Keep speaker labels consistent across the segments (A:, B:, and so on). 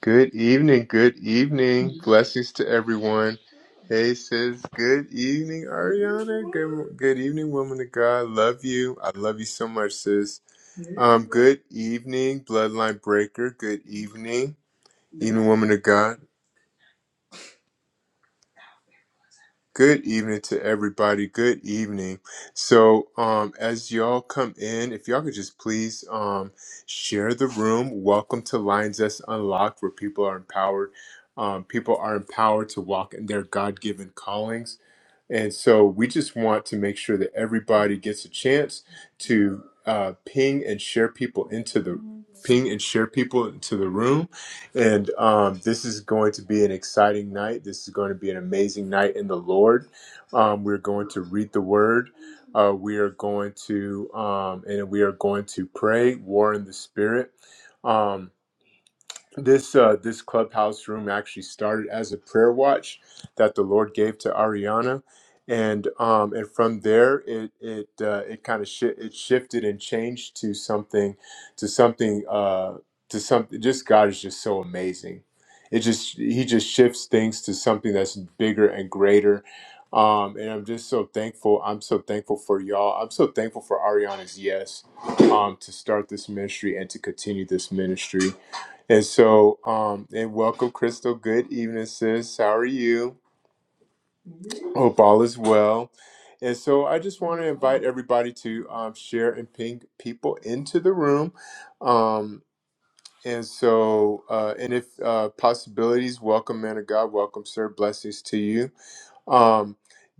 A: Good evening, good evening. Blessings to everyone. Hey sis, good evening, Ariana. Good good evening, woman of God. Love you. I love you so much, sis. Um, good evening, Bloodline Breaker. Good evening, even woman of God. Good evening to everybody. Good evening. So, um, as y'all come in, if y'all could just please um, share the room. Welcome to Lions That's Unlocked, where people are empowered. Um, people are empowered to walk in their God given callings. And so we just want to make sure that everybody gets a chance to uh, ping and share people into the ping and share people into the room. And um, this is going to be an exciting night. This is going to be an amazing night in the Lord. Um, we're going to read the word. Uh, we are going to um, and we are going to pray, war in the spirit. Um, this uh, this clubhouse room actually started as a prayer watch that the Lord gave to Ariana, and um, and from there it it uh, it kind of shi it shifted and changed to something to something uh, to something. Just God is just so amazing. It just He just shifts things to something that's bigger and greater. Um, and I'm just so thankful. I'm so thankful for y'all. I'm so thankful for Ariana's yes um, to start this ministry and to continue this ministry. And so, um, and welcome, Crystal. Good evening, sis. How are you? Hope all is well. And so, I just want to invite everybody to um, share and ping people into the room. Um, and so, uh, and if uh, possibilities, welcome, man of God. Welcome, sir. Blessings to you. Um,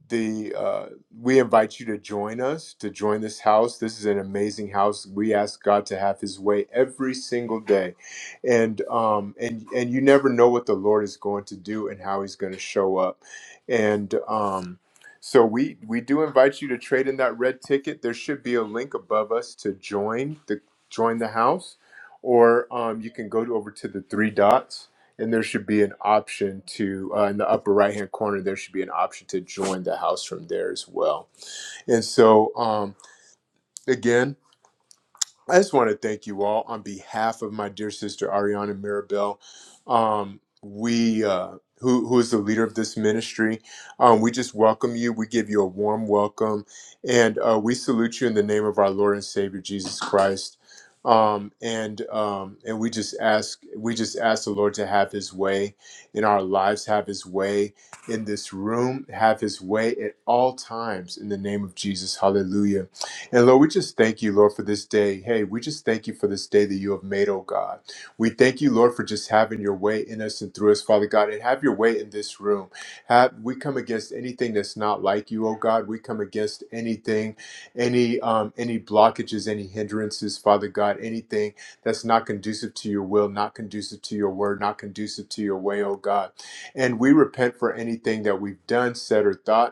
A: the uh, we invite you to join us to join this house. This is an amazing house. We ask God to have His way every single day, and um, and and you never know what the Lord is going to do and how He's going to show up, and um. So we, we do invite you to trade in that red ticket. There should be a link above us to join the join the house, or um, you can go to, over to the three dots and there should be an option to uh, in the upper right hand corner there should be an option to join the house from there as well and so um, again I just want to thank you all on behalf of my dear sister Ariana Mirabel. Um, we, uh, who, who is the leader of this ministry, um, we just welcome you. We give you a warm welcome, and uh, we salute you in the name of our Lord and Savior Jesus Christ. Um, and um, and we just ask, we just ask the Lord to have His way in our lives, have His way in this room, have His way at all times in the name of Jesus. Hallelujah. And Lord, we just thank you, Lord, for this day. Hey, we just thank you for this day that you have made, oh God. We thank you, Lord, for just having your way in us and through us, Father God, and have your way in this room. Have we come against anything that's not like you, oh God. We come against anything, any um, any blockages, any hindrances, Father God, anything that's not conducive to your will, not conducive to your word, not conducive to your way, oh God. And we repent for anything that we've done, said, or thought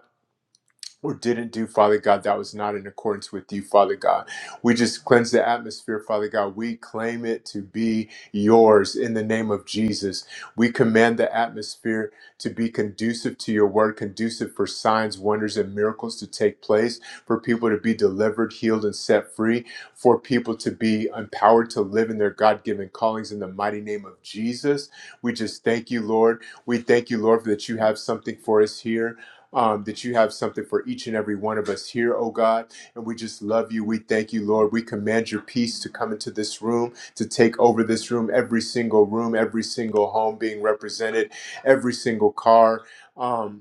A: or didn't do, Father God, that was not in accordance with you, Father God. We just cleanse the atmosphere, Father God. We claim it to be yours in the name of Jesus. We command the atmosphere to be conducive to your word, conducive for signs, wonders, and miracles to take place, for people to be delivered, healed, and set free, for people to be empowered to live in their God given callings in the mighty name of Jesus. We just thank you, Lord. We thank you, Lord, that you have something for us here um, that you have something for each and every one of us here, oh God. And we just love you. We thank you, Lord. We command your peace to come into this room, to take over this room, every single room, every single home being represented, every single car. Um,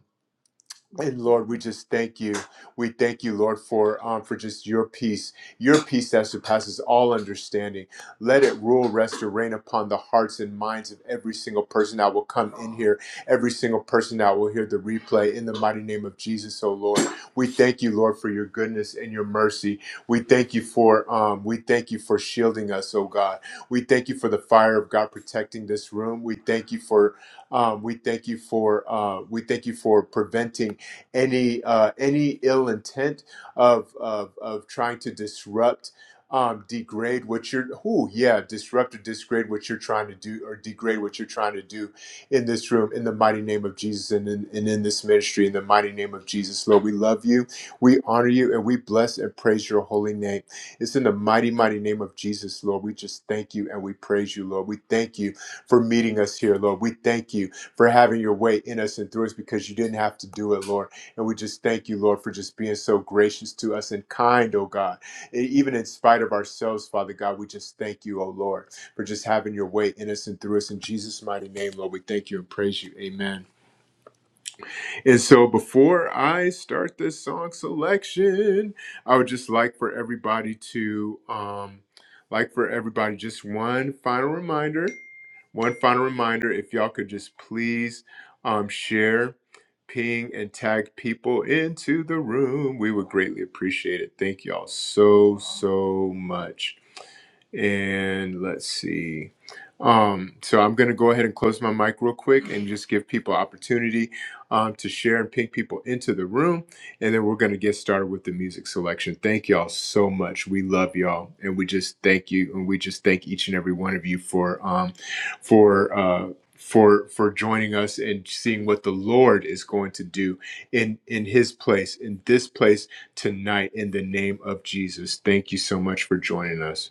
A: and Lord, we just thank you. We thank you, Lord, for um, for just your peace, your peace that surpasses all understanding. Let it rule, rest, or reign upon the hearts and minds of every single person that will come in here, every single person that will hear the replay. In the mighty name of Jesus, oh Lord, we thank you, Lord, for your goodness and your mercy. We thank you for um, we thank you for shielding us, oh God. We thank you for the fire of God protecting this room. We thank you for um, we thank you for uh, we thank you for preventing any uh, any ill intent of of, of trying to disrupt um, degrade what you're oh yeah disrupt or degrade what you're trying to do or degrade what you're trying to do in this room in the mighty name of jesus and in, and in this ministry in the mighty name of jesus lord we love you we honor you and we bless and praise your holy name it's in the mighty mighty name of jesus lord we just thank you and we praise you lord we thank you for meeting us here lord we thank you for having your way in us and through us because you didn't have to do it lord and we just thank you, Lord, for just being so gracious to us and kind, oh God. E- even in spite of ourselves, Father God, we just thank you, oh Lord, for just having your way in us and through us. In Jesus' mighty name, Lord, we thank you and praise you. Amen. And so before I start this song selection, I would just like for everybody to um like for everybody just one final reminder, one final reminder if y'all could just please um share, ping and tag people into the room, we would greatly appreciate it. Thank y'all so so much. And let's see. Um, so I'm going to go ahead and close my mic real quick and just give people opportunity um, to share and ping people into the room. And then we're going to get started with the music selection. Thank y'all so much. We love y'all. And we just thank you. And we just thank each and every one of you for, um, for, uh, for, for joining us and seeing what the Lord is going to do in, in his place, in this place tonight in the name of Jesus. Thank you so much for joining us.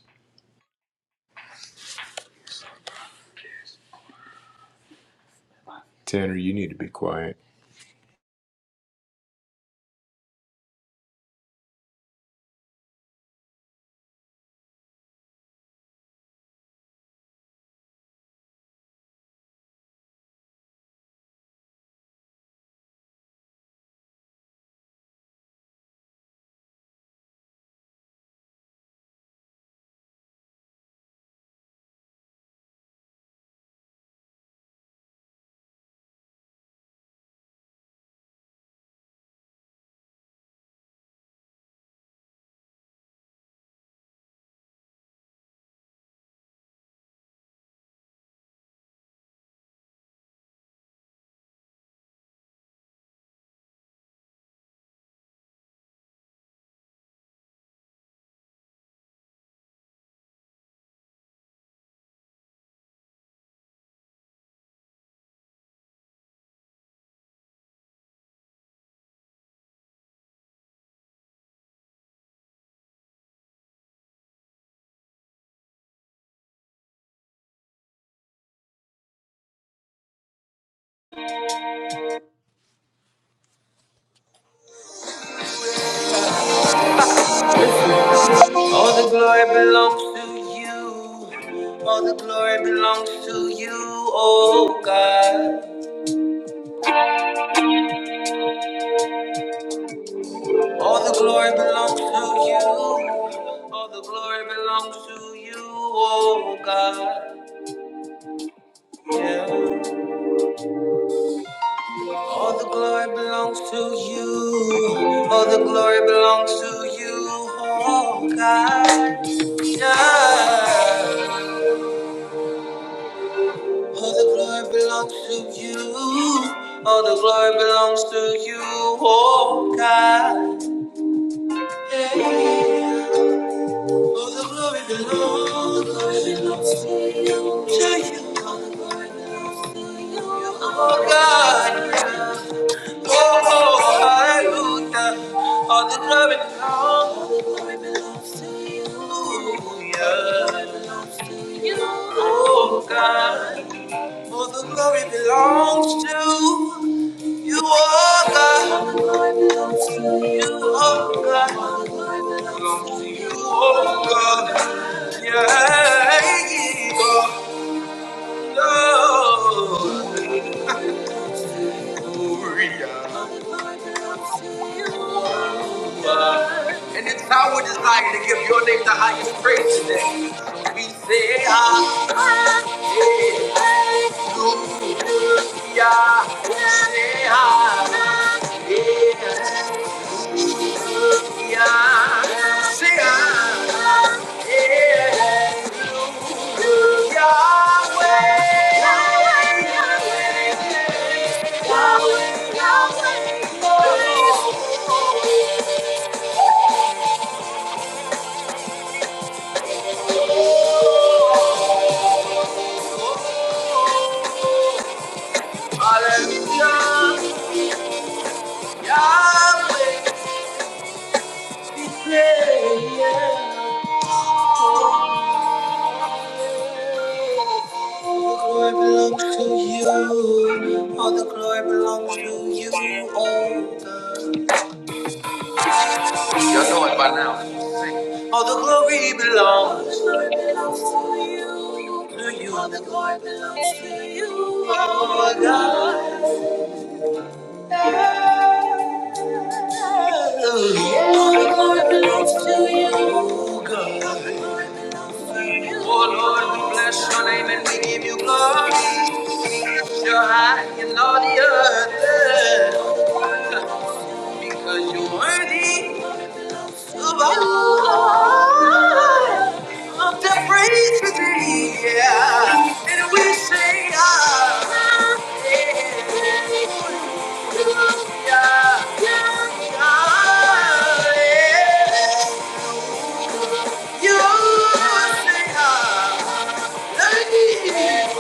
A: Tanner, you need to be quiet. All the glory belongs to you. All the glory belongs to you, oh God. All the glory belongs to you. All the glory belongs to you, oh God. Yeah. All the glory belongs to you. All the glory belongs to you, oh God. Yeah. All the glory belongs to you. All the glory belongs to you, oh God. Yeah. All the glory belongs, all the glory belongs to you. To you. All the glory belongs to you, oh God. Yeah. Oh, oh, hallelujah. All the glory belongs, all the glory belongs to you. Yeah. All the glory belongs to you, oh God. All the glory belongs to you, oh God. You, oh God. Belongs to you, oh God. Yeah, God. And it's our desire to give your name the highest praise today. So we say, Hallelujah. Say, Hallelujah. Hallelujah. All the glory belongs to you, oh God. All the glory belongs to you. All the glory belongs to you. Oh God. All the glory belongs to you. Oh God. Oh Lord, we bless your name and we give you glory. You're high and all the earth because you're worthy. Of the praise with thee, yeah. And we say, ah, yeah, yeah, yeah. You say, ah, hallelujah.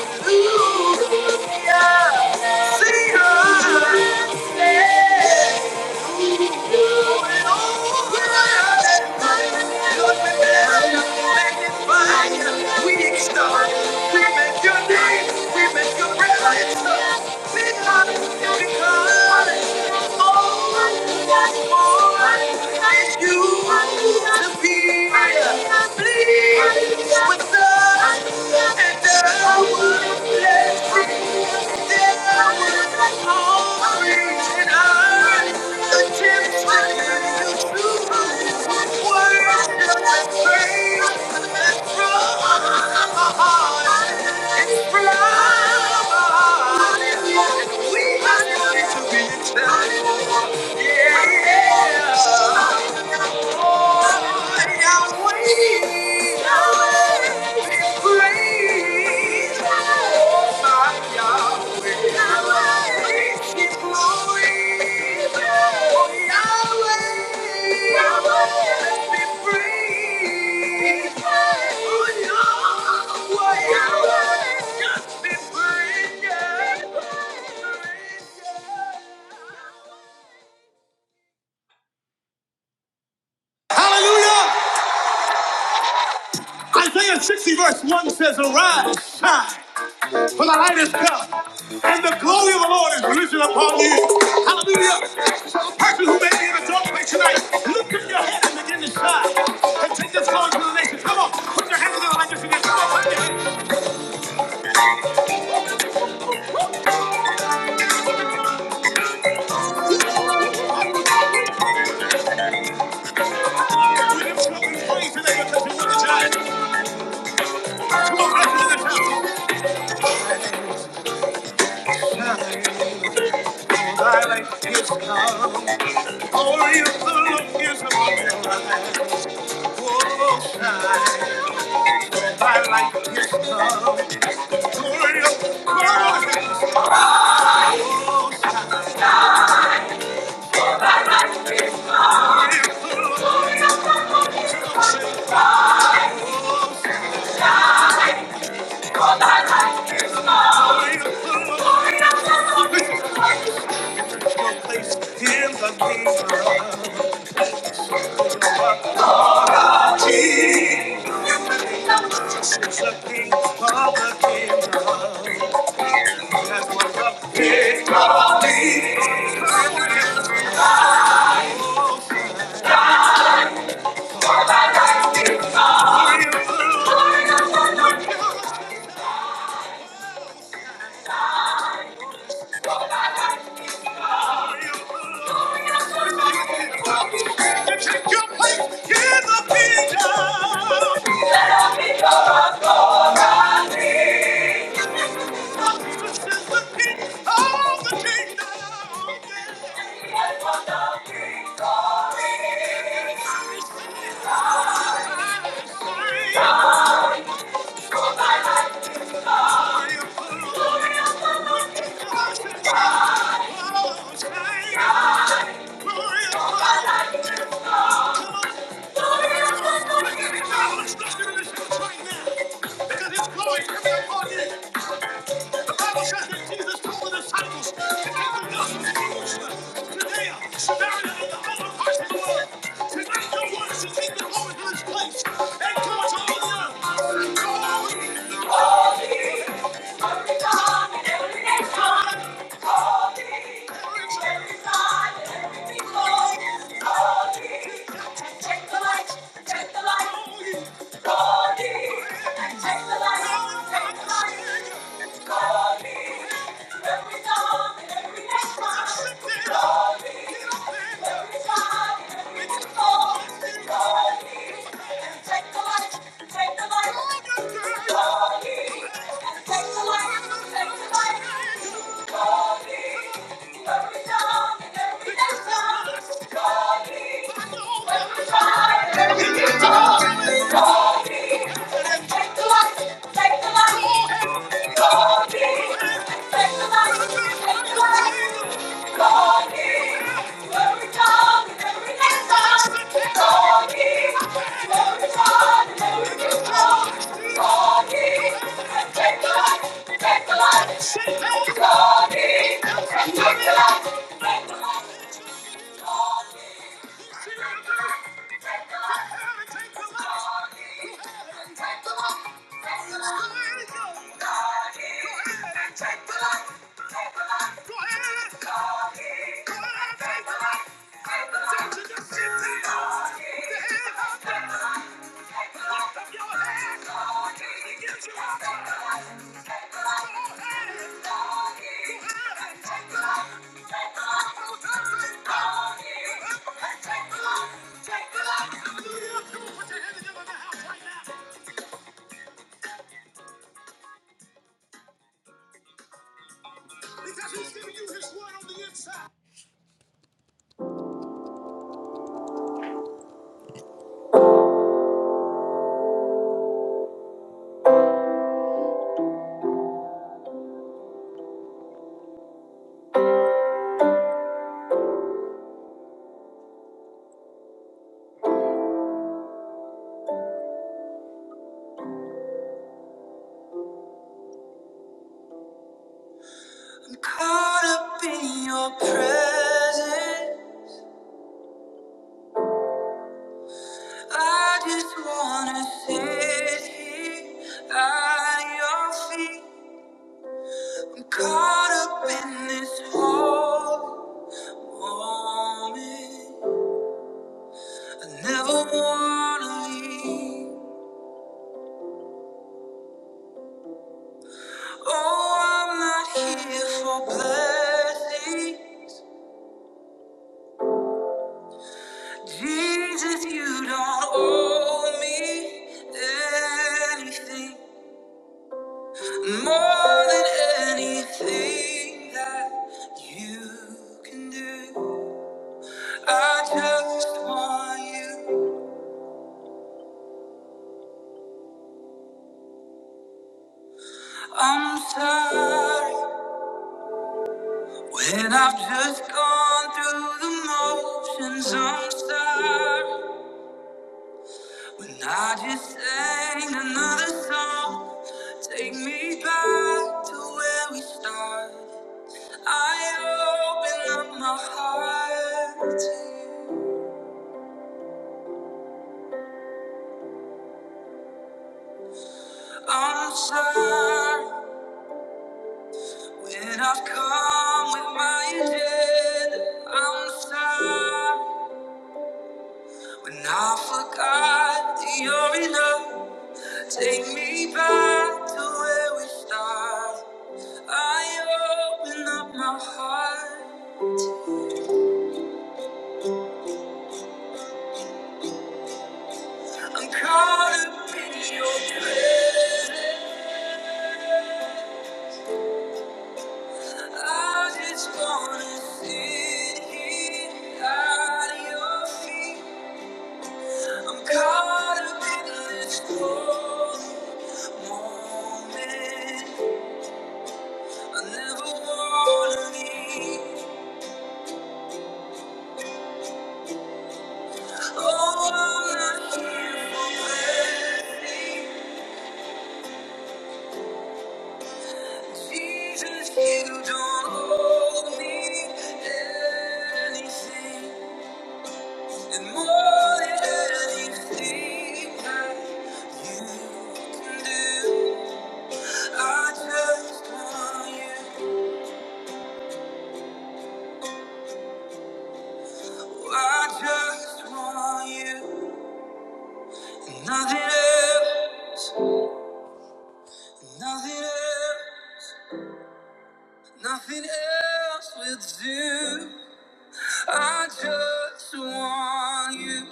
A: Say, ah, yeah. Please, with us. We are ready to be challenged. Yeah. One says, arise, shine. for the light is come, and the glory of the Lord is risen upon you. Hallelujah. So the person who may be in a dark place tonight, lift up your head and begin to shine, and take this glory to the nation. Come on, put your hands in together like this again. Come on, put your hands. We lift you up in praise today because you were the giant. Come on, right here in the town. Thy light is come. Glory of the Lord is upon you. Oh, shine. Thy light is come. Glory of the Lord is upon you. Your place in the kingdom. Jesus, King of the kingdom. That's what the kingdom means. You take your place in the kingdom. This is the King of the kingdom. Today, Samaria and the other parts of the world. Tonight your worship is the Lord in this place. And come on, come on. Take the light, take the light, Every time, every time, every time. Take the light, take the light. take the light. Take the light. Lift up your hands. He gives right wanna sit here at your feet, caught up in this whole moment. Never wanna leave. Oh, I'm not here for blessing. you don't owe me anything, more than anything that you can do, I just want you. I'm sorry when I've just gone through the motions. I'm sorry, and I just sang another song. Take me back to where we start. I open up my heart. I'm sorry that I've come with my agenda. I'm sorry when I forgot that you're enough. Take me back to where we start. I open up my heart. I'm caught up in your presence. I just wanna sit here at your feet. I'm caught up in this holy moment. I never wanna leave. Oh, I'm not here for mercy. Jesus, you don't owe me anything. And more than anything that you can do. I just want you. I just want you. Nothing else. Nothing else. Nothing else will do. I just want you.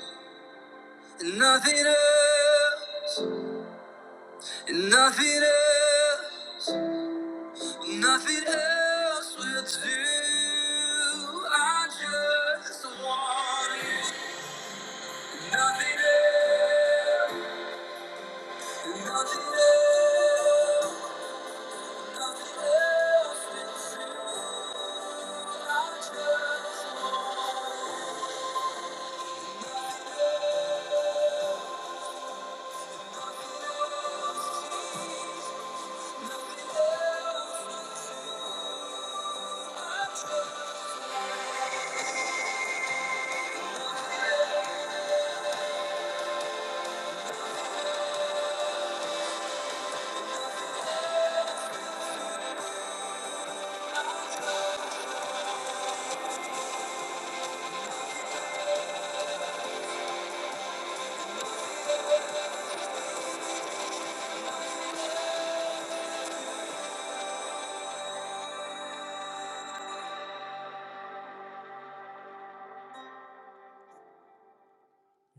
A: And nothing else. And nothing else. Nothing else will do. I just want you. Nothing else. Nothing else.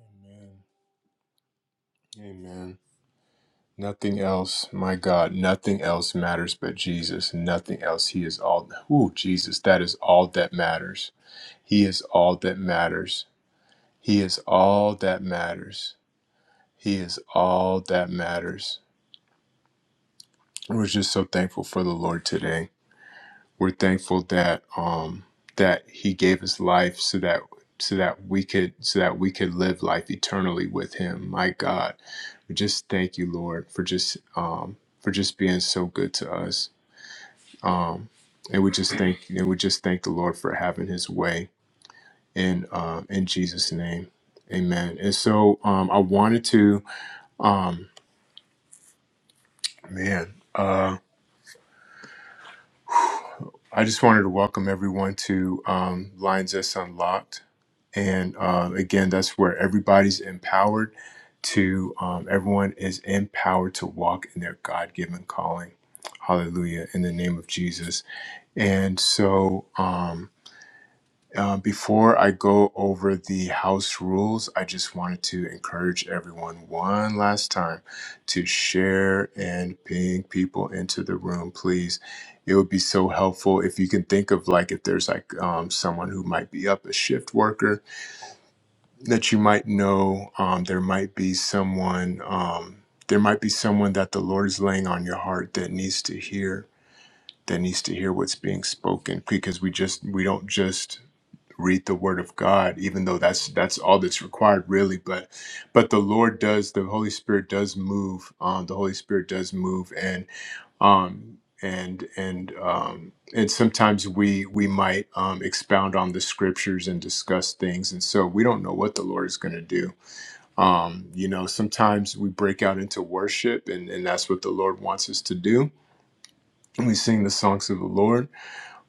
A: Amen. Nothing else, my God, nothing else matters but Jesus. Nothing else. He is all. Ooh, Jesus, that is all that matters. He is all that matters. He is all that matters. He is all that matters. We're just so thankful for the Lord today. We're thankful that um, that He gave His life so that so that we could so that we could live life eternally with Him. My God, we just thank you, Lord, for just um, for just being so good to us. Um, and we just thank and we just thank the Lord for having His way in uh, in Jesus' name, Amen. And so um, I wanted to um, man. Uh, I just wanted to welcome everyone to um, Lines That's Unlocked. And uh, again, that's where everybody's empowered to, um, everyone is empowered to walk in their God given calling. Hallelujah, in the name of Jesus. And so, um, uh, before I go over the house rules, I just wanted to encourage everyone one last time to share and ping people into the room, please. It would be so helpful if you can think of like if there's like um, someone who might be up a shift worker that you might know um, there might be someone um, there might be someone that the lord is laying on your heart that needs to hear that needs to hear what's being spoken because we just we don't just read the word of god even though that's that's all that's required really but but the lord does the holy spirit does move um the holy spirit does move and um and and um and sometimes we we might um expound on the scriptures and discuss things and so we don't know what the lord is going to do um you know sometimes we break out into worship and and that's what the lord wants us to do and we sing the songs of the lord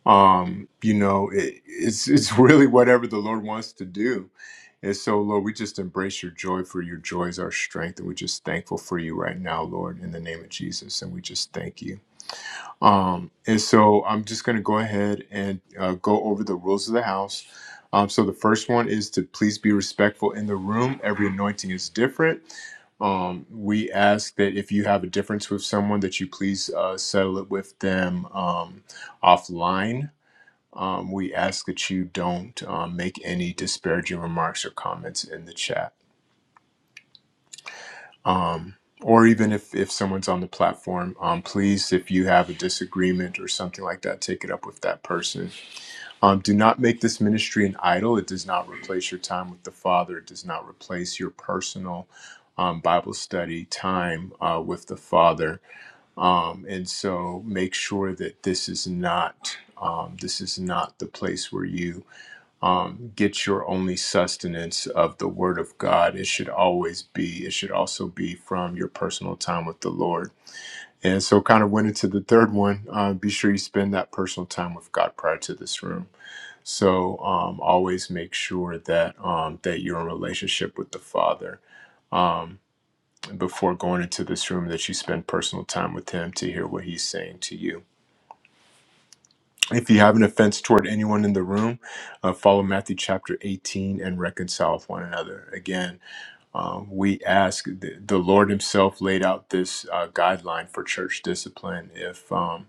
A: um you know it, it's it's really whatever the lord wants to do and so lord we just embrace your joy for your joy is our strength and we're just thankful for you right now lord in the name of jesus and we just thank you um and so i'm just going to go ahead and uh, go over the rules of the house um so the first one is to please be respectful in the room every anointing is different um, we ask that if you have a difference with someone that you please uh, settle it with them um, offline um, we ask that you don't um, make any disparaging remarks or comments in the chat. Um, or even if, if someone's on the platform, um, please, if you have a disagreement or something like that, take it up with that person. Um, do not make this ministry an idol. It does not replace your time with the Father, it does not replace your personal um, Bible study time uh, with the Father. Um, and so make sure that this is not. Um, this is not the place where you um, get your only sustenance of the Word of God. It should always be, it should also be from your personal time with the Lord. And so, kind of went into the third one. Uh, be sure you spend that personal time with God prior to this room. So, um, always make sure that um, that you're in relationship with the Father um, before going into this room. That you spend personal time with Him to hear what He's saying to you. If you have an offense toward anyone in the room, uh, follow Matthew chapter 18 and reconcile with one another. Again, um, we ask, the, the Lord Himself laid out this uh, guideline for church discipline. If um,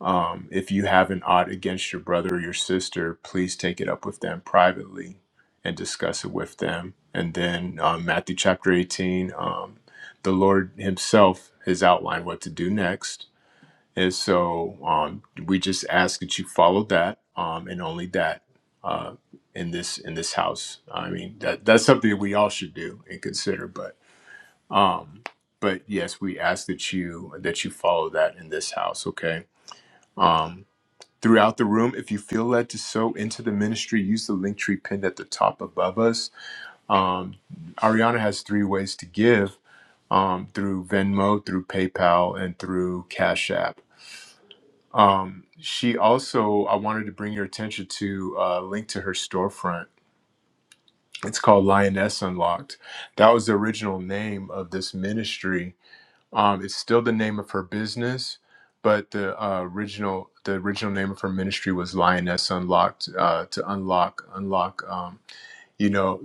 A: um, if you have an odd against your brother or your sister, please take it up with them privately and discuss it with them. And then um, Matthew chapter 18, um, the Lord Himself has outlined what to do next and so um, we just ask that you follow that um, and only that uh, in this in this house. I mean that that's something that we all should do and consider. But um, but yes, we ask that you that you follow that in this house. Okay. Um, throughout the room, if you feel led to sow into the ministry, use the link tree pinned at the top above us. Um, Ariana has three ways to give um, through Venmo, through PayPal, and through Cash App. Um, she also, I wanted to bring your attention to a link to her storefront. It's called Lioness Unlocked. That was the original name of this ministry. Um, it's still the name of her business, but the uh, original the original name of her ministry was Lioness Unlocked. Uh, to unlock, unlock, um, you know,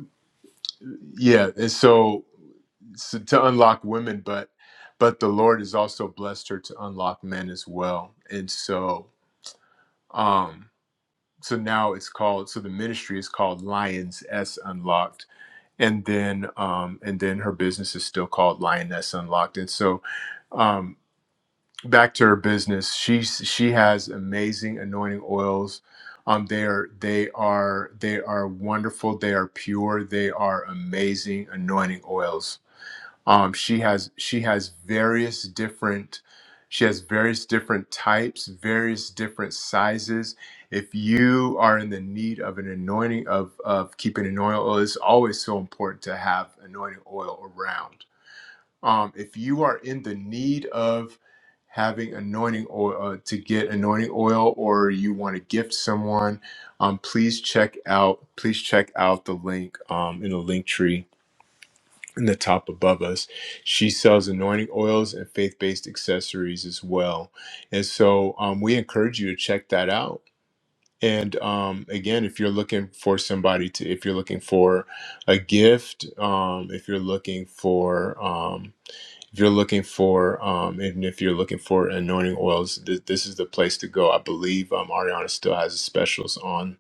A: yeah. And so, so to unlock women, but but the Lord has also blessed her to unlock men as well. And so, um, so now it's called so the ministry is called Lions S Unlocked, and then um, and then her business is still called Lioness Unlocked, and so um, back to her business, she she has amazing anointing oils. Um, they are they are they are wonderful. They are pure. They are amazing anointing oils um she has she has various different she has various different types various different sizes if you are in the need of an anointing of of keeping an oil oil, it's always so important to have anointing oil around um if you are in the need of having anointing oil uh, to get anointing oil or you want to gift someone um please check out please check out the link um in the link tree in the top above us. She sells anointing oils and faith based accessories as well. And so um, we encourage you to check that out. And um, again, if you're looking for somebody to, if you're looking for a gift, um, if you're looking for, um, if you're looking for, um, and if you're looking for anointing oils, th- this is the place to go. I believe um, Ariana still has specials on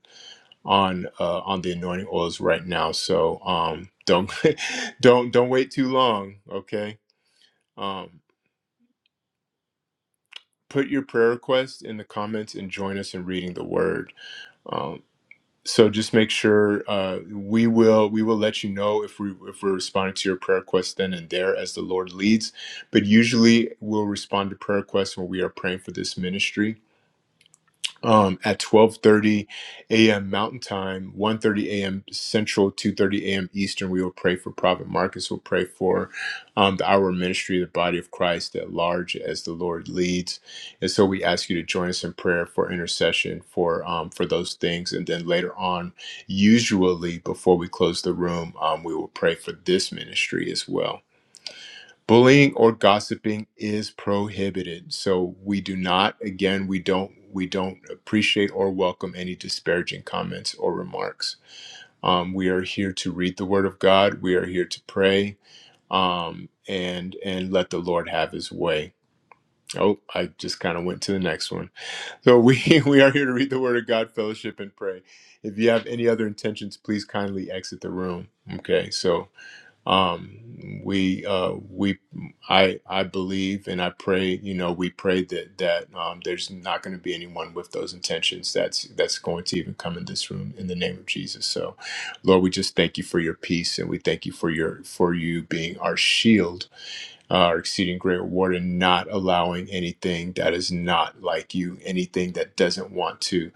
A: on uh, on the anointing oils right now. So um, don't don't don't wait too long. Okay, um, put your prayer request in the comments and join us in reading the word. Um, so just make sure uh, we will we will let you know if we if we're responding to your prayer request then and there as the Lord leads. But usually we'll respond to prayer requests when we are praying for this ministry um, at 12:30 a.m. Mountain Time, one thirty a.m. Central, 2:30 a.m. Eastern. We will pray for Prophet Marcus. We'll pray for um, the our ministry, the body of Christ at large, as the Lord leads. And so we ask you to join us in prayer for intercession for um, for those things. And then later on, usually before we close the room, um, we will pray for this ministry as well bullying or gossiping is prohibited so we do not again we don't we don't appreciate or welcome any disparaging comments or remarks um, we are here to read the word of god we are here to pray um, and and let the lord have his way oh i just kind of went to the next one so we we are here to read the word of god fellowship and pray if you have any other intentions please kindly exit the room okay so um we uh we i i believe and i pray you know we pray that that um there's not going to be anyone with those intentions that's that's going to even come in this room in the name of jesus so lord we just thank you for your peace and we thank you for your for you being our shield uh, our exceeding great reward and not allowing anything that is not like you anything that doesn't want to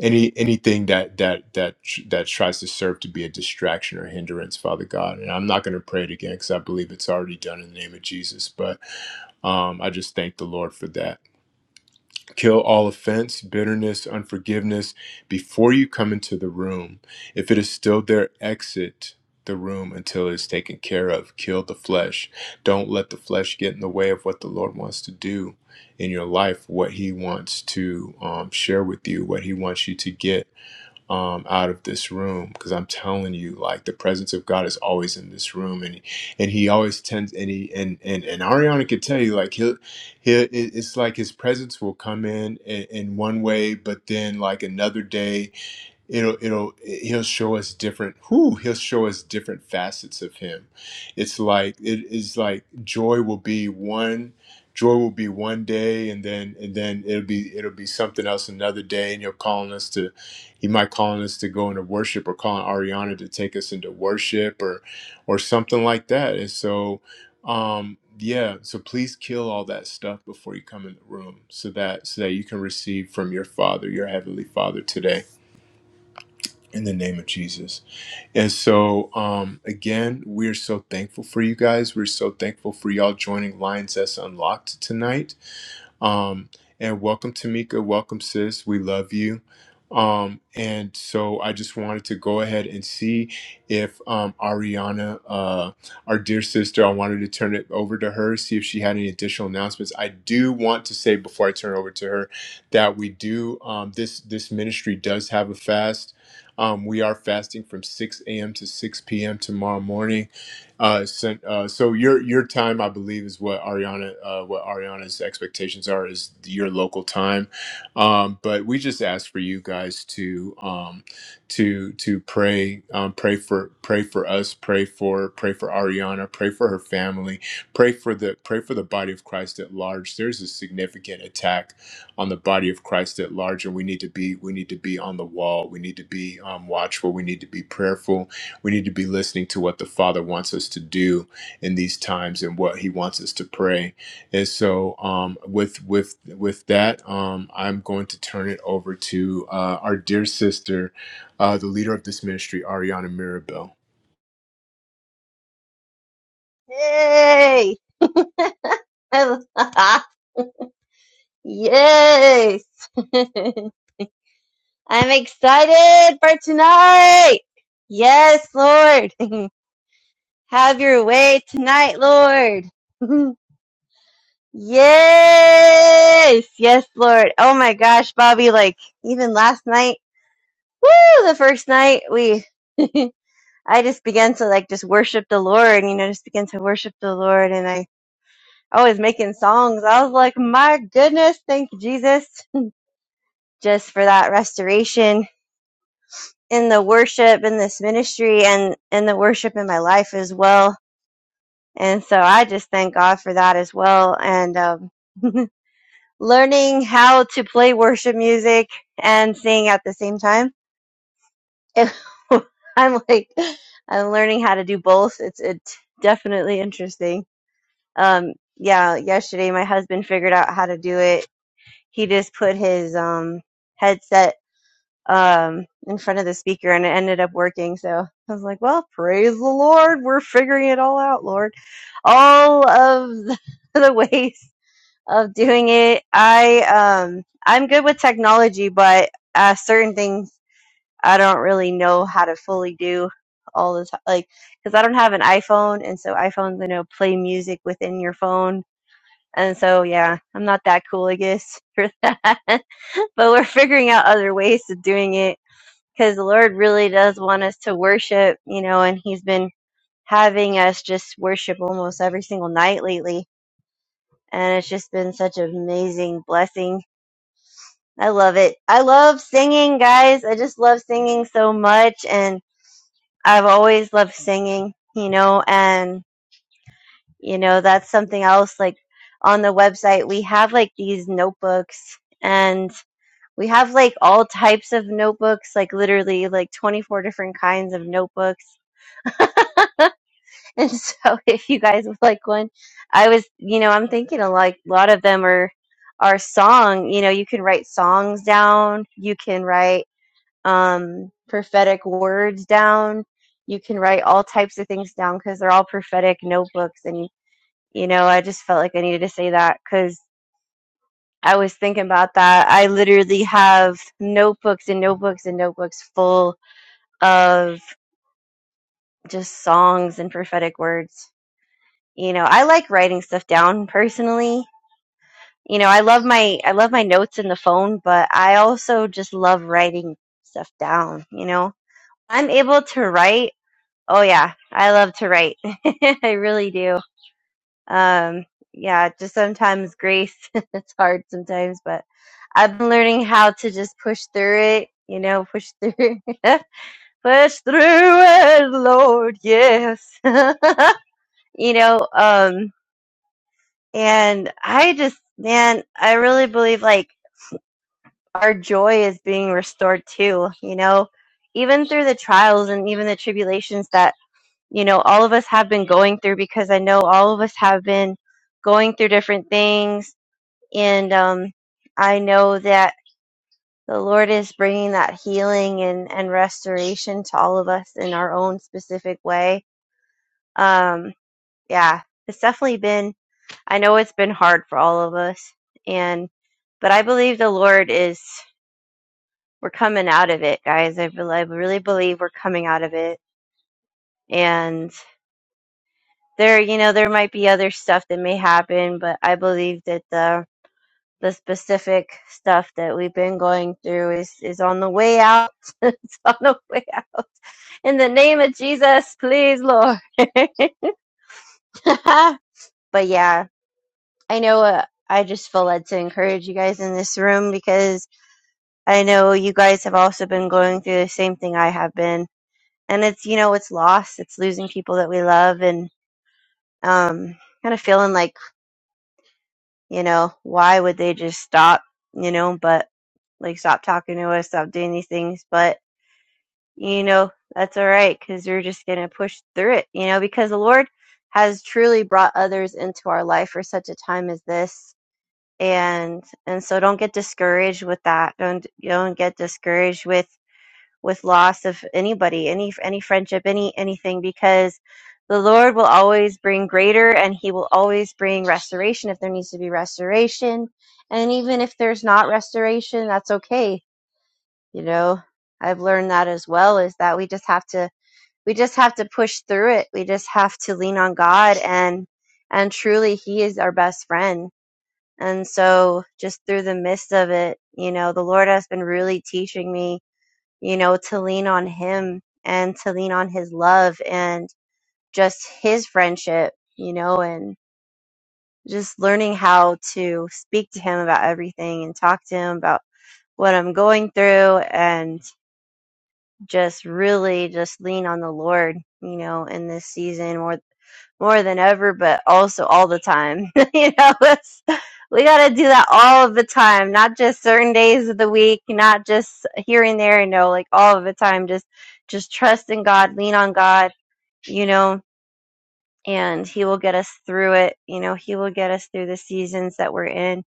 A: any anything that that that tr- that tries to serve to be a distraction or hindrance father god and i'm not going to pray it again because i believe it's already done in the name of jesus but um, i just thank the lord for that kill all offense bitterness unforgiveness before you come into the room if it is still there exit the room until it is taken care of kill the flesh don't let the flesh get in the way of what the lord wants to do in your life what he wants to um, share with you what he wants you to get um, out of this room because I'm telling you, like the presence of God is always in this room, and and He always tends and he and and and Ariana could tell you, like he'll he it's like His presence will come in, in in one way, but then like another day it'll it'll he'll show us different who he'll show us different facets of him it's like it is like joy will be one joy will be one day and then and then it'll be it'll be something else another day and you're calling us to he might calling us to go into worship or calling ariana to take us into worship or or something like that and so um yeah so please kill all that stuff before you come in the room so that so that you can receive from your father your heavenly father today in the name of Jesus. And so, um, again, we're so thankful for you guys. We're so thankful for y'all joining Lions S Unlocked tonight. Um, and welcome, Tamika. Welcome, sis. We love you. Um, and so I just wanted to go ahead and see if um, Ariana, uh, our dear sister, I wanted to turn it over to her, see if she had any additional announcements. I do want to say before I turn it over to her that we do um, this this ministry does have a fast. Um, we are fasting from 6 a.m. to 6 p.m. tomorrow morning. Uh, sent, uh, so your your time, I believe, is what Ariana uh, what Ariana's expectations are is your local time. Um, but we just ask for you guys to um, to to pray um, pray for pray for us, pray for pray for Ariana, pray for her family, Pray for the pray for the body of Christ at large. There's a significant attack on the body of Christ at large, and we need to be we need to be on the wall. We need to be um, watchful. We need to be prayerful. We need to be listening to what the Father wants us to do in these times and what He wants us to pray. And so, um, with with with that, um, I'm going to turn it over to uh, our dear sister, uh, the leader of this ministry, Ariana Mirabel.
B: Yay! yes! I'm excited for tonight! Yes, Lord! Have your way tonight, Lord! yes! Yes, Lord! Oh my gosh, Bobby, like, even last night, woo! The first night, we. I just began to like just worship the Lord, you know, just began to worship the Lord and I I was making songs. I was like, my goodness, thank you, Jesus. just for that restoration in the worship in this ministry and in the worship in my life as well. And so I just thank God for that as well. And um, learning how to play worship music and sing at the same time. It, I'm like, I'm learning how to do both. It's it's definitely interesting. Um, yeah, yesterday my husband figured out how to do it. He just put his um headset um, in front of the speaker and it ended up working. So I was like, well, praise the Lord. We're figuring it all out, Lord. All of the, the ways of doing it. I, um, I'm good with technology, but uh, certain things I don't really know how to fully do all the time. Like, cause I don't have an iPhone. And so iPhones, I know, play music within your phone. And so, yeah, I'm not that cool, I guess, for that. but we're figuring out other ways of doing it because the Lord really does want us to worship, you know, and He's been having us just worship almost every single night lately. And it's just been such an amazing blessing. I love it. I love singing, guys. I just love singing so much. And I've always loved singing, you know, and, you know, that's something else. Like on the website, we have like these notebooks and we have like all types of notebooks, like literally like 24 different kinds of notebooks And so if you guys would like one, I was, you know, I'm thinking a like a lot of them are are song, you know, you can write songs down, you can write um prophetic words down, you can write all types of things down cuz they're all prophetic notebooks and you know, I just felt like I needed to say that cuz I was thinking about that. I literally have notebooks and notebooks and notebooks full of just songs and prophetic words You know, I like writing stuff down personally. You know, I love my I love my notes in the phone, but I also just love writing stuff down, you know. I'm able to write. Oh yeah, I love to write. I really do. Um yeah, just sometimes grace. it's hard sometimes, but I've been learning how to just push through it, you know, push through. push through it, Lord. Yes. you know, um And I just, man, I really believe like our joy is being restored too, you know, even through the trials and even the tribulations that, you know, all of us have been going through because I know all of us have been going through different things. And um, I know that the Lord is bringing that healing and, and restoration to all of us in our own specific way. Um, yeah, it's definitely been. I know it's been hard for all of us, and but I believe the Lord is. We're coming out of it, guys. I, bel I really believe we're coming out of it, and there, you know, there might be other stuff that may happen, but I believe that the the specific stuff that we've been going through is is on the way out. it's on the way out. In the name of Jesus, please, Lord. but yeah, I know. Uh, I just feel led to encourage you guys in this room because I know you guys have also been going through the same thing I have been. And it's, you know, it's loss. It's losing people that we love and um kind of feeling like, you know, why would they just stop, you know, but like stop talking to us, stop doing these things, but you know, that's all right cuz we're just going to push through it, you know, because the Lord has truly brought others into our life for such a time as this. And and so don't get discouraged with that. Don't don't get discouraged with with loss of anybody, any any friendship, any anything, because the Lord will always bring greater, and He will always bring restoration if there needs to be restoration, and even if there's not restoration, that's okay. You know, I've learned that as well is that we just have to we just have to push through it. We just have to lean on God and and truly He is our best friend. And so just through the midst of it, you know, the Lord has been really teaching me you know, to lean on him and to lean on his love and just his friendship, you know, and just learning how to speak to him about everything and talk to him about what I'm going through and just really just lean on the Lord, you know, in this season more more than ever, but also all the time. you know, it's, we got to do that all of the time, not just certain days of the week, not just here and there. You know, like all of the time. Just, just trust in God, lean on God. You know, and He will get us through it. You know, He will get us through the seasons that we're in.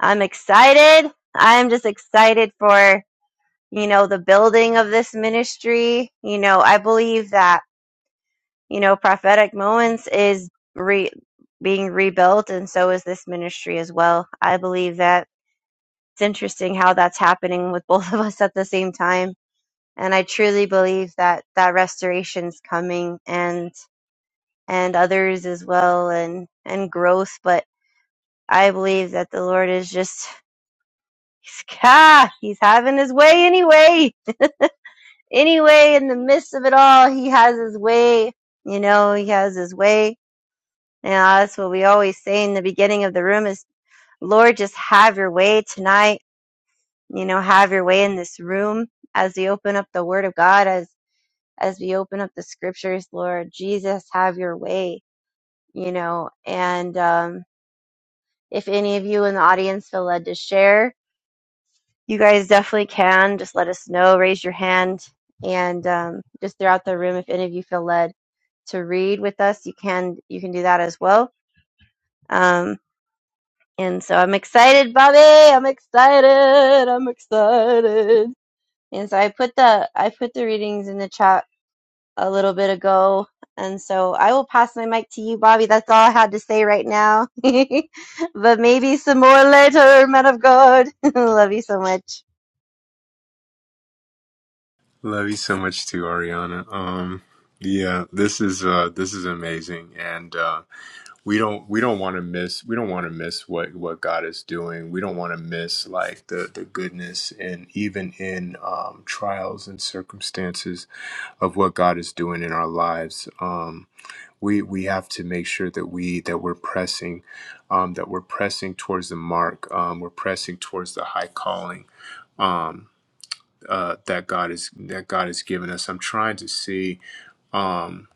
B: I'm excited. I'm just excited for you know the building of this ministry. You know, I believe that you know, prophetic moments is re- being rebuilt, and so is this ministry as well. I believe that it's interesting how that's happening with both of us at the same time. And I truly believe that that restoration's coming, and and others as well, and and growth. But I believe that the Lord is just he's, ah, he's having his way anyway. Anyway, in the midst of it all, he has his way. You know, he has his way Yeah, that's what we always say in the beginning of the room is, Lord, just have your way tonight. You know, have your way in this room as we open up the word of God, as, as we open up the scriptures, Lord Jesus, have your way, you know, and, um, if any of you in the audience feel led to share, you guys definitely can. Just let us know, raise your hand, and um, just throughout the room, if any of you feel led to read with us, you can you can do that as well. Um, And so I'm excited, Bobby. I'm excited. I'm excited. And so I put the I put the readings in the chat a little bit ago. And so I will pass my mic to you, Bobby. That's all I had to say right now. but maybe some more later, man of God. Love you so much.
A: Love you so much too, Ariana. Um, yeah, this is uh, this is amazing, and uh, we don't we don't want to miss we don't want to miss what what God is doing. We don't want to miss like the the goodness and even in um, trials and circumstances of what God is doing in our lives. Um, we we have to make sure that we that we're pressing, um, that we're pressing towards the mark. Um, we're pressing towards the high calling. Um, uh, that God is that God has given us. I'm trying to see. Um,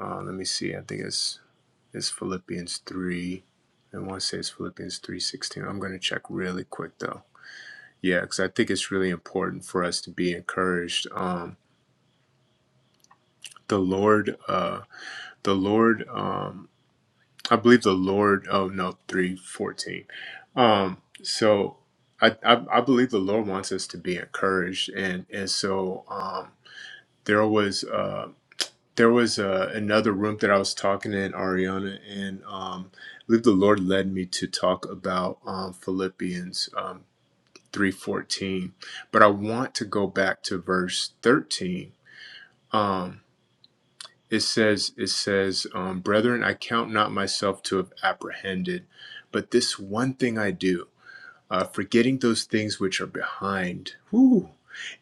A: uh, let me see. I think it's it's Philippians three. I want to say it's Philippians three sixteen. I'm going to check really quick though. Yeah, because I think it's really important for us to be encouraged. Um, the Lord, uh, the Lord. Um, I believe the Lord. Oh no, three fourteen. Um, so. I, I, I believe the Lord wants us to be encouraged, and and so um, there was. uh, there was uh, another room that I was talking in Ariana, and um, I believe the Lord led me to talk about um, Philippians um, three fourteen. But I want to go back to verse thirteen. Um, it says, "It says, um, brethren, I count not myself to have apprehended, but this one thing I do." uh, forgetting those things which are behind, whew,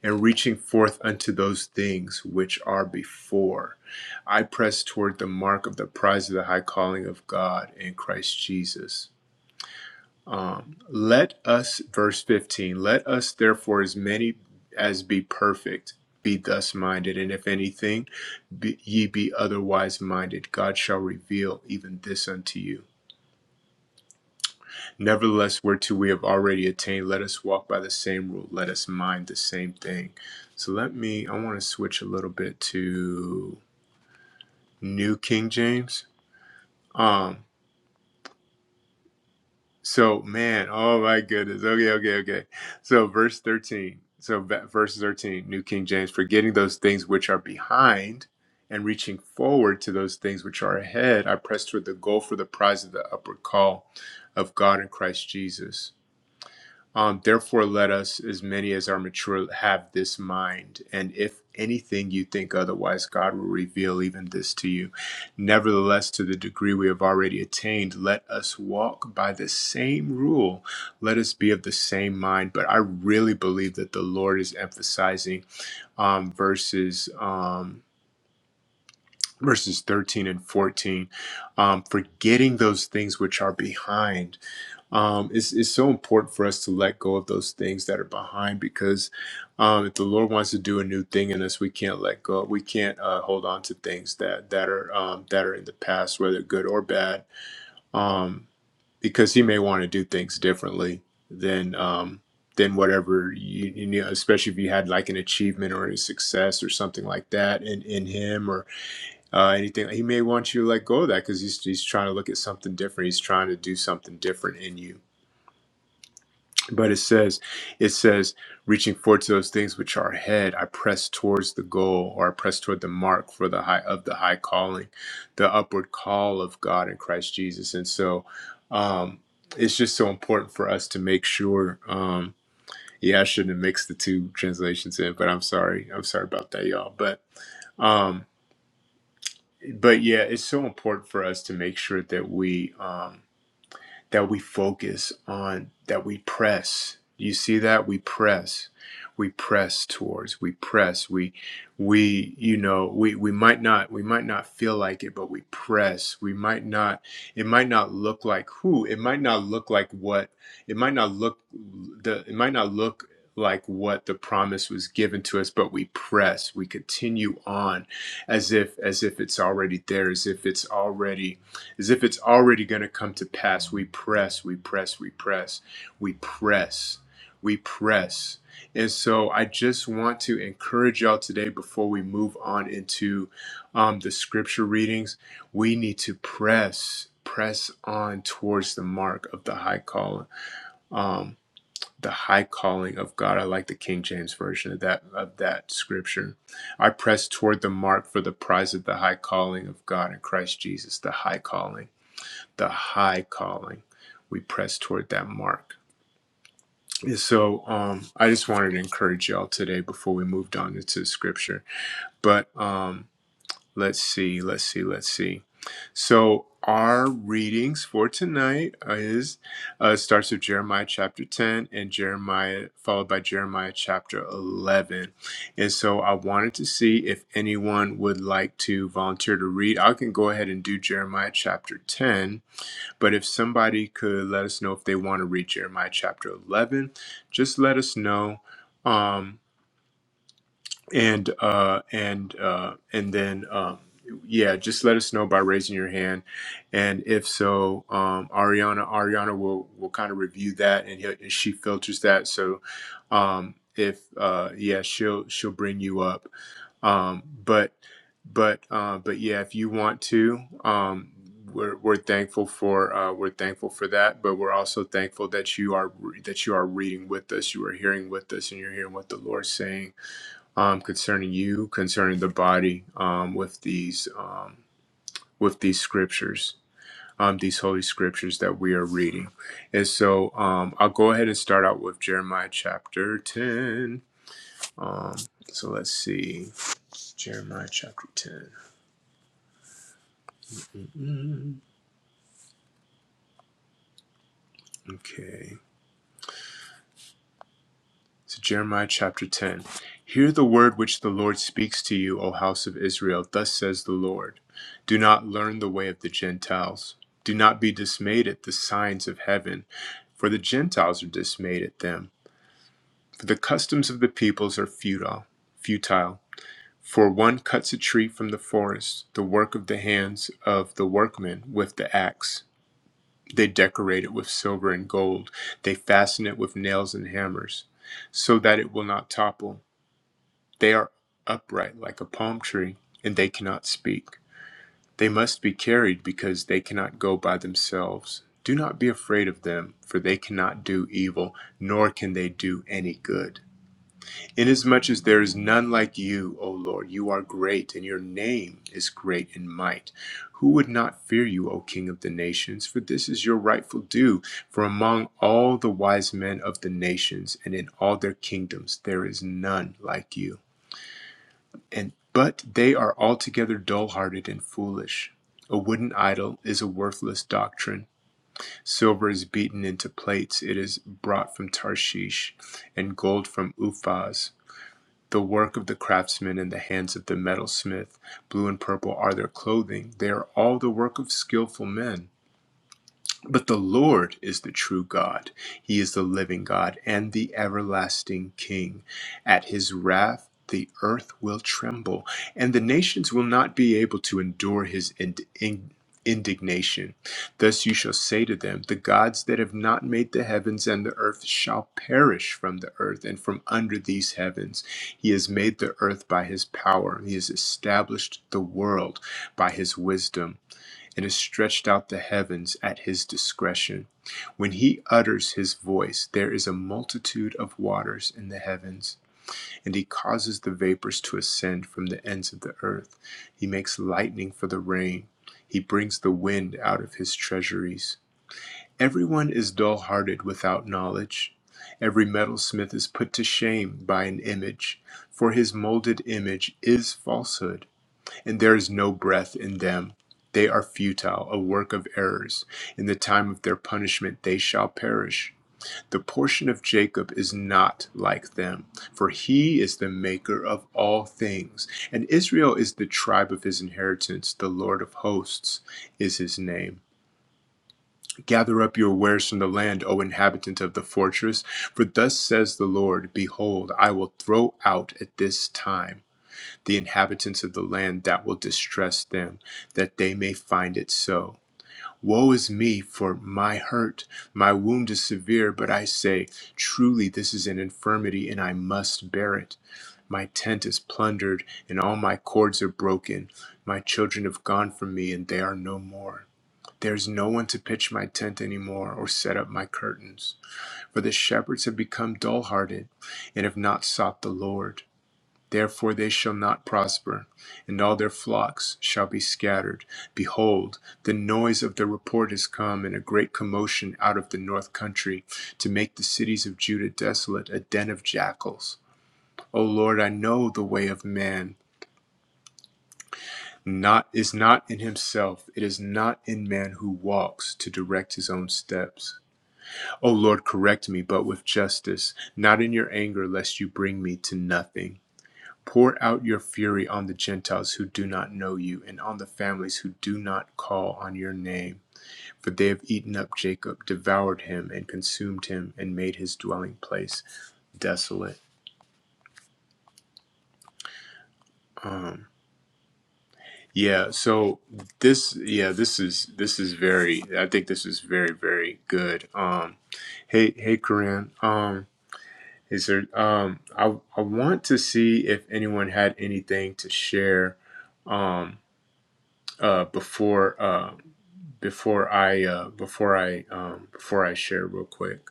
A: and reaching forth unto those things which are before. I press toward the mark of the prize of the high calling of God in Christ Jesus. Let us, verse 15, let us therefore, as many as be perfect, be thus minded, and if anything, be, ye be otherwise minded, God shall reveal even this unto you. Nevertheless, whereto we have already attained, let us walk by the same rule, let us mind the same thing. So let me, I want to switch a little bit to New King James. Um, so man, oh my goodness. Okay, okay, okay. So verse 13. So verse 13, New King James, forgetting those things which are behind and reaching forward to those things which are ahead, I press toward the goal for the prize of the upward call of God in Christ Jesus. Um, Therefore, let us, as many as are mature, have this mind. And if anything you think otherwise, God will reveal even this to you. Nevertheless, to the degree we have already attained, let us walk by the same rule. Let us be of the same mind. But I really believe that the Lord is emphasizing um, verses. Um, verses 13 and 14 um, forgetting those things which are behind um, it's, it's so important for us to let go of those things that are behind because um, if the lord wants to do a new thing in us we can't let go we can't uh, hold on to things that that are um, that are in the past whether good or bad um, because he may want to do things differently than um, than whatever you, you know especially if you had like an achievement or a success or something like that in, in him or uh, anything. He may want you to let go of that because he's he's trying to look at something different. He's trying to do something different in you. But it says, it says, reaching forward to those things which are ahead, I press towards the goal, or I press toward the mark for the high of the high calling, the upward call of God in Christ Jesus. And so, um, it's just so important for us to make sure. Um, yeah, I shouldn't have mixed the two translations in, but I'm sorry. I'm sorry about that, y'all. But um, but yeah, it's so important for us to make sure that we um, that we focus on, that we press. You see that? We press. We press towards. We press. We we you know, we we might not we might not feel like it, but we press. We might not it might not look like who, it might not look like what it might not look the it might not look like what the promise was given to us but we press we continue on as if as if it's already there as if it's already as if it's already going to come to pass. We press, we press, we press, we press, we press. And so I just want to encourage y'all today before we move on into um, the scripture readings, we need to press, press on towards the mark of the high call. Um, the high calling of God. I like the King James version of that of that scripture. I press toward the mark for the prize of the high calling of God in Christ Jesus, the high calling the high calling. We press toward that mark. And so um, I just wanted to encourage y'all today before we moved on into scripture. But um, let's see, let's see, let's see. So our readings for tonight is uh, starts with Jeremiah chapter 10 and Jeremiah followed by Jeremiah chapter 11. And so I wanted to see if anyone would like to volunteer to read. I can go ahead and do Jeremiah chapter 10 but if somebody could let us know if they want to read Jeremiah chapter 11, just let us know. Um, and uh, and uh, and then um, yeah, just let us know by raising your hand, and if so, um, Ariana Ariana will will kind of review that, and, he'll, and she filters that. So um, if uh, yeah, she'll she'll bring you up, um, but but uh, but yeah, if you want to. Um, we're, we're thankful for uh, we're thankful for that, but we're also thankful that you are that you are reading with us, you are hearing with us, and you're hearing what the Lord's saying um, concerning you, concerning the body, um, with these um, with these scriptures, um, these holy scriptures that we are reading. And so um, I'll go ahead and start out with Jeremiah chapter ten. Um, so let's see, Jeremiah chapter ten. Okay. So Jeremiah chapter 10. Hear the word which the Lord speaks to you, O house of Israel. Thus says the Lord Do not learn the way of the Gentiles. Do not be dismayed at the signs of heaven, for the Gentiles are dismayed at them. For the customs of the peoples are futile. Futile. For one cuts a tree from the forest, the work of the hands of the workmen with the axe. They decorate it with silver and gold. They fasten it with nails and hammers, so that it will not topple. They are upright like a palm tree, and they cannot speak. They must be carried because they cannot go by themselves. Do not be afraid of them, for they cannot do evil, nor can they do any good. Inasmuch as there is none like you, O Lord, you are great, and your name is great in might. Who would not fear you, O King of the nations? For this is your rightful due. For among all the wise men of the nations and in all their kingdoms, there is none like you and but they are altogether dull-hearted and foolish. A wooden idol is a worthless doctrine. Silver is beaten into plates; it is brought from Tarshish, and gold from Uphaz. The work of the craftsman in the hands of the metalsmith. Blue and purple are their clothing; they are all the work of skillful men. But the Lord is the true God. He is the living God and the everlasting King. At his wrath, the earth will tremble, and the nations will not be able to endure his ind- in- indignation. Thus you shall say to them, The gods that have not made the heavens and the earth shall perish from the earth and from under these heavens. He has made the earth by his power, he has established the world by his wisdom and has stretched out the heavens at his discretion. When he utters his voice, there is a multitude of waters in the heavens, and he causes the vapors to ascend from the ends of the earth. He makes lightning for the rain, he brings the wind out of his treasuries. Everyone is dull hearted without knowledge. Every metalsmith is put to shame by an image, for his molded image is falsehood and there is no breath in them. They are futile, a work of errors. In the time of their punishment, they shall perish. The portion of Jacob is not like them, for he is the maker of all things. And Israel is the tribe of his inheritance, the Lord of hosts is his name. Gather up your wares from the land, O inhabitant of the fortress, for thus says the Lord Behold, I will throw out at this time the inhabitants of the land that will distress them, that they may find it so. Woe is me, for my hurt, my wound is severe, but I say, Truly this is an infirmity, and I must bear it. My tent is plundered, and all my cords are broken. My children have gone from me, and they are no more. There is no one to pitch my tent any more, or set up my curtains. For the shepherds have become dull hearted, and have not sought the Lord. Therefore they shall not prosper, and all their flocks shall be scattered. Behold, the noise of the report is come, and a great commotion out of the north country, to make the cities of Judah desolate, a den of jackals. O Lord, I know the way of man. Not is not in himself, it is not in man who walks to direct his own steps. O Lord, correct me, but with justice, not in your anger, lest you bring me to nothing. Pour out your fury on the Gentiles who do not know you, and on the families who do not call on your name. For they have eaten up Jacob, devoured him, and consumed him, and made his dwelling place desolate. Um, yeah. So this, yeah, this is this is very. I think this is very very good. Um, hey hey, Corinne. Um, is there? Um, I I want to see if anyone had anything to share. Um, uh, before. uh, before I uh before I um before I share real quick.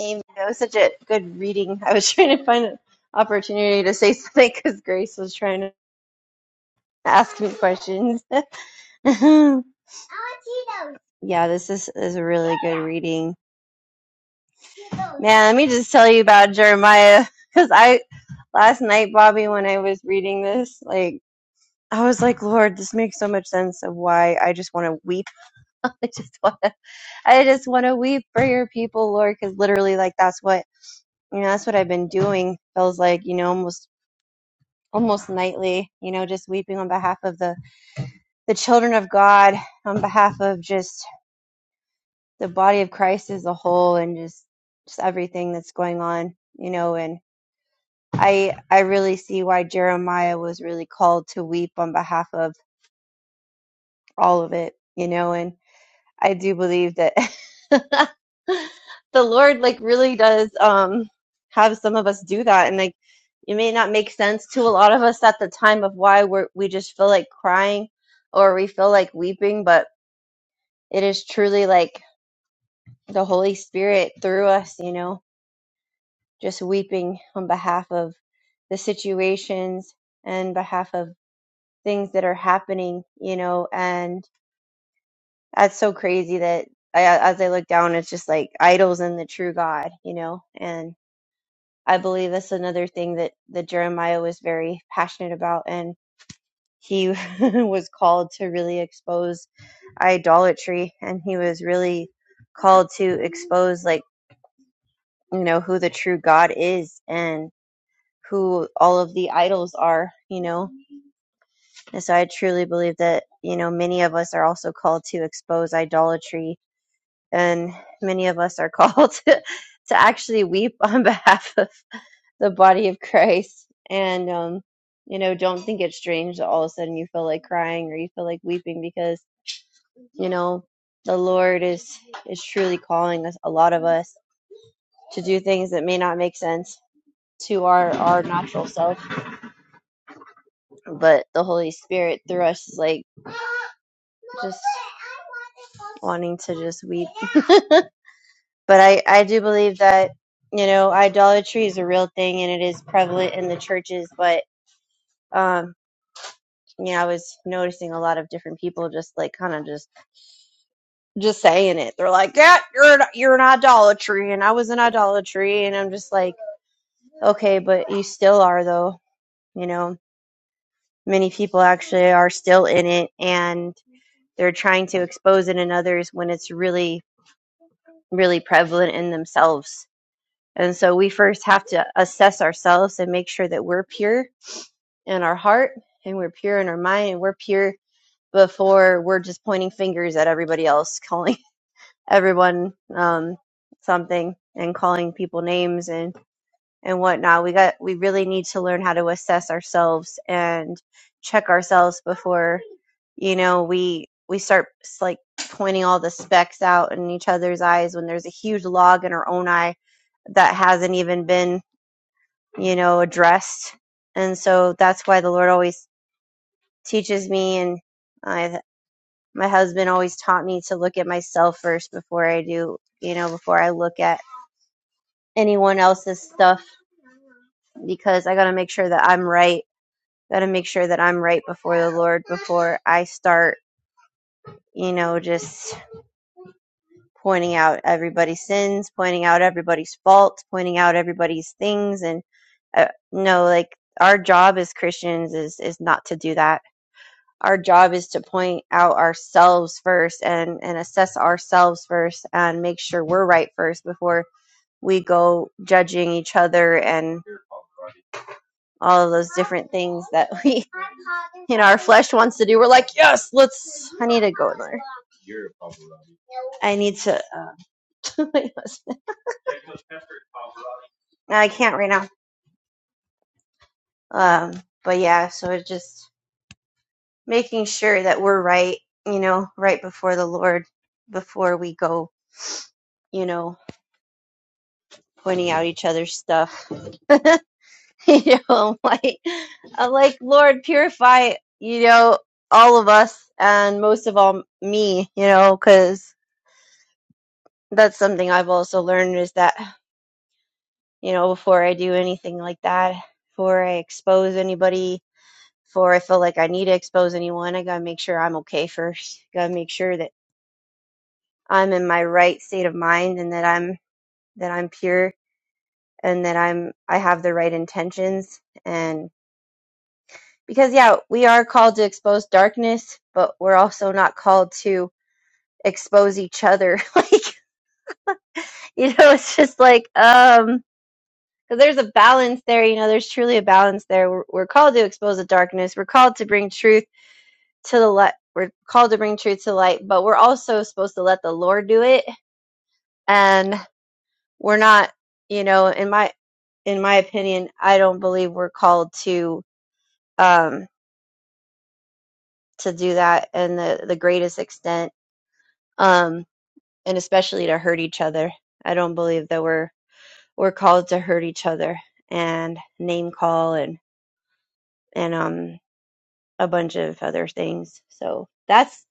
B: Amen. That was such a good reading. I was trying to find an opportunity to say something because Grace was trying to ask me questions. yeah, this is, is a really good reading. Man, let me just tell you about Jeremiah because I last night, Bobby, when I was reading this, like I was like, Lord, this makes so much sense of why I just want to weep. I just want to, I just want to weep for your people, Lord, because literally, like that's what you know, that's what I've been doing. Feels like you know, almost almost nightly, you know, just weeping on behalf of the the children of God, on behalf of just the body of Christ as a whole, and just just everything that's going on, you know, and. I I really see why Jeremiah was really called to weep on behalf of all of it, you know, and I do believe that the Lord like really does um have some of us do that and like it may not make sense to a lot of us at the time of why we're we just feel like crying or we feel like weeping, but it is truly like the Holy Spirit through us, you know, just weeping on behalf of the situations and behalf of things that are happening, you know, and that's so crazy that I, as I look down, it's just like idols and the true God, you know, and I believe that's another thing that, that Jeremiah was very passionate about and he was called to really expose idolatry and he was really called to expose like, you know, who the true God is and who all of the idols are, you know, And so I truly believe that, you know, many of us are also called to expose idolatry and many of us are called to, to actually weep on behalf of the body of Christ. And, um, you know, don't think it's strange that all of a sudden you feel like crying or you feel like weeping because, you know, the Lord is, is truly calling us, a lot of us to do things that may not make sense to our, our natural self, but the Holy Spirit through us is like, just wanting to just weep. but I, I do believe that, you know, idolatry is a real thing and it is prevalent in the churches, but um yeah, I was noticing a lot of different people just like kind of just just saying it. They're like, "Yeah, you're an, you're an idolatry," and I was an idolatry, and I'm just like, "Okay, but you still are though." You know, many people actually are still in it, and they're trying to expose it in others when it's really really prevalent in themselves And so we first have to assess ourselves and make sure that we're pure in our heart and we're pure in our mind and we're pure before we're just pointing fingers at everybody else, calling everyone um, something and calling people names and, and whatnot. We got we really need to learn how to assess ourselves and check ourselves before you know we we start like pointing all the specks out in each other's eyes when there's a huge log in our own eye that hasn't even been you know, addressed. And so that's why the Lord always teaches me, and I, my husband always taught me to look at myself first before I do, you know, before I look at anyone else's stuff because I got to make sure that I'm right. Got to make sure that I'm right before the Lord before I start, you know, just pointing out everybody's sins, pointing out everybody's faults, pointing out everybody's things, and uh, no, like our job as Christians is is not to do that our job is to point out ourselves first and and assess ourselves first and make sure we're right first before we go judging each other and all of those different things that we you know our flesh wants to do we're like yes let's i need to go there i need to uh, i can't right now um but yeah so it's just making sure that we're right you know right before the lord before we go you know pointing out each other's stuff you know, I'm like I'm like Lord, purify, you know, all of us and most of all me, you know, because that's something I've also learned is that you know before I do anything like that, before I expose anybody, before I feel like I need to expose anyone, I gotta make sure I'm okay first. Gotta make sure that I'm in my right state of mind and that I'm that I'm pure and that I'm I have the right intentions Because, yeah, we are called to expose darkness, but we're also not called to expose each other. like, you know, it's just like, um, because there's a balance there, you know, there's truly a balance there. We're, we're called to expose the darkness, we're called to bring truth to the light, we're called to bring truth to light, but we're also supposed to let the Lord do it. And we're not, you know, in my, in my opinion, I don't believe we're called to, um, to do that in the, the greatest extent. Um, and especially to hurt each other. I don't believe that we're we're called to hurt each other and name call and and um a bunch of other things. So that's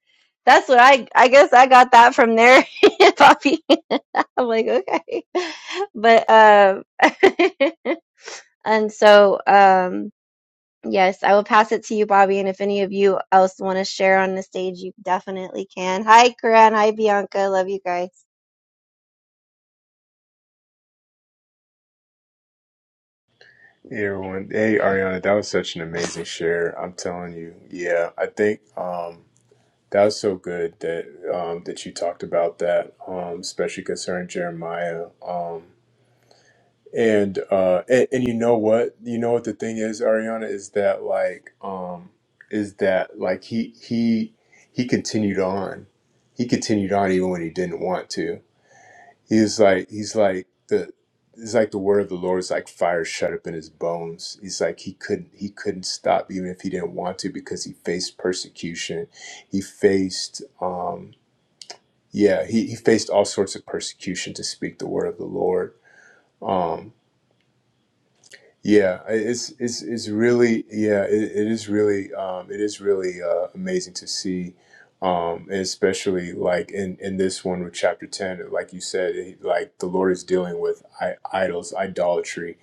B: that's what I I guess I got that from there, Poppy. I'm like okay, but um and so um yes, I will pass it to you, Bobby. And if any of you else want to share on the stage, you definitely can. Hi, Karan. Hi, Bianca. Love you guys.
A: Hey everyone. Hey Ariana, that was such an amazing share. I'm telling you. Yeah, I think um that was so good that um that you talked about that, um, especially concerning Jeremiah. Um and uh and, and you know what? You know what the thing is, Ariana, is that like um is that like he he he continued on. He continued on even when he didn't want to. He's like he's like the it's like the word of the Lord is like fire shut up in his bones. He's like he couldn't he couldn't stop even if he didn't want to because he faced persecution. He faced um yeah, he, he faced all sorts of persecution to speak the word of the Lord. Um yeah, it's it's it's really yeah, it, it is really um it is really uh amazing to see um and especially like in in this one with chapter 10 like you said it- like the Lord is dealing with I idols, idolatry,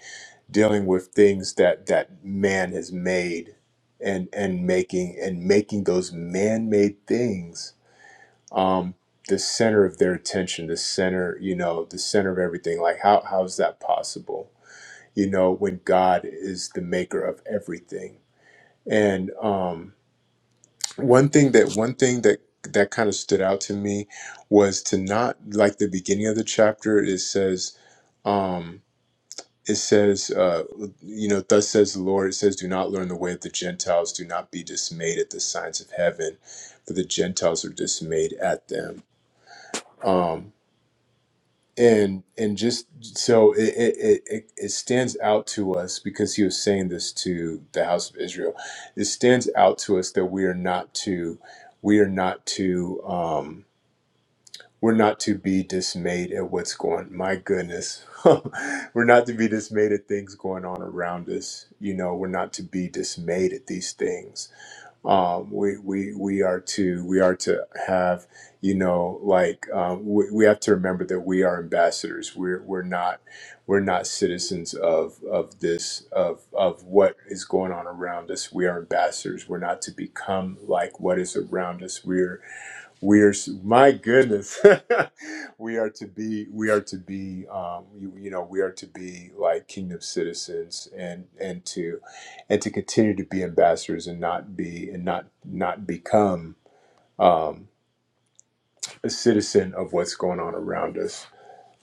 A: dealing with things that that man has made and and making and making those man-made things um the center of their attention, the center, you know, the center of everything. Like how how is that possible? you know, when God is the maker of everything. And um, one thing that one thing that that kind of stood out to me was to not like the beginning of the chapter. It says, um, it says, uh, you know, thus says the Lord. It says, do not learn the way of the Gentiles. Do not be dismayed at the signs of heaven, for the Gentiles are dismayed at them. Um, and and just so it it, it it it stands out to us because he was saying this to the house of israel it stands out to us that we are not to we are not to Um, we're not to be dismayed at what's going my goodness we're not to be dismayed at things going on around us you know we're not to be dismayed at these things um we we we are to we are to have you know like um we, we have to remember that we are ambassadors we're we're not we're not citizens of of this of of what is going on around us we are ambassadors we're not to become like what is around us we're we are my goodness we are to be we are to be um you, you know we are to be like kingdom citizens and and to and to continue to be ambassadors and not be and not not become um a citizen of what's going on around us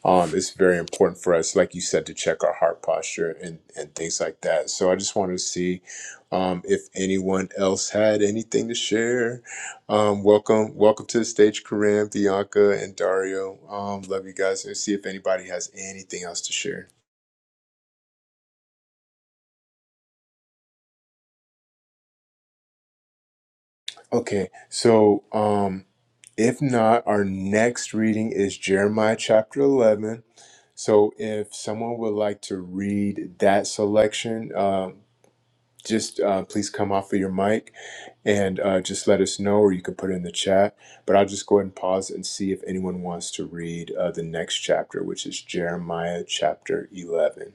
A: um, it's very important for us, like you said, to check our heart posture and, and things like that. So I just wanted to see um, if anyone else had anything to share. Um, welcome, welcome to the stage, Karim, Bianca, and Dario. Um, love you guys, and see if anybody has anything else to share. Okay, so um, if not, our next reading is Jeremiah chapter eleven. So if someone would like to read that selection, um, just uh, please come off of your mic and uh, just let us know, or you can put it in the chat. But I'll just go ahead and pause and see if anyone wants to read uh, the next chapter, which is Jeremiah chapter eleven.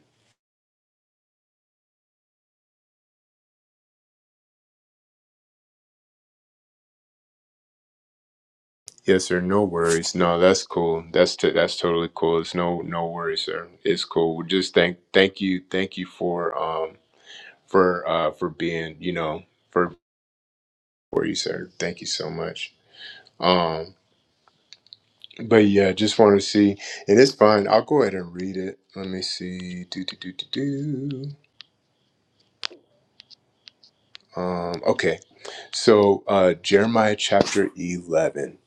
A: Yes, sir. No worries. No, that's cool. That's t- that's totally cool. It's no no worries, sir. It's cool. We Just thank thank you thank you for um for uh for being you know for for you, sir. Thank you so much. Um. But yeah, just want to see, and it's fine. I'll go ahead and read it. Let me see. Do do do do do. Um. Okay. So uh, Jeremiah chapter eleven.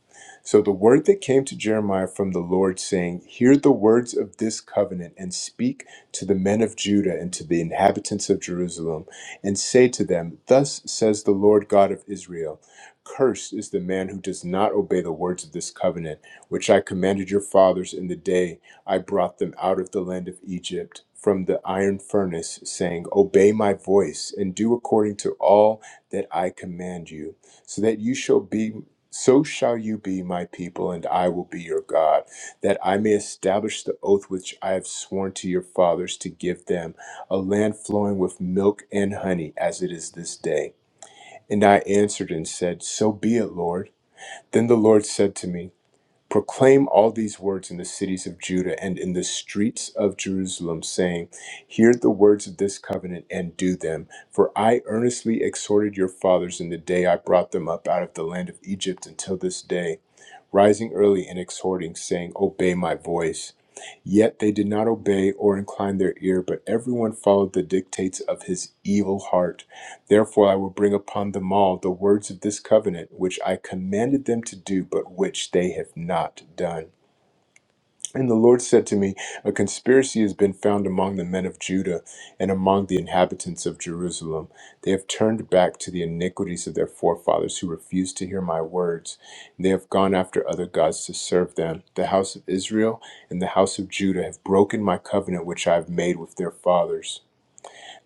A: So the word that came to Jeremiah from the Lord, saying, Hear the words of this covenant, and speak to the men of Judah and to the inhabitants of Jerusalem, and say to them, Thus says the Lord God of Israel Cursed is the man who does not obey the words of this covenant, which I commanded your fathers in the day I brought them out of the land of Egypt from the iron furnace, saying, Obey my voice and do according to all that I command you, so that you shall be so shall you be my people, and I will be your God, that I may establish the oath which I have sworn to your fathers to give them, a land flowing with milk and honey, as it is this day. And I answered and said, So be it, Lord. Then the Lord said to me, Proclaim all these words in the cities of Judah and in the streets of Jerusalem, saying, Hear the words of this covenant and do them. For I earnestly exhorted your fathers in the day I brought them up out of the land of Egypt until this day, rising early and exhorting, saying, Obey my voice. Yet they did not obey or incline their ear, but everyone followed the dictates of his evil heart Therefore, I will bring upon them all the words of this covenant, which I commanded them to do, but which they have not done. And the Lord said to me, A conspiracy has been found among the men of Judah and among the inhabitants of Jerusalem. They have turned back to the iniquities of their forefathers who refused to hear my words. They have gone after other gods to serve them. The house of Israel and the house of Judah have broken my covenant which I have made with their fathers.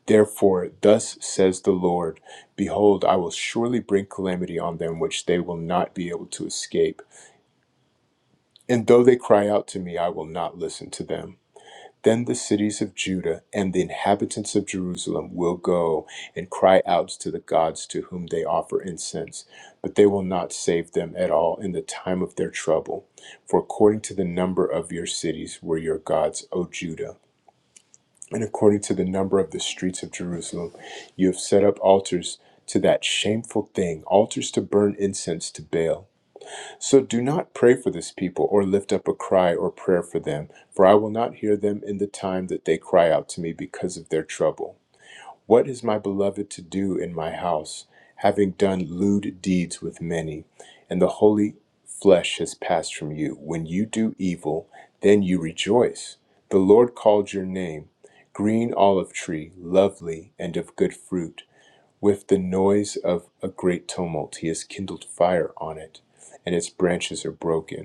A: Therefore, thus says the Lord Behold, I will surely bring calamity on them which they will not be able to escape. And though they cry out to me, I will not listen to them. Then the cities of Judah and the inhabitants of Jerusalem will go and cry out to the gods to whom they offer incense, but they will not save them at all in the time of their trouble. For according to the number of your cities were your gods, O Judah and according to the number of the streets of Jerusalem, you have set up altars to that shameful thing, altars to burn incense to Baal. So do not pray for this people or lift up a cry or prayer for them, for I will not hear them in the time that they cry out to me because of their trouble. What is my beloved to do in my house, having done lewd deeds with many? And the holy flesh has passed from you. When you do evil, then you rejoice. The Lord called your name, green olive tree, lovely and of good fruit. With the noise of a great tumult, he has kindled fire on it, and its branches are broken.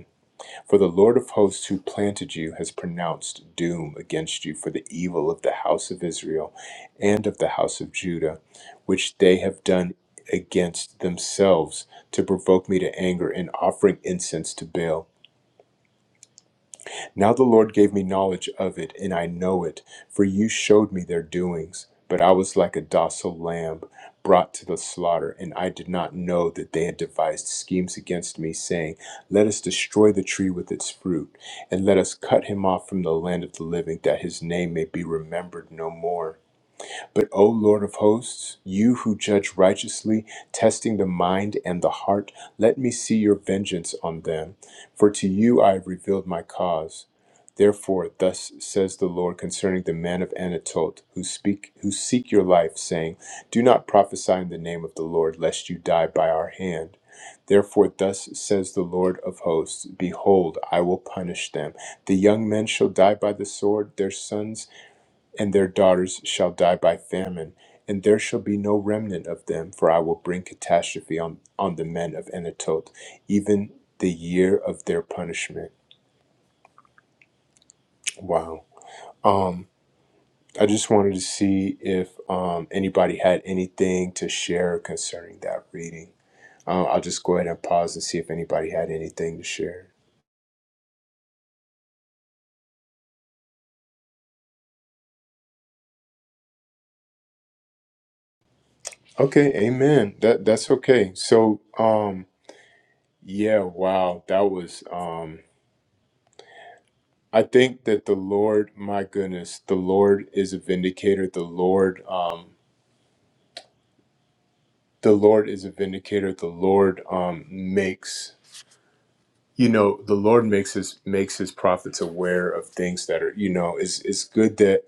A: For the Lord of hosts who planted you has pronounced doom against you for the evil of the house of Israel and of the house of Judah, which they have done against themselves to provoke me to anger in offering incense to Baal. Now the Lord gave me knowledge of it, and I know it, for you showed me their doings. But I was like a docile lamb brought to the slaughter, and I did not know that they had devised schemes against me, saying, Let us destroy the tree with its fruit, and let us cut him off from the land of the living, that his name may be remembered no more. But, O Lord of hosts, you who judge righteously, testing the mind and the heart, let me see your vengeance on them. For to you I have revealed my cause. Therefore, thus says the Lord concerning the men of Anatot who speak, who seek your life, saying, Do not prophesy in the name of the Lord, lest you die by our hand. Therefore, thus says the Lord of hosts Behold, I will punish them. The young men shall die by the sword, their sons and their daughters shall die by famine, and there shall be no remnant of them, for I will bring catastrophe on, on the men of Anatoth, even the year of their punishment. Wow. Um, I just wanted to see if um, anybody had anything to share concerning that reading. Uh, I'll just go ahead and pause and see if anybody had anything to share. Okay, amen. That that's okay. So, um, yeah, wow, that was um I think that the Lord, my goodness, the Lord is a vindicator. The Lord, um, the Lord is a vindicator. The Lord um, makes you know the Lord makes his makes his prophets aware of things that are you know it's it's good that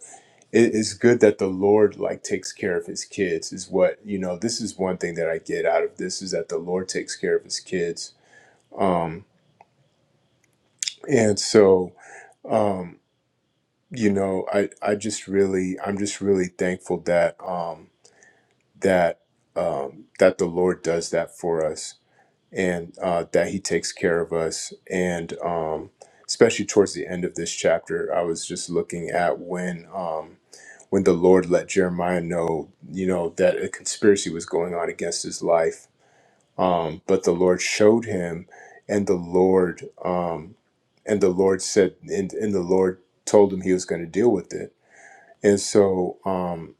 A: it- it's good that the Lord like takes care of his kids is what you know this is one thing that I get out of this is that the Lord takes care of his kids um and so um you know I I just really I'm just really thankful that um, that um, that the Lord does that for us and uh, that He takes care of us. And um, especially towards the end of this chapter, I was just looking at when um, when the Lord let Jeremiah know, you know, that a conspiracy was going on against his life. Um, but the Lord showed him, and the Lord um, and the Lord said, and, and the Lord told him he was going to deal with it. And so. Um,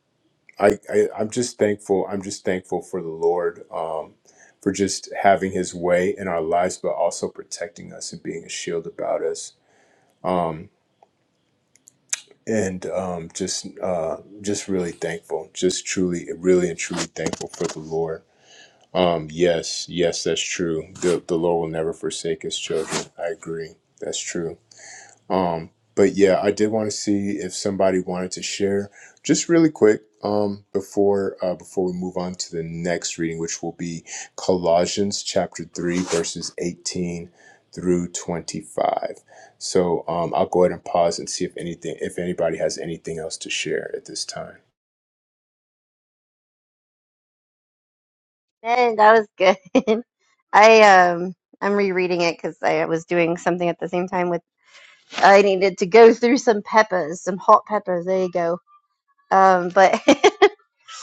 A: I, I I'm just thankful. I'm just thankful for the Lord um, for just having His way in our lives, but also protecting us and being a shield about us. Um, and um, just uh, just really thankful. Just truly, really and truly thankful for the Lord. Um, yes, yes, that's true. The the Lord will never forsake His children. I agree. That's true. Um, but yeah, I did want to see if somebody wanted to share just really quick um, before uh, before we move on to the next reading, which will be Colossians chapter three, verses eighteen through twenty-five. So um, I'll go ahead and pause and see if anything, if anybody has anything else to share at this time.
B: Man, that was good. I um I'm rereading it because I was doing something at the same time with I needed to go through some peppers, some hot peppers. There you go. Um, but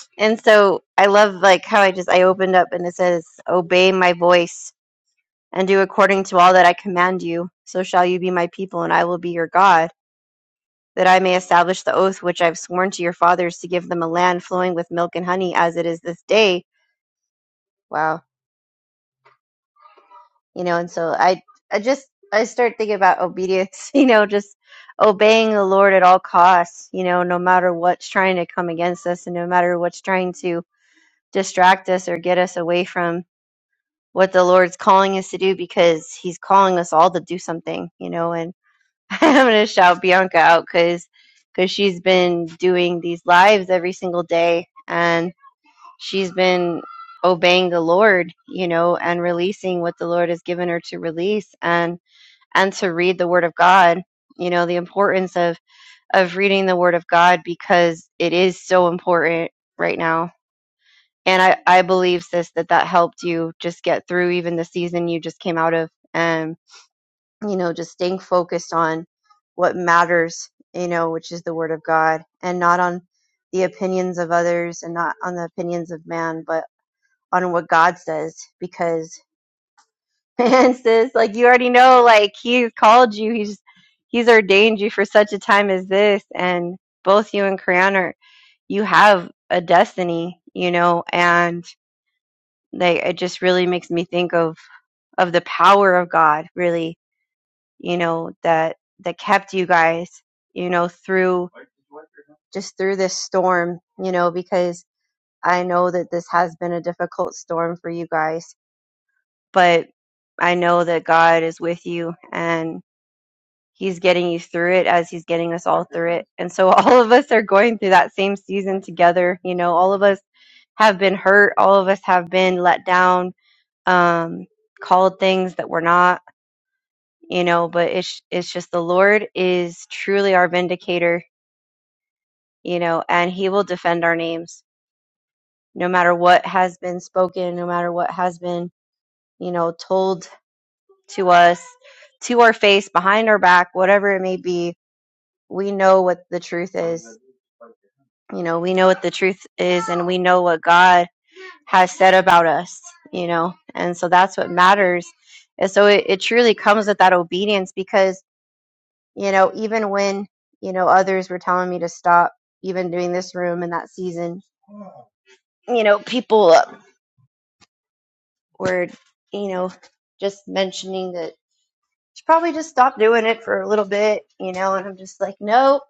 B: and so I love like how I just I opened up and it says, "Obey my voice and do according to all that I command you. So shall you be my people, and I will be your God." That I may establish the oath which I've sworn to your fathers to give them a land flowing with milk and honey, as it is this day. Wow you know and so i i just i start thinking about obedience you know just obeying the lord at all costs you know no matter what's trying to come against us and no matter what's trying to distract us or get us away from what the lord's calling us to do because he's calling us all to do something you know and i'm going to shout bianca out because because she's been doing these lives every single day and she's been obeying the lord you know and releasing what the lord has given her to release and and to read the word of god you know the importance of of reading the word of god because it is so important right now and i i believe sis that that helped you just get through even the season you just came out of and you know just staying focused on what matters you know which is the word of god and not on the opinions of others and not on the opinions of man but on what god says because And sis, like you already know, like he's called you. He's he's ordained you for such a time as this. And both you and Kriana, are- you have a destiny, you know. And like it just really makes me think of of the power of God, really, you know, that that kept you guys, you know, through just through this storm, you know, because I know that this has been a difficult storm for you guys, but I know that God is with you and he's getting you through it as he's getting us all through it. And so all of us are going through that same season together. You know, all of us have been hurt, all of us have been let down, um, called things that we're not, you know, but it's it's just the Lord is truly our vindicator, you know, and he will defend our names no matter what has been spoken, no matter what has been, you know, told to us, to our face, behind our back, whatever it may be, we know what the truth is You know, we know what the truth is and we know what God has said about us, you know, and so that's what matters. And so it, it truly comes with that obedience because, you know, even when, you know, others were telling me to stop, even doing this room in that season, you know, people uh, were, you know, just mentioning that should probably just stop doing it for a little bit, you know, and I'm just like, nope,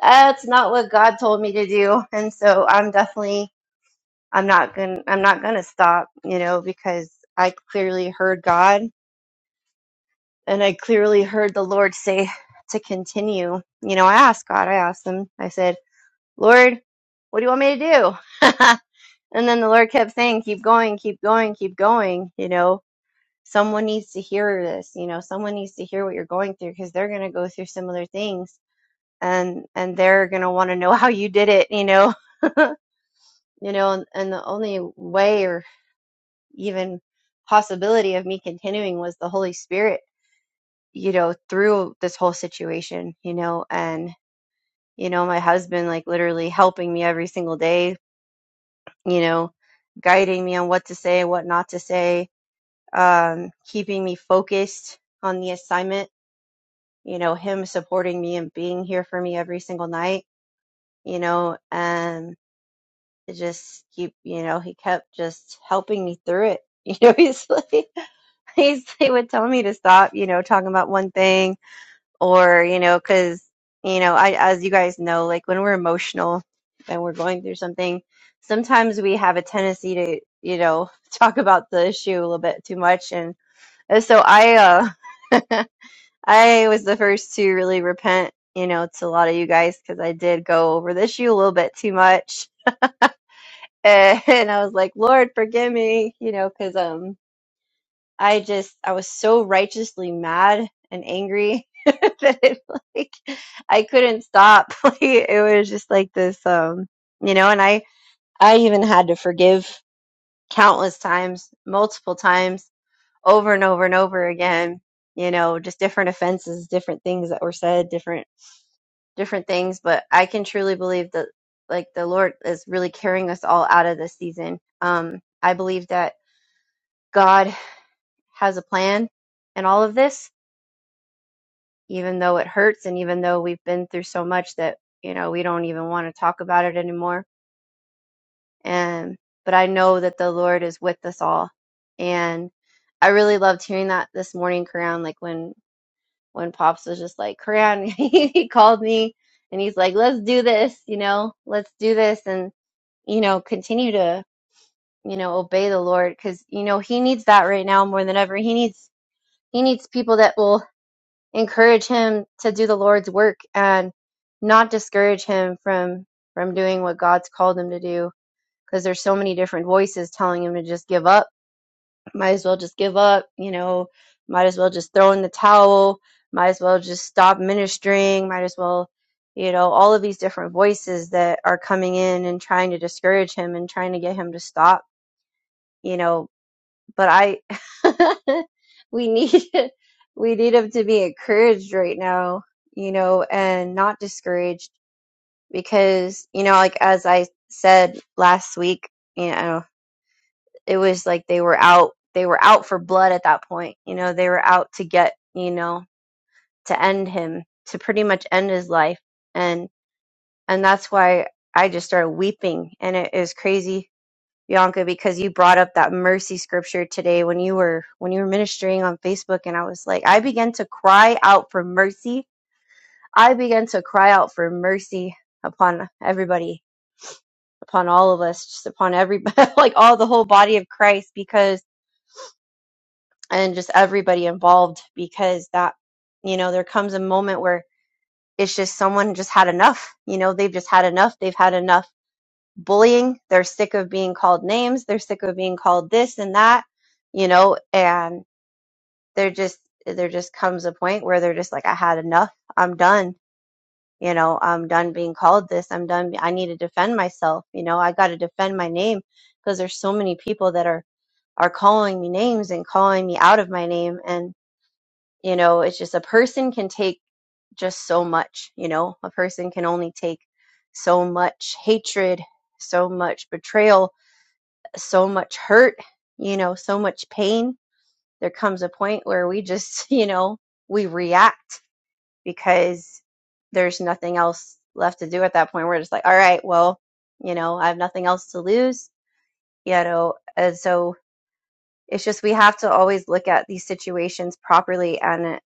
B: that's not what God told me to do. And so I'm definitely I'm not going I'm not going to stop, you know, because I clearly heard God and I clearly heard the Lord say to continue. You know, I asked God, I asked him. I said, "Lord, what do you want me to do?" and then the Lord kept saying, "Keep going, keep going, keep going," you know. Someone needs to hear this, you know, someone needs to hear what you're going through because they're going to go through similar things and and they're going to want to know how you did it, you know. you know, and, and the only way or even possibility of me continuing was the Holy Spirit, you know, through this whole situation, you know, and, you know, my husband like literally helping me every single day, you know, guiding me on what to say, what not to say, um, keeping me focused on the assignment, you know, him supporting me and being here for me every single night, you know, and. it just keep you know he kept just helping me through it you know he's like he's he would tell me to stop you know talking about one thing or you know because you know i as you guys know like when we're emotional and we're going through something sometimes we have a tendency to you know talk about the issue a little bit too much and, and so i uh i was the first to really repent you know to a lot of you guys because i did go over the issue a little bit too much and I was like, Lord, forgive me, you know, because um, I just I was so righteously mad and angry that it, like I couldn't stop. Like it was just like this, um, you know. And I I even had to forgive countless times, multiple times, over and over and over again. You know, just different offenses, different things that were said, different different things, but I can truly believe that like the Lord is really carrying us all out of this season. Um, I believe that God has a plan in all of this, even though it hurts and even though we've been through so much that, you know, we don't even want to talk about it anymore. And but I know that the Lord is with us all. And I really loved hearing that this morning, Karan, like when when Pops was just like, Karan, he called me and he's like, Let's do this, you know, let's do this and you know, continue to, you know, obey the Lord because, you know, he needs that right now more than ever. He needs, he needs people that will encourage him to do the Lord's work and not discourage him from, from doing what God's called him to do. Because there's so many different voices telling him to just give up. Might as well just give up, you know, might as well just throw in the towel, might as well just stop ministering, might as well, you know, all of these different voices that are coming in and trying to discourage him and trying to get him to stop you know, but I, we need, we need them to be encouraged right now, you know, and not discouraged because, you know, like as I said last week, you know, it was like they were out, they were out for blood at that point, you know, they were out to get, you know, to end him, to pretty much end his life. And, and that's why I just started weeping and it, it was crazy Bianca because you brought up that mercy scripture today when you were when you were ministering on Facebook and I was like I began to cry out for mercy. I began to cry out for mercy upon everybody, upon all of us, just upon everybody like all the whole body of Christ because and just everybody involved because that you know there comes a moment where it's just someone just had enough. You know, they've just had enough. They've had enough bullying. They're sick of being called names. They're sick of being called this and that, you know, and they're just, there just comes a point where they're just like, I had enough. I'm done. You know, I'm done being called this. I'm done. I need to defend myself. You know, I got to defend my name because there's so many people that are, are calling me names and calling me out of my name. And, you know, it's just a person can take just so much, you know, a person can only take so much hatred, so much betrayal, so much hurt, you know, so much pain, there comes a point where we just, you know, we react because there's nothing else left to do at that point. We're just like, all right, well, you know, I have nothing else to lose, you know. And so it's just we have to always look at these situations properly and uh,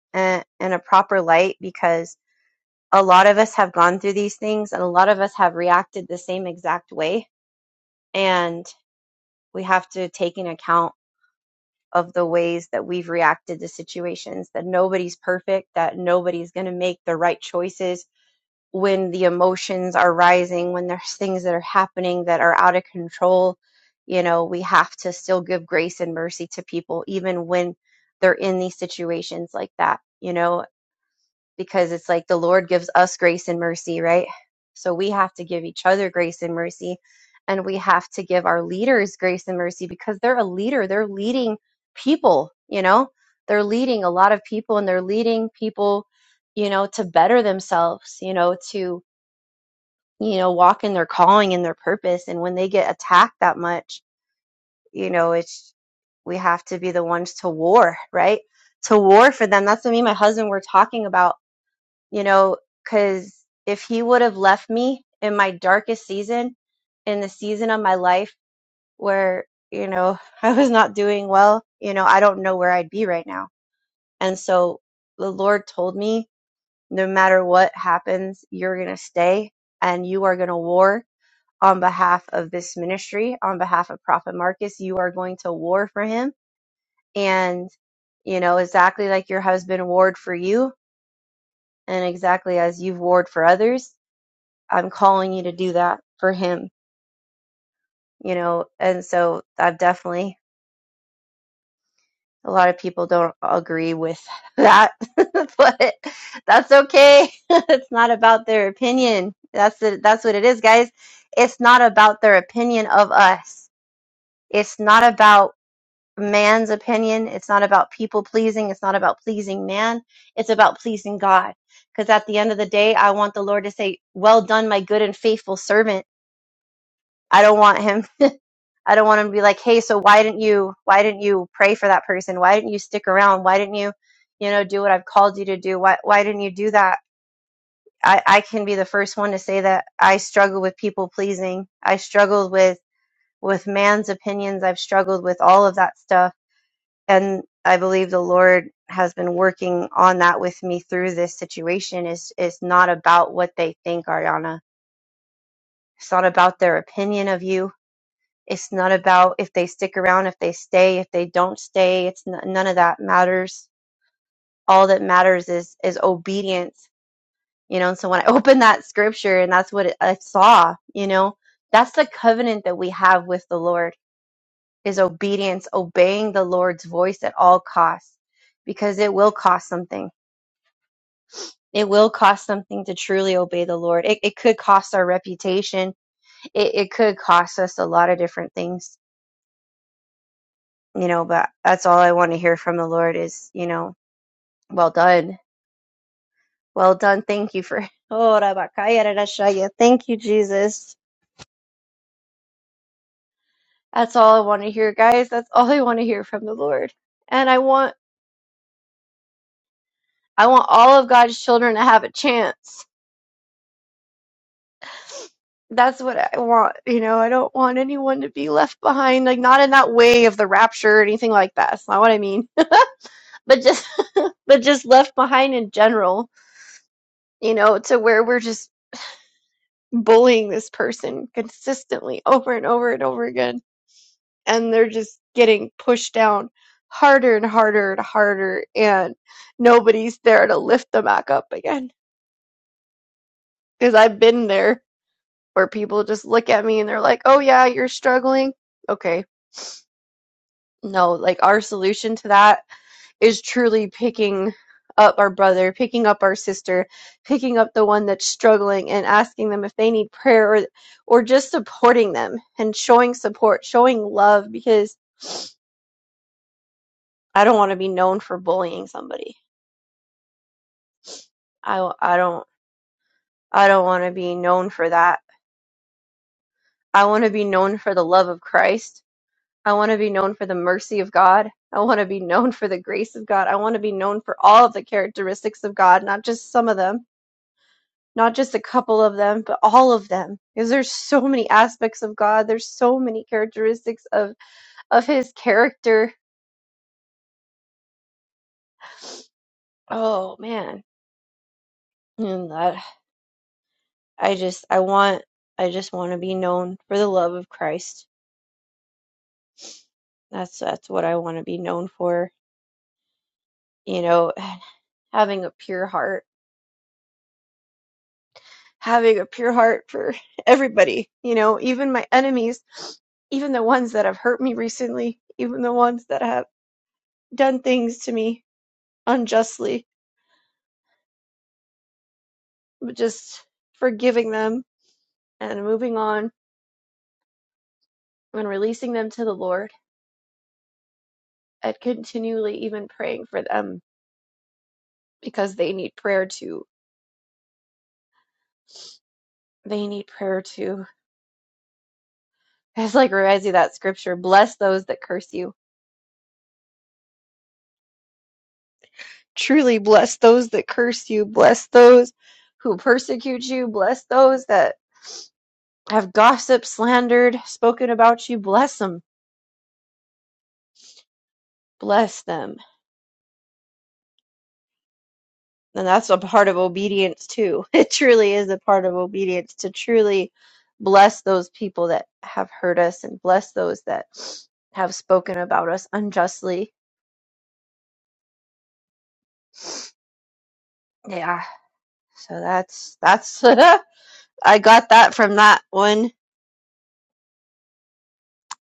B: eh, in a proper light because a lot of us have gone through these things and a lot of us have reacted the same exact way and we have to take into account of the ways that we've reacted to situations, that nobody's perfect, that nobody's going to make the right choices when the emotions are rising, when there's things that are happening that are out of control. You know, we have to still give grace and mercy to people, even when they're in these situations like that, you know, because it's like the Lord gives us grace and mercy, right? So we have to give each other grace and mercy. And we have to give our leaders grace and mercy because they're a leader. They're leading people, you know? They're leading a lot of people and they're leading people, you know, to better themselves, you know, to, you know, walk in their calling and their purpose. And when they get attacked that much, you know, it's, we have to be the ones to war, right? To war for them. That's what me and my husband were talking about you know, because if he would have left me in my darkest season, in the season of my life where, you know, I was not doing well, you know, I don't know where I'd be right now. And so the Lord told me, no matter what happens, you're going to stay and you are going to war on behalf of this ministry, on behalf of Prophet Marcus. You are going to war for him. And, you know, exactly like your husband warred for you and exactly as you've warred for others I'm calling you to do that for him, you know. And so I've definitely a lot of people don't agree with that, but that's okay. it's not about their opinion. That's it. That's what it is, guys. It's not about their opinion of us. It's not about man's opinion. It's not about people pleasing. It's not about pleasing man. It's about pleasing God. Because at the end of the day, I want the Lord to say, "Well done, my good and faithful servant." I don't want him I don't want them to be like, hey, so why didn't you why didn't you pray for that person? Why didn't you stick around? Why didn't you, you know, do what I've called you to do? Why why didn't you do that? I, I can be the first one to say that I struggle with people pleasing. I struggled with with man's opinions. I've struggled with all of that stuff. And I believe the Lord has been working on that with me through this situation. Is it's not about what they think, Ariana. It's not about their opinion of you It's not about if they stick around, if they stay, if they don't stay. It's n- none of that matters. All that matters is is obedience, you know. And so when I opened that scripture, and that's what it, I saw, you know, that's the covenant that we have with the Lord is obedience, obeying the Lord's voice at all costs, because it will cost something. It will cost something to truly obey the Lord. It, it could cost our reputation. It, it could cost us a lot of different things you know but that's all i want to hear from the lord is you know well done well done thank you for oh Rabakaya thank you jesus that's all i want to hear guys that's all i want to hear from the lord and i want i want all of god's children to have a chance that's what i want you know i don't want anyone to be left behind like not in that way of the rapture or anything like that that's not what i mean but just but just left behind in general you know to where we're just bullying this person consistently over and over and over again. And they're just getting pushed down harder and harder and harder. And nobody's there to lift them back up again. Because I've been there where people just look at me and they're like, oh, yeah, you're struggling. Okay. No, like our solution to that is truly picking up our brother, picking up our sister, picking up the one that's struggling and asking them if they need prayer or or just supporting them and showing support, showing love because I don't want to be known for bullying somebody. I I don't I don't want to be known for that. I want to be known for the love of Christ. I want to be known for the mercy of God. I want to be known for the grace of God. I want to be known for all of the characteristics of God, not just some of them not just a couple of them, but all of them. Because there's so many aspects of God. There's so many characteristics of of His character. Oh man, and that I just I want I just want to be known for the love of Christ. That's that's what I want to be known for. You know, having a pure heart, having a pure heart for everybody. You know, even my enemies, even the ones that have hurt me recently, even the ones that have done things to me unjustly but just forgiving them and moving on and releasing them to the Lord and continually even praying for them because they need prayer too. They need prayer too. It's like reminds you that scripture bless those that curse you. Truly bless those that curse you. Bless those who persecute you. Bless those that have gossiped, slandered, spoken about you. Bless them. Bless them And that's a part of obedience too. It truly is a part of obedience to truly bless those people that have hurt us and bless those that have spoken about us unjustly. Yeah. So that's that's I got that from that one,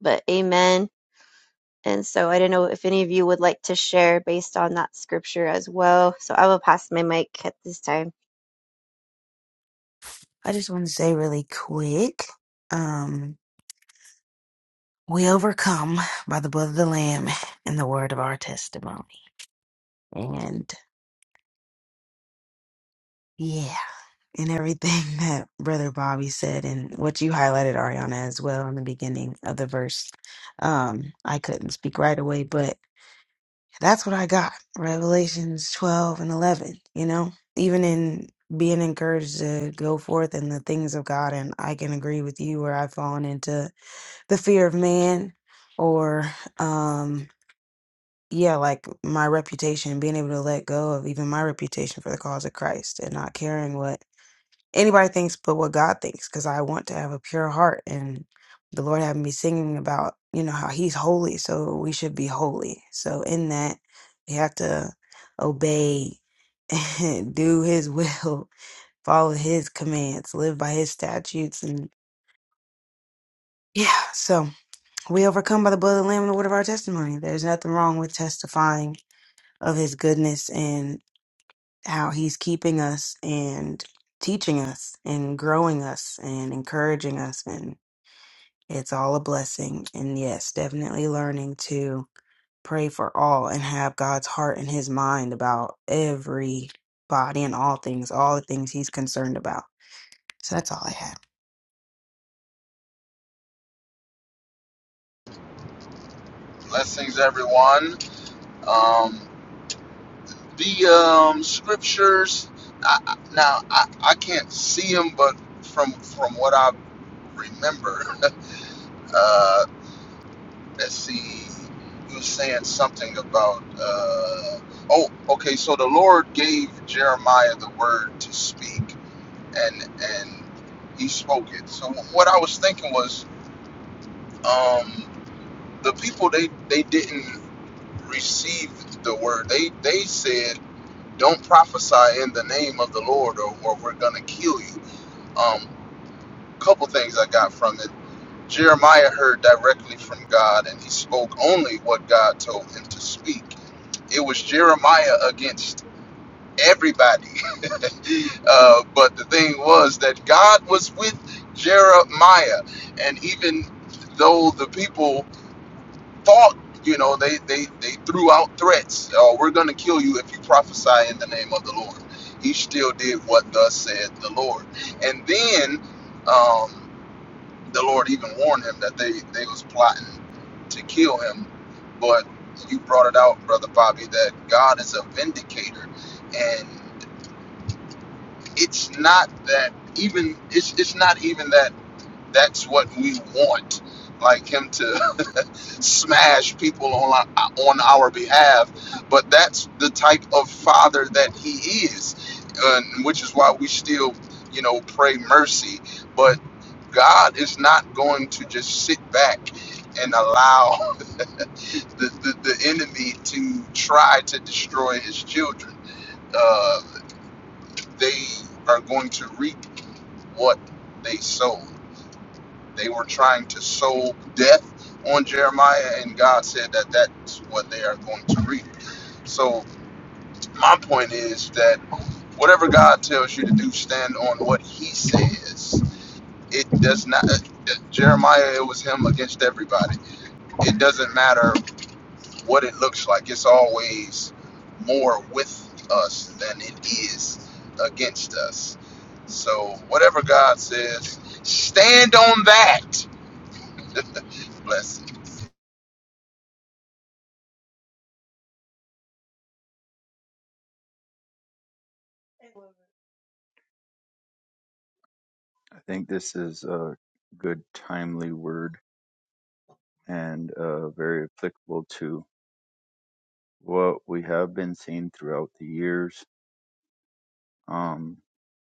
B: but amen. And so I don't know if any of you would like to share based on that scripture as well. So I will pass my mic at this time.
C: I just want to say really quick, um, we overcome by the blood of the Lamb and the word of our testimony. And yeah, and everything that Brother Bobby said and what you highlighted, Ariana, as well in the beginning of the verse. Um, I couldn't speak right away, but that's what I got. Revelations 12 and 11, you know, even in being encouraged to go forth in the things of God. And I can agree with you where I've fallen into the fear of man or um yeah like my reputation being able to let go of even my reputation for the cause of christ and not caring what anybody thinks but what god thinks because i want to have a pure heart and the lord having me singing about you know how he's holy so we should be holy so in that we have to obey and do his will follow his commands live by his statutes and yeah so We overcome by the blood of the Lamb and the word of our testimony. There's nothing wrong with testifying of His goodness and how He's keeping us and teaching us and growing us and encouraging us. And it's all a blessing. And yes, definitely learning to pray for all and have God's heart and His mind about everybody and all things, all the things He's concerned about. So that's all I had.
D: Blessings, everyone. Um, the um, scriptures. I, now I, I can't see them, but from from what I remember, uh, let's see. You were saying something about. Uh, oh, okay. So the Lord gave Jeremiah the word to speak, and and he spoke it. So what I was thinking was, um, the people they they didn't receive the word. They they said. don't prophesy in the name of the Lord or, or we're going to kill you. Um, couple things I got from it. Jeremiah heard directly from God and he spoke only what God told him to speak. It was Jeremiah against everybody. uh, but the thing was that God was with Jeremiah. And even though the people fought. You know, they they they threw out threats. Oh, we're going to kill you if you prophesy in the name of the Lord. He still did what thus said the Lord. And then um, the Lord even warned him that they they was plotting to kill him. But you brought it out, brother Bobby, that God is a vindicator, and it's not that even it's it's not even that that's what we want, like him to. smash people on on our behalf, but that's the type of father that he is, and which is why we still, you know, pray mercy. But God is not going to just sit back and allow the, the, the enemy to try to destroy his children. Uh, they are going to reap what they sowed. They were trying to sow death on Jeremiah, and God said that that's what they are going to reap. So my point is that whatever God tells you to do, stand on what He says. It does not. Jeremiah, it was him against everybody. It doesn't matter what it looks like. It's always more with us than it is against us. So whatever God says, stand on that. Blessings.
E: I think this is a good, timely word and uh, very applicable to what we have been seeing throughout the years. Um,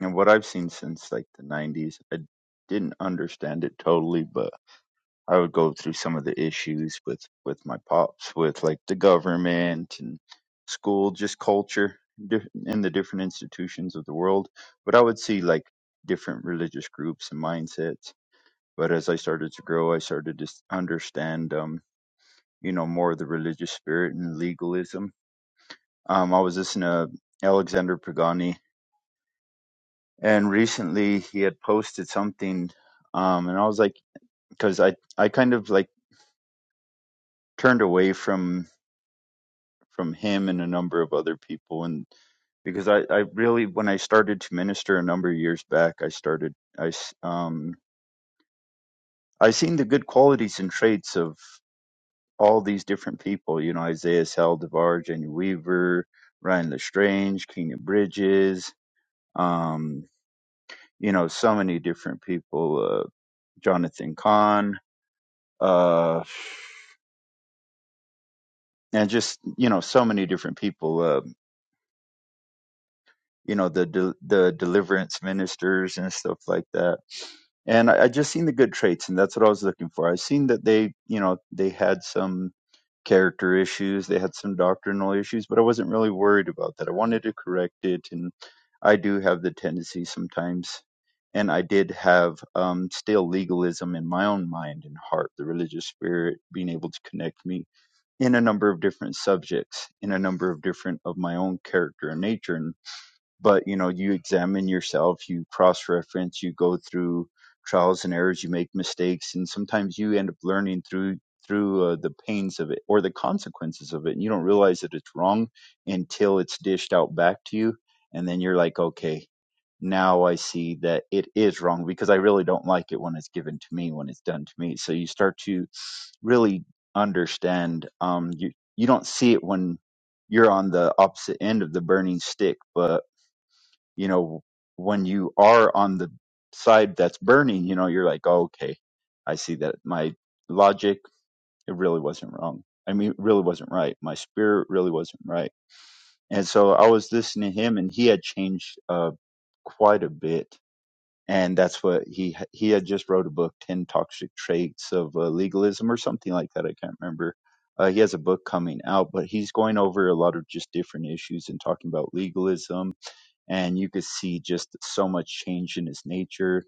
E: and what I've seen since like the 90s, I didn't understand it totally, but I would go through some of the issues with, with my pops, with like the government and school, just culture di- in the different institutions of the world. But I would see like different religious groups and mindsets but as I started to grow, I started to understand, um, you know, more of the religious spirit and legalism. Um, I was listening to Alexander Pagani, and recently he had posted something, um, and I was like, because I I kind of like turned away from from him and a number of other people, and because I I really when I started to minister a number of years back, I started I s- um I seen the good qualities and traits of all these different people, you know, Isaiah Saldivar, Jenny Weaver, Ryan Lestrange, Kenya Bridges, um, you know, so many different people, uh, Jonathan Kahn, uh, and just, you know, so many different people, uh, you know, the, de- the deliverance ministers and stuff like that. And I, I just seen the good traits and that's what I was looking for. I seen that they, you know, they had some, character issues. They had some doctrinal issues, but I wasn't really worried about that. I wanted to correct it, and I do have the tendency sometimes, and I did have um, still legalism in my own mind and heart, the religious spirit being able to connect me in a number of different subjects, in a number of different of my own character and nature. and but you know you examine yourself you cross reference you go through trials and errors you make mistakes and sometimes you end up learning through through uh, the pains of it or the consequences of it and you don't realize that it's wrong until it's dished out back to you and then you're like okay now i see that it is wrong because i really don't like it when it's given to me when it's done to me so you start to really understand um you you don't see it when you're on the opposite end of the burning stick but you know, when you are on the side that's burning, you know, you're like, oh, okay, I see that my logic, it really wasn't wrong. I mean, it really wasn't right. My spirit really wasn't right. And so I was listening to him and he had changed uh, quite a bit. And that's what he, he had just wrote a book, 10 Toxic Traits of uh, Legalism or something like that. I can't remember. Uh, he has a book coming out, but he's going over a lot of just different issues and talking about legalism and you could see just so much change in his nature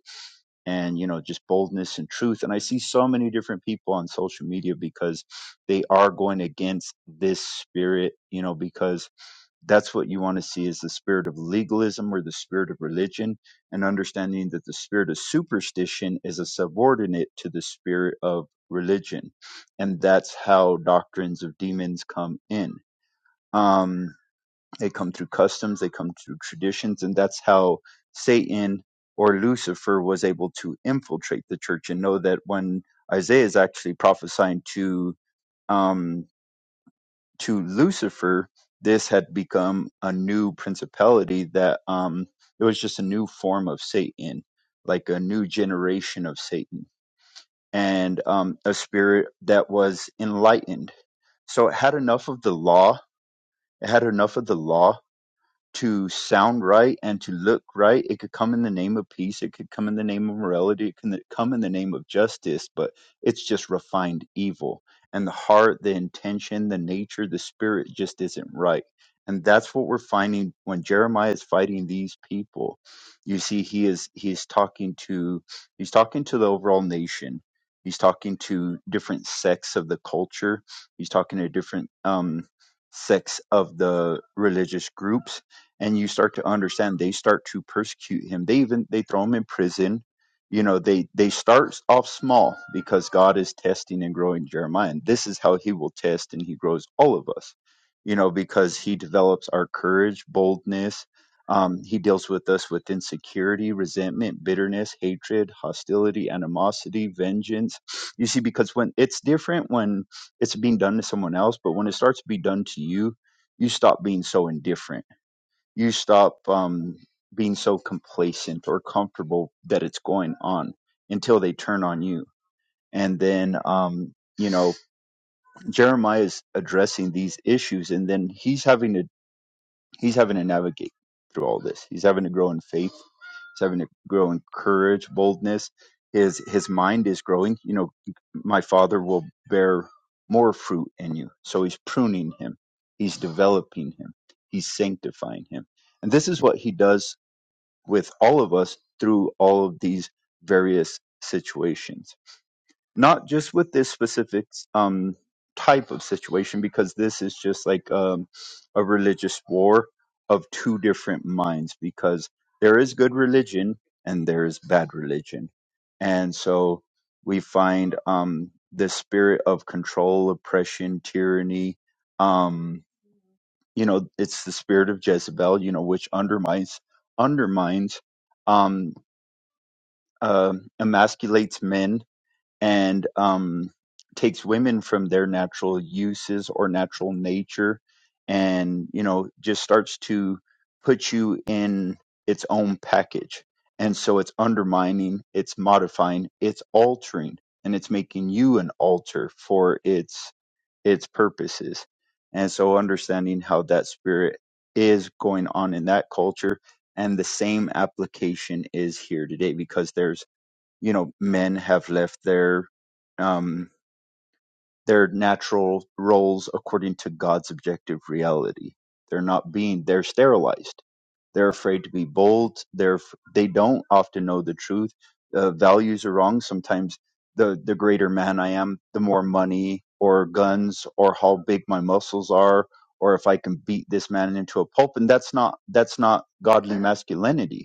E: and you know just boldness and truth and i see so many different people on social media because they are going against this spirit you know because that's what you want to see is the spirit of legalism or the spirit of religion and understanding that the spirit of superstition is a subordinate to the spirit of religion and that's how doctrines of demons come in Um, they come through customs, they come through traditions, and that's how Satan or Lucifer was able to infiltrate the church. And know that when Isaiah is actually prophesying to um, to Lucifer, this had become a new principality that um, it was just a new form of Satan, like a new generation of Satan, and um, a spirit that was enlightened. So it had enough of the law. It had enough of the law to sound right and to look right. It could come in the name of peace. It could come in the name of morality. It can come in the name of justice, but it's just refined evil. And the heart, the intention, the nature, the spirit just isn't right. And that's what we're finding when Jeremiah is fighting these people. You see, he is he is talking to he's talking to the overall nation. He's talking to different sects of the culture. He's talking to different um, sects of the religious groups and you start to understand they start to persecute him they even they throw him in prison you know they they start off small because god is testing and growing jeremiah and this is how he will test and he grows all of us you know because he develops our courage boldness um, he deals with us with insecurity resentment bitterness hatred hostility animosity vengeance you see because when it's different when it's being done to someone else but when it starts to be done to you you stop being so indifferent you stop um, being so complacent or comfortable that it's going on until they turn on you. And then, um, you know, Jeremiah is addressing these issues, and then he's having to he's having to navigate through all this. He's having to grow in faith. He's having to grow in courage, boldness. His his mind is growing. You know, my father will bear more fruit in you. So he's pruning him. He's developing him. He's sanctifying him. And this is what he does with all of us through all of these various situations. Not just with this specific um, type of situation, because this is just like um, a religious war of two different minds, because there is good religion and there is bad religion. And so we find um, the spirit of control, oppression, tyranny. Um, you know it's the spirit of Jezebel you know which undermines undermines um uh, emasculates men and um takes women from their natural uses or natural nature and you know just starts to put you in its own package and so it's undermining it's modifying it's altering and it's making you an altar for its its purposes. And so understanding how that spirit is going on in that culture and the same application is here today because there's, you know, men have left their, um, their natural roles according to God's objective reality. They're not being, they're sterilized. They're afraid to be bold. They're, f- they don't often know the truth. Uh, values are wrong. Sometimes the, the greater man I am, the more money or guns or how big my muscles are, or if I can beat this man into a pulp. And that's not, that's not godly masculinity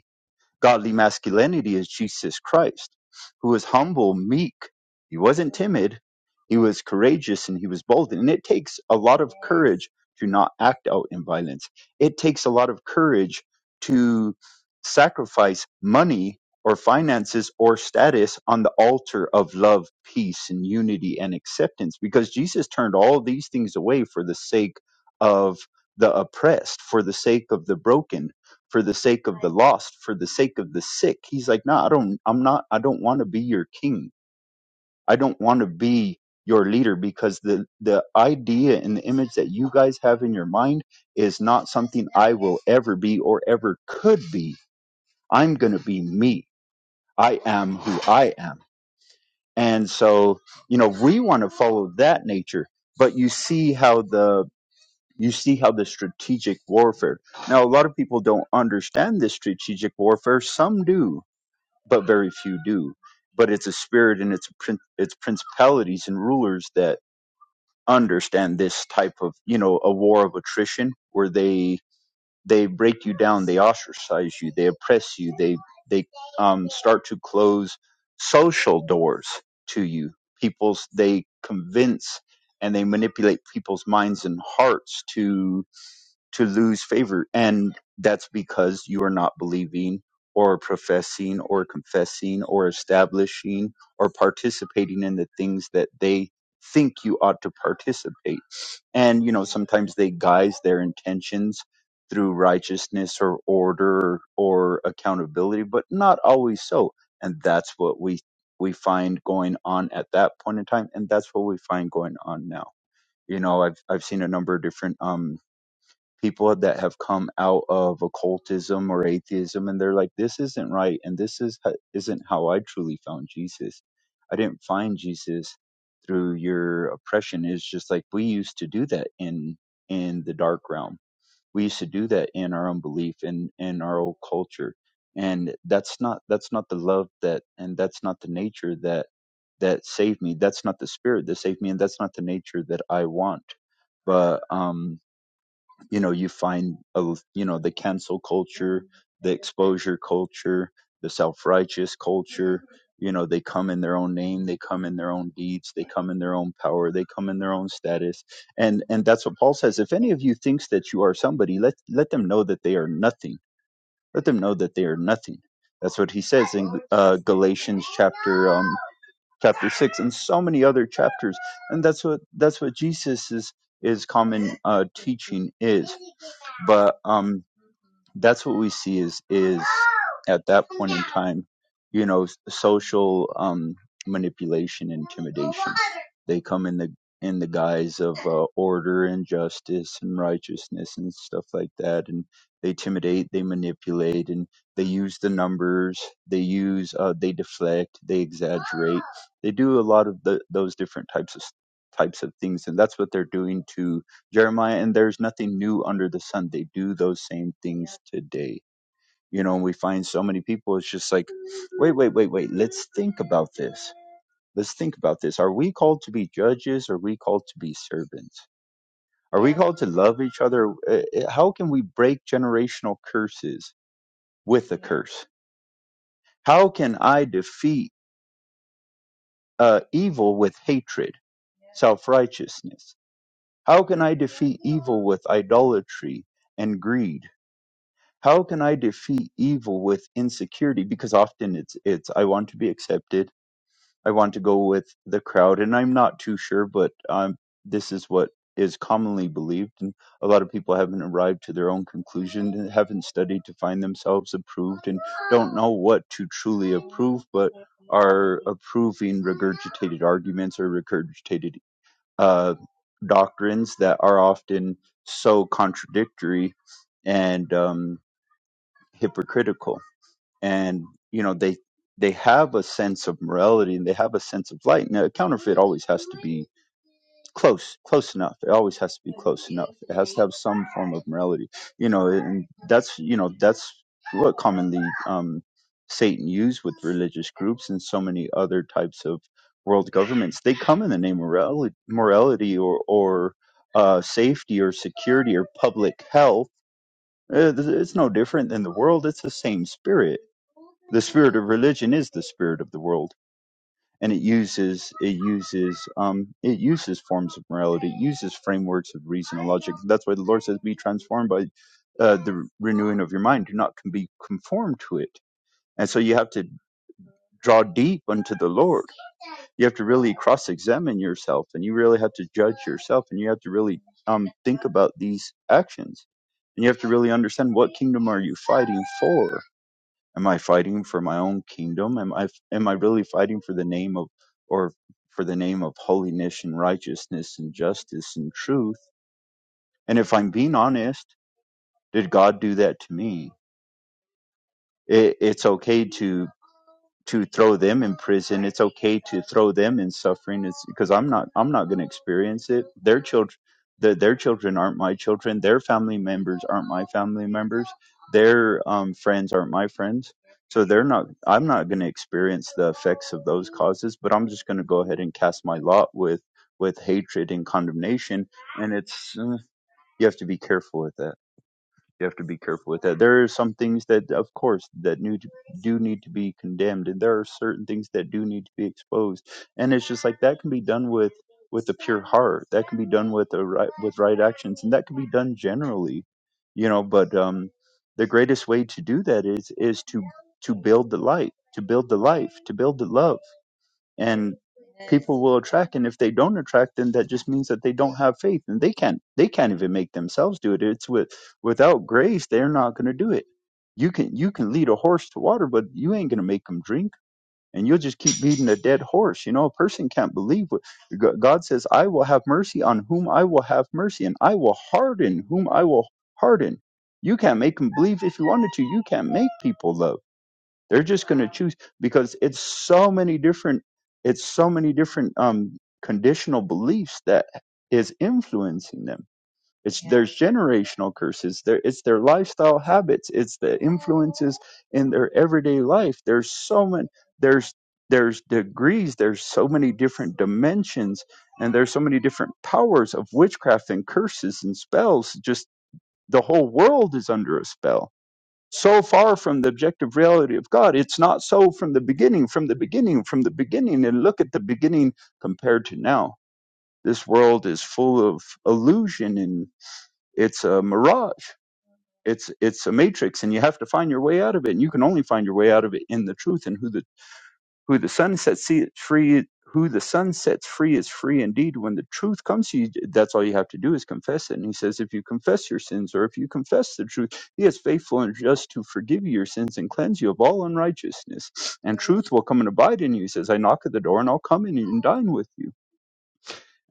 E: Godly masculinity is Jesus Christ, who was humble, meek. He wasn't timid. He was courageous and he was bold. And it takes a lot of courage to not act out in violence. It takes a lot of courage to sacrifice money or finances or status on the altar of love, peace, and unity and acceptance because Jesus turned all these things away for the sake of the oppressed, for the sake of the broken for the sake of the lost, for the sake of the sick. He's like, no, I don't, I'm not, I don't want to be your king. I don't want to be your leader because the, the idea and the image that you guys have in your mind is not something I will ever be or ever could be. I'm going to be me. I am who I am. And so, you know, we want to follow that nature, but you see how the, you see how the strategic warfare now, a lot of people don't understand this strategic warfare. Some do. but very few do. But it's a spirit and it's prin- it's principalities and rulers that understand this type of you know a war of attrition where they they break you down, they ostracize you, they oppress you, they they um, start to close social doors to you. People's they convince and they manipulate people's minds and hearts to to lose favor. And that's because you are not believing or professing or confessing or establishing or participating in the things that they think you ought to participate. And, you know, sometimes they guise their intentions through righteousness or order or accountability, but not always so. And that's what we we find going on at that point in time and that's what we find going on now you know i've i've seen a number of different um people that have come out of occultism or atheism and they're like this isn't right and this is isn't how I truly found Jesus. I didn't find Jesus through your oppression It's just like we used to do that in in the dark realm. We used to do that in our own belief and in our old culture. And that's not that's not the love that and that's not the nature that that saved me. That's not the spirit that saved me and that's not the nature that I want. But um you know you find a, you know the cancel culture the exposure culture the self-righteous culture you know they come in their own name they come in their own deeds they come in their own power they come in their own status and and that's what paul says if any of you thinks that you are somebody let let them know that they are nothing let them know that they are nothing that's what he says in uh, galatians chapter um, chapter 6 and so many other chapters and that's what that's what jesus is is common uh teaching is but um that's what we see is is at that point in time you know s- social um manipulation intimidation they come in the in the guise of uh, order and justice and righteousness and stuff like that and they intimidate they manipulate and they use the numbers they use uh, they deflect they exaggerate they do a lot of the, those different types of types of things and that's what they're doing to. Jeremiah, and there's nothing new under the sun. They do those same things today. You know, and we find so many people, it's just like, wait, wait, wait, wait, let's think about this. Let's think about this. Are we called to be judges? Or Are we called to be servants? Are we called to love each other? Uh, uh, How can we break generational curses with a curse? How can I defeat uh, evil with hatred, self righteousness? How can I defeat evil with idolatry and greed? How can I defeat evil with insecurity? Because often it's it's I want to be accepted, I want to go with the crowd, and I'm not too sure, but um, this is what is commonly believed, and a lot of people haven't arrived to their own conclusion, and haven't studied to find themselves approved, and don't know what to truly approve, but are approving regurgitated arguments or regurgitated uh, doctrines that are often so contradictory and um, hypocritical and you know they they have a sense of morality and they have a sense of light now a counterfeit always has to be close close enough it always has to be close enough it has to have some form of morality you know and that's you know that's what commonly um satan used with religious groups and so many other types of world governments they come in the name of morality, morality or or uh safety or security or public health Uh, th- it's no different than the world it's the same spirit the spirit of religion is the spirit of the world and it uses it uses um it uses forms of morality it uses frameworks of reason and logic that's why the lord says be transformed by uh, the renewing of your mind do not con- be conformed to it and so you have to draw deep unto the lord you have to really cross-examine yourself and you really have to judge yourself and you have to really um think about these actions and you have to really understand what kingdom are you fighting for Am I fighting for my own kingdom? Am I am I really fighting for the name of or for the name of holiness and righteousness and justice and truth? And if I'm being honest, did God do that to me? It, it's okay to to throw them in prison it's okay to throw them in suffering it's because i'm not i'm not going to experience it their children their, their children aren't my children their family members aren't my family members their um, friends aren't my friends so they're not i'm not going to experience the effects of those causes but i'm just going to go ahead and cast my lot with with hatred and condemnation and it's uh, you have to be careful with that you have to be careful with that. There are some things that, of course, that need to, do need to be condemned, and there are certain things that do need to be exposed. And it's just like that can be done with with a pure heart. That can be done with a right with right actions, and that can be done generally, you know. But um, the greatest way to do that is is to to build the light, to build the life, to build the love and people will attract and if they don't attract then that just means that they don't have faith and they can't they can't even make themselves do it it's with without grace they're not going to do it you can you can lead a horse to water but you ain't going to make them drink and you'll just keep beating a dead horse you know a person can't believe what G- god says i will have mercy on whom i will have mercy and i will harden whom i will harden you can't make them believe if you wanted to you can't make people love they're just going to choose because it's so many different it's so many different um conditional beliefs that is influencing them. It's Yeah. there's generational curses. There it's their lifestyle habits. It's the influences in their everyday life. There's so many there's there's degrees, there's so many different dimensions and there's so many different powers of witchcraft and curses and spells. Just the whole world is under a spell so far from the objective reality of God. It's not so from the beginning, from the beginning, from the beginning. And look at the beginning compared to now. This world is full of illusion and it's a mirage. It's it's a matrix, and you have to find your way out of it. And you can only find your way out of it in the truth and who the who the sun sets free, who the sun sets free is free indeed. When the truth comes to you, that's all you have to do is confess it. And he says, if you confess your sins, or if you confess the truth, he is faithful and just to forgive you your sins and cleanse you of all unrighteousness. And truth will come and abide in you. He says, I knock at the door and I'll come in and dine with you.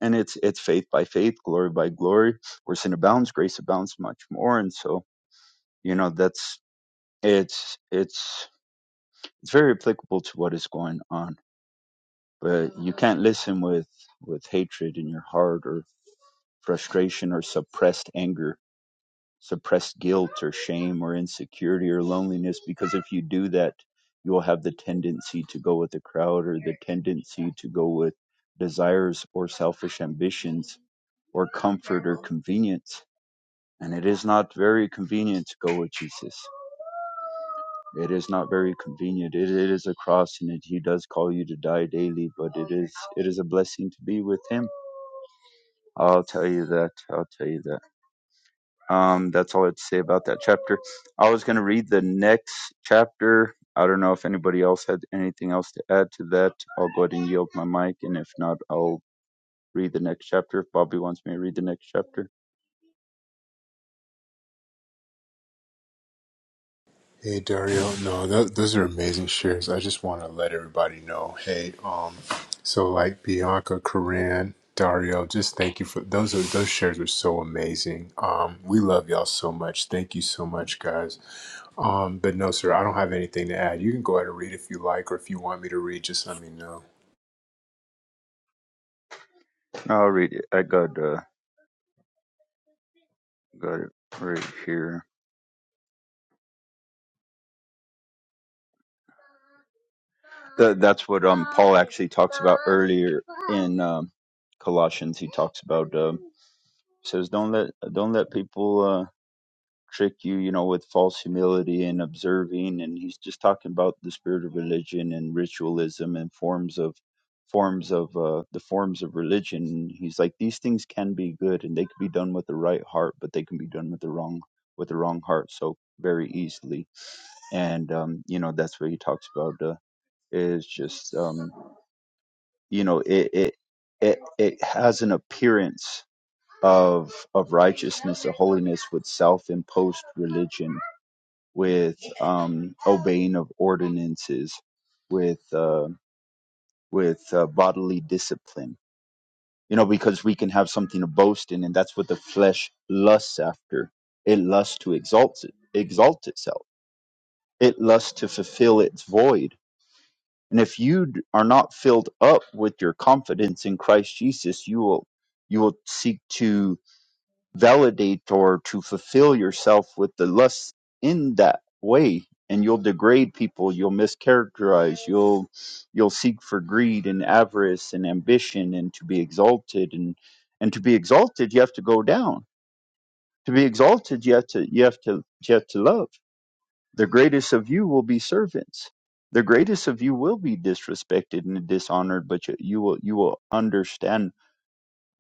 E: And it's it's faith by faith, glory by glory. Where sin abounds, grace abounds much more. And so, you know, that's it's it's it's very applicable to what is going on. but you can't listen with with hatred in your heart or frustration or suppressed anger suppressed guilt or shame or insecurity or loneliness because if you do that you'll have the tendency to go with the crowd or the tendency to go with desires or selfish ambitions or comfort or convenience and it is not very convenient to go with jesus it is not very convenient it, it is a cross and it, he does call you to die daily but it is it is a blessing to be with him I'll tell you that. I'll tell you that. Um, that's all I had to say about that chapter. I was going to read the next chapter. I don't know if anybody else had anything else to add to that. I'll go ahead and yield my mic, and if not, I'll read the next chapter. If Bobby wants me to read the next chapter,
A: Hey Dario, no, th those are amazing shares. I just want to let everybody know. Hey, um, so like Bianca, Corinne, Dario, just thank you for those. Are, those shares are so amazing. Um, we love y'all so much. Thank you so much, guys. Um, but no, sir, I don't have anything to add. You can go ahead and read if you like, or if you want me to read, just let me know.
E: No, I'll read it. I got uh, got it right here. Th that's what um Paul actually talks about earlier in um, Colossians. He talks about um, says don't let don't let people. Uh, trick you, you know, with false humility and observing. And he's just talking about the spirit of religion and ritualism and forms of forms of uh, the forms of religion. And He's like these things can be good and they can be done with the right heart, but they can be done with the wrong with the wrong heart so very easily. And um, you know, that's what he talks about. Uh, is just um, you know, it it it it has an appearance of of righteousness or holiness with self-imposed religion with um, obeying of ordinances, with uh, with uh, bodily discipline. You know, because we can have something to boast in, and that's what the flesh lusts after. It lusts to exalt it, exalt itself. It lusts to fulfill its void. And if you d- are not filled up with your confidence in Christ Jesus, you will you will seek to validate or to fulfill yourself with the lust in that way and you'll degrade people you'll mischaracterize you'll you'll seek for greed and avarice and ambition and to be exalted and and to be exalted you have to go down to be exalted you have to you have to you have to love the greatest of you will be servants the greatest of you will be disrespected and dishonored but you, you will you will understand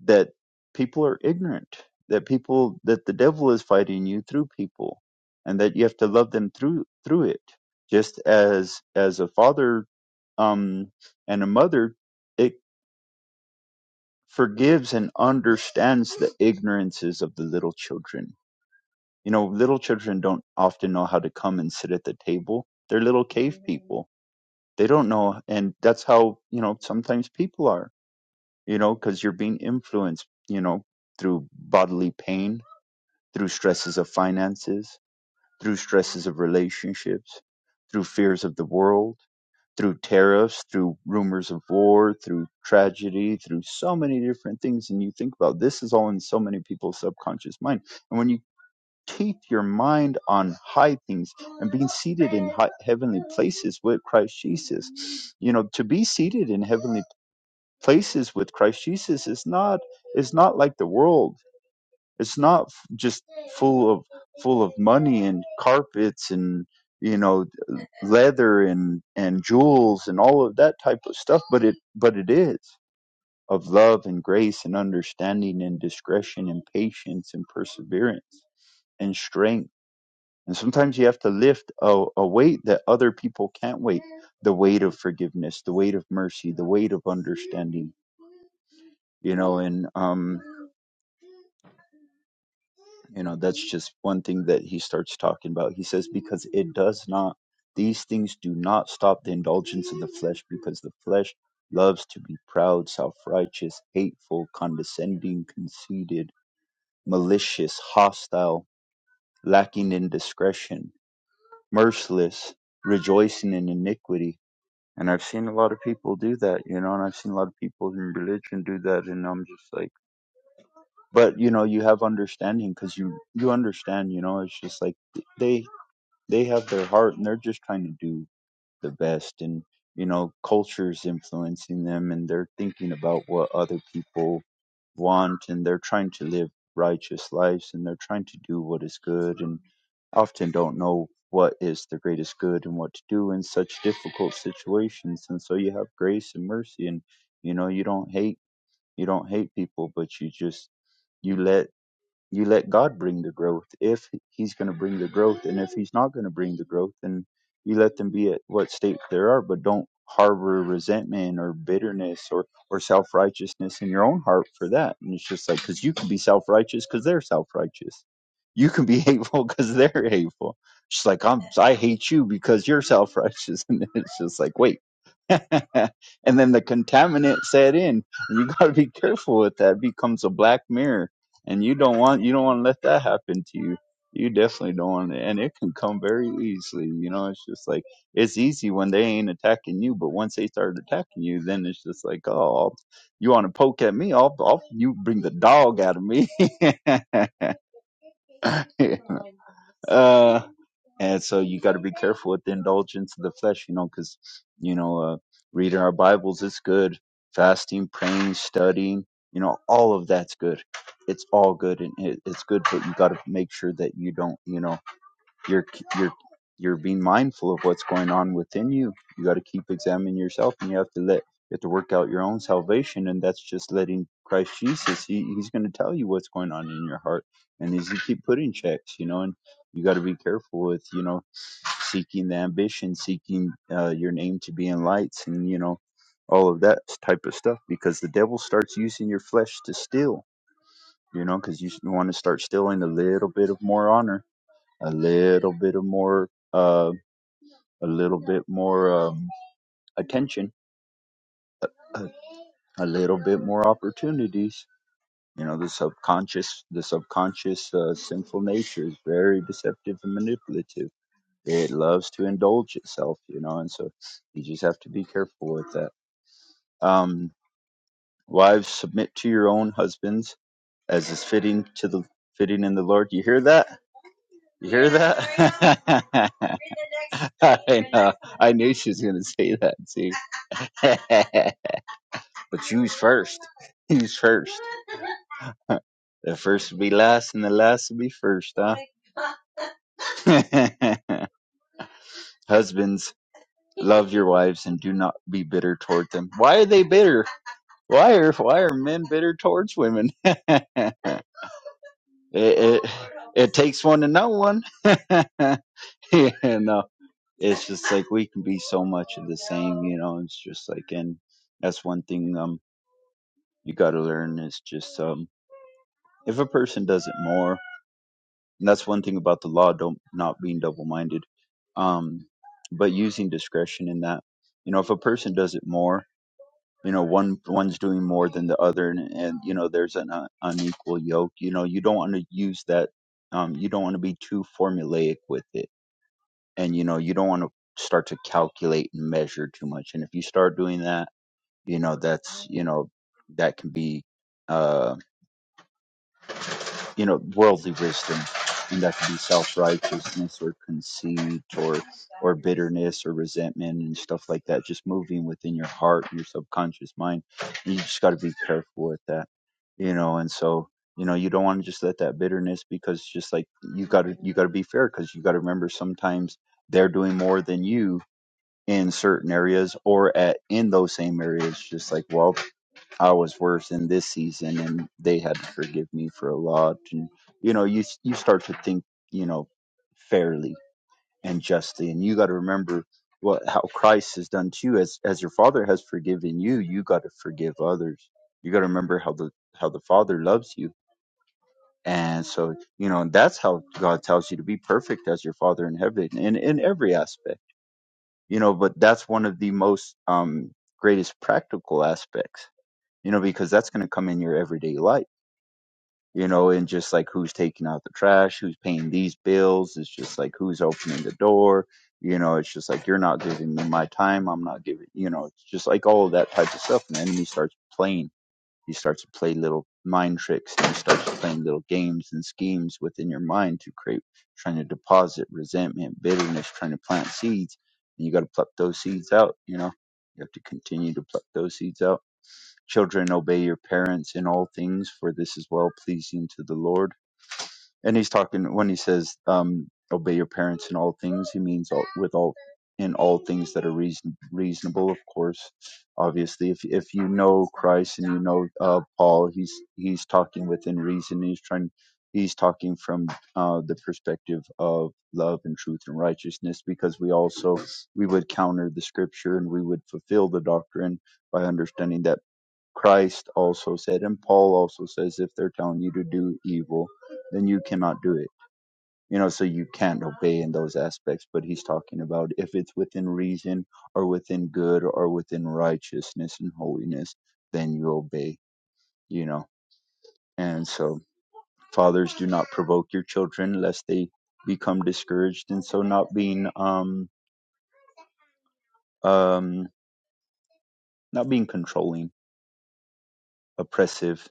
E: that people are ignorant, that people that the devil is fighting you through people, and that you have to love them through through it. Just as as a father um, and a mother, it forgives and understands the ignorances of the little children. You know, little children don't often know how to come and sit at the table. They're little cave people. They don't know, and that's how you know sometimes people are. You know, because you're being influenced. You know, through bodily pain through stresses of finances, through stresses of relationships, through fears of the world, through tariffs, through rumors of war, through tragedy, through so many different things. And you think about this is all in so many people's subconscious mind. And when you keep your mind on high things and being seated in high, heavenly places with Christ Jesus, you know, to be seated in heavenly places with Christ Jesus is not is not like the world it's not just full of full of money and carpets and you know leather and and jewels and all of that type of stuff, but it but it is of love and grace and understanding and discretion and patience and perseverance and strength. And sometimes you have to lift a, a weight that other people can't weight. The weight of forgiveness, the weight of mercy, the weight of understanding, you know, and um you know that's just one thing that he starts talking about he says because it does not these things do not stop the indulgence of the flesh because the flesh loves to be proud self-righteous hateful condescending conceited malicious hostile lacking in discretion merciless rejoicing in iniquity and i've seen a lot of people do that you know and i've seen a lot of people in religion do that and i'm just like but you know you have understanding because you you understand you know it's just like th- they they have their heart and they're just trying to do the best and you know culture's influencing them and they're thinking about what other people want and they're trying to live righteous lives and they're trying to do what is good and often don't know what is the greatest good and what to do in such difficult situations and so you have grace and mercy and you know you don't hate you don't hate people but you just you let you let God bring the growth if He's going to bring the growth, and if He's not going to bring the growth, then you let them be at what state they are, but don't harbor resentment or bitterness or or self righteousness in your own heart for that. And it's just like because you can be self righteous because they're self righteous, you can be hateful because they're hateful. It's just like I'm I hate you because you're self righteous, and it's just like wait. and then the contaminant set in. You got to be careful with that. It becomes a black mirror, and you don't want you don't want to let that happen to you. You definitely don't want it, and it can come very easily. You know, it's just like it's easy when they ain't attacking you, but once they start attacking you, then it's just like, oh, I'll, you want to poke at me? I'll, I'll you bring the dog out of me. uh, and so you got to be careful with the indulgence of the flesh, you know, because you know. uh, Reading our Bibles is good. Fasting, praying, studying, you know, all of that's good. It's all good and it, it's good, but you got to make sure that you don't, you know, you're you're you're being mindful of what's going on within you. You got to keep examining yourself, and you have to let you have to work out your own salvation, and that's just letting Christ Jesus. He he's going to tell you what's going on in your heart, and he's going to keep putting checks, you know, and you got to be careful with, you know seeking the ambition, seeking uh, your name to be in lights, and you know all of that type of stuff. Because the devil starts using your flesh to steal, you know, because you want to start stealing a little bit of more honor, a little bit of more, uh, a little bit more um, attention, a, a little bit more opportunities. You know, the subconscious, the subconscious uh, sinful nature is very deceptive and manipulative it loves to indulge itself, you know, and so you just have to be careful with that. Um, wives, submit to your own husbands as is fitting to the fitting in the Lord. You hear that? You hear that? I know. I knew she was gonna say that too. but you was first. You was first. The first will be last, and the last will be first, huh? Husbands, love your wives and do not be bitter toward them. Why are they bitter? Why are why are men bitter towards women? it, it it takes one to know one. you know, it's just like we can be so much of the same. You know, it's just like, and that's one thing um you got to learn is just um if a person does it more, and that's one thing about the law, don't not being double minded, um, but using discretion in that. You know, if a person does it more you know one one's doing more than the other and, and you know there's an uh, unequal yoke you know you don't want to use that um you don't want to be too formulaic with it and you know you don't want to start to calculate and measure too much and if you start doing that you know that's you know that can be um you know worldly wisdom and that could be self-righteousness or conceit or or bitterness or resentment and stuff like that just moving within your heart and your subconscious mind and you just got to be careful with that you know and so you know you don't want to just let that bitterness because just like you got to you got to be fair because you got to remember sometimes they're doing more than you in certain areas or at in those same areas just like well I was worse in this season, and they had to forgive me for a lot. And you know, you you start to think, you know, fairly and justly, and you got to remember what how Christ has done to you. As as your Father has forgiven you, you got to forgive others. You got to remember how the how the Father loves you, and so you know that's how God tells you to be perfect as your Father in heaven, in in every aspect. You know, but that's one of the most um greatest practical aspects. You know, because that's going to come in your everyday life you know, and just like who's taking out the trash, who's paying these bills, it's just like who's opening the door, you know, it's just like you're not giving me my time, I'm not giving, you know, it's just like all of that type of stuff. And the enemy starts playing, he starts to play little mind tricks and he starts playing little games and schemes within your mind to create, trying to deposit resentment, bitterness, trying to plant seeds. And you got to pluck those seeds out, you know, you have to continue to pluck those seeds out children obey your parents in all things for this is well pleasing to the lord and he's talking when he says um, obey your parents in all things he means all, with all in all things that are reason, reasonable of course obviously if if you know christ and you know uh, paul he's he's talking within reason he's trying he's talking from uh, the perspective of love and truth and righteousness because we also we would counter the scripture and we would fulfill the doctrine by understanding that Christ also said, and Paul also says, if they're telling you to do evil, then you cannot do it. You know, so you can't obey in those aspects, but he's talking about if it's within reason or within good or within righteousness and holiness, then you obey, you know. And so, fathers, do not provoke your children lest they become discouraged. And so, not being, um, um, not being controlling, oppressive,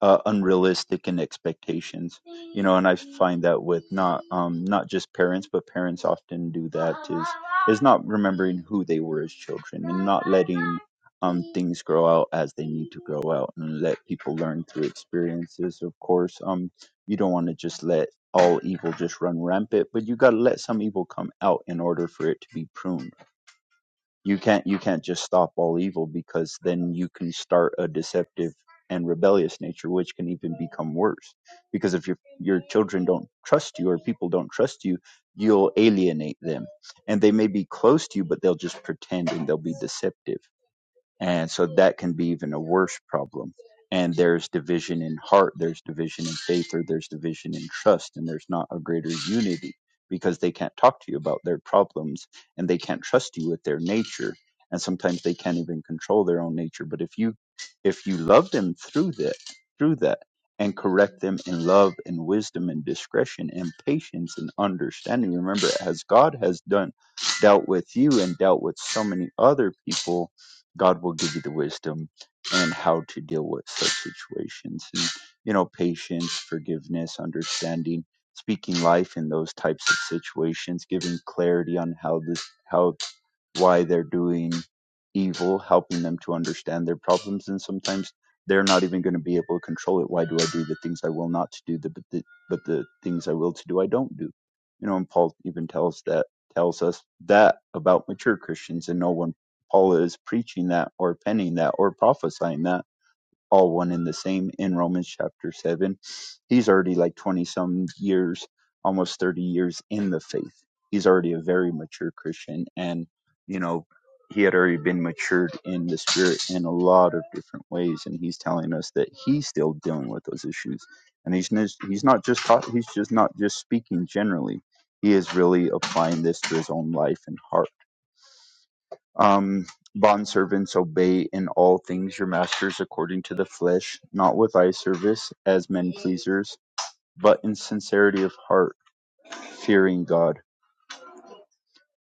E: uh, unrealistic in expectations you know and i find that with not um not just parents but parents often do that is is not remembering who they were as children and not letting um things grow out as they need to grow out and let people learn through experiences of course um you don't want to just let all evil just run rampant but you got to let some evil come out in order for it to be pruned you can't you can't just stop all evil because then you can start a deceptive and rebellious nature, which can even become worse. Because if your your children don't trust you or people don't trust you, you'll alienate them, and they may be close to you, but they'll just pretend and they'll be deceptive. And so that can be even a worse problem. And there's division in heart, there's division in faith, or there's division in trust, and there's not a greater unity because they can't talk to you about their problems and they can't trust you with their nature. And sometimes they can't even control their own nature. But if you if you love them through that through that and correct them in love and wisdom and discretion and patience and understanding, remember as God has done dealt with you and dealt with so many other people God will give you the wisdom and how to deal with such situations. And, you know, patience, forgiveness, understanding, speaking life in those types of situations, giving clarity on how this, how, why they're doing evil, helping them to understand their problems. And sometimes they're not even going to be able to control it. Why do I do the things I will not to do, the, but, the, but the things I will to do, I don't do? You know, and Paul even tells that tells us that about mature Christians, and no one. Paul is preaching that or penning that or prophesying that, all one in the same in Romans chapter 7. He's already like 20 some years, almost 30 years in the faith. He's already a very mature Christian. And, you know, he had already been matured in the spirit in a lot of different ways. And he's telling us that he's still dealing with those issues. And he's, n- he's not just taught, he's just not just speaking generally. He is really applying this to his own life and heart um, bondservants, obey in all things your masters according to the flesh, not with eye service as men pleasers, but in sincerity of heart, fearing God.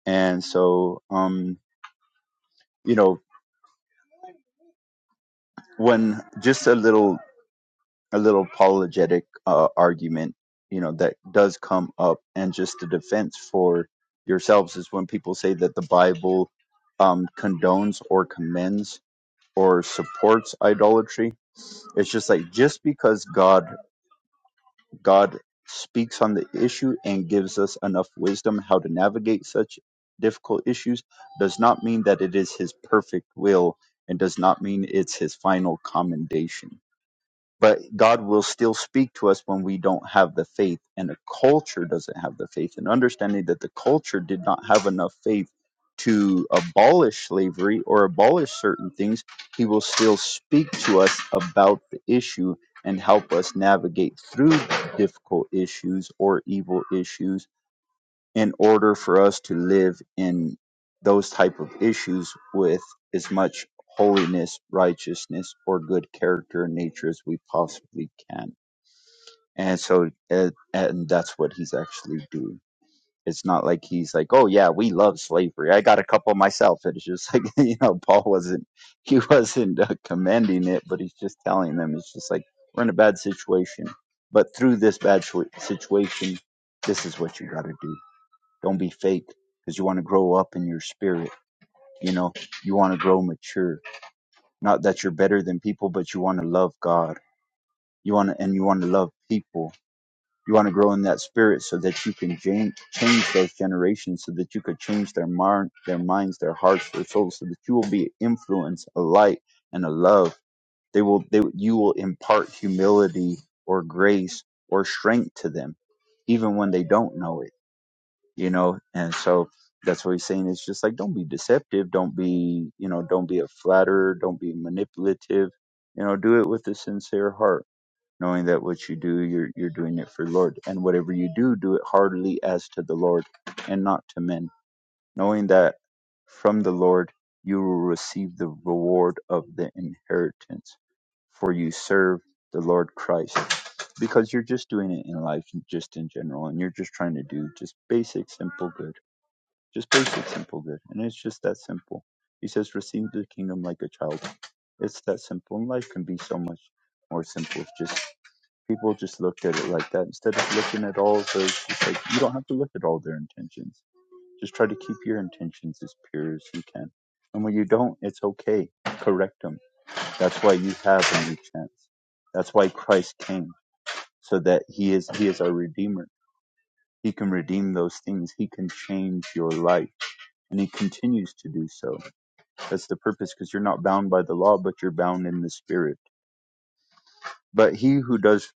E: And so, um, you know, when just a little, a little apologetic uh, argument, you know, that does come up, and just the defense for yourselves is when people say that the Bible um, condones or commends or supports idolatry it's just like just because God God speaks on the issue and gives us enough wisdom how to navigate such difficult issues does not mean that it is his perfect will and does not mean it's his final commendation but God will still speak to us when we don't have the faith and the culture doesn't have the faith and understanding that the culture did not have enough faith to abolish slavery or abolish certain things he will still speak to us about the issue and help us navigate through difficult issues or evil issues in order for us to live in those type of issues with as much holiness, righteousness, or good character and nature as we possibly can. And so, and, and that's what he's actually doing. It's not like he's like, oh yeah, we love slavery. I got a couple myself. It's just like you know, Paul wasn't he wasn't uh, commending it, but he's just telling them it's just like we're in a bad situation, but through this bad situa- situation, this is what you got to do don't be fake because you want to grow up in your spirit. You know, you want to grow mature. Not that you're better than people, but you want to love God. You want to, and you want to love people. You want to grow in that spirit so that you can jan- change those generations, so that you could change their mind, their minds, their hearts, their souls, so that you will be influence, a light, and a love. They will, they, you will impart humility or grace or strength to them, even when they don't know it you know and so that's what he's saying it's just like don't be deceptive don't be you know don't be a flatterer don't be manipulative you know do it with a sincere heart knowing that what you do you're you're doing it for the lord and whatever you do do it heartily as to the lord and not to men knowing that from the Lord you will receive the reward of the inheritance, for you serve the Lord Christ. Because you're just doing it in life, and just in general, and you're just trying to do just basic, simple good. Just basic, simple good. And it's just that simple. He says, receive the kingdom like a child. It's that simple. And life can be so much more simple. It's just people just looked at it like that instead of looking at all those, just like, you don't have to look at all their intentions just try to keep your intentions as pure as you can. And when you don't, it's okay. Correct them. That's why you have a new chance. That's why Christ came, so that he is he is our redeemer. He can redeem those things. He can change your life. And he continues to do so. That's the purpose, because you're not bound by the law, but you're bound in the spirit. But he who does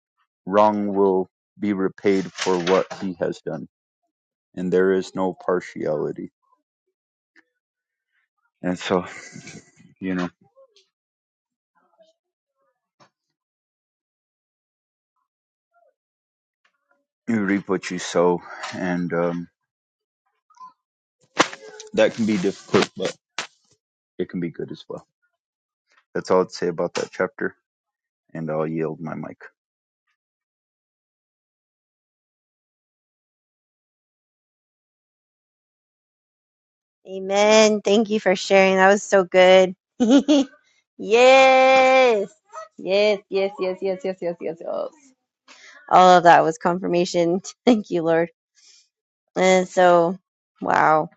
E: wrong will be repaid for what he has done, and there is no partiality. And so, you know. you reap what you sow, and um, that can be difficult, but it can be good as well. That's all I'd say about that chapter, and I'll yield my mic.
B: Amen. Thank you for sharing. That was so good. yes. Yes, yes, yes, yes, yes, yes, yes, yes. All of that was confirmation. Thank you, Lord. And so, wow.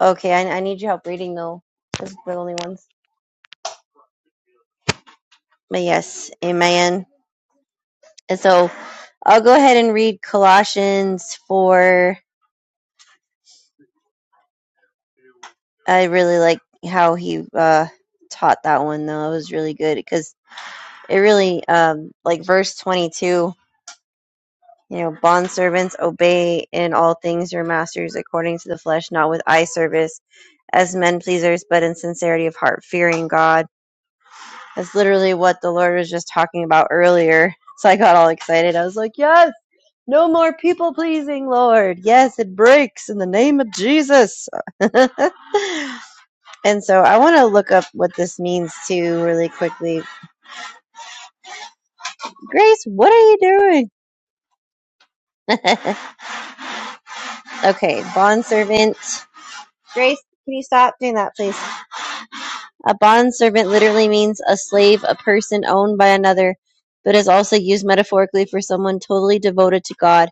B: Okay, I, I need your help reading though, because we're the only ones. But yes, amen. And so I'll go ahead and read Colossians 4. I really like how he uh, taught that one though. It was really good because it really, um, like verse 22. You know, bondservants, obey in all things your masters according to the flesh, not with eye service as men pleasers, but in sincerity of heart, fearing God. That's literally what the Lord was just talking about earlier. So I got all excited. I was like, yes, no more people pleasing, Lord. Yes, it breaks in the name of Jesus. and so I want to look up what this means too, really quickly. Grace, what are you doing? okay, bondservant. Grace, can you stop doing that, please? A bondservant literally means a slave, a person owned by another, but is also used metaphorically for someone totally devoted to God,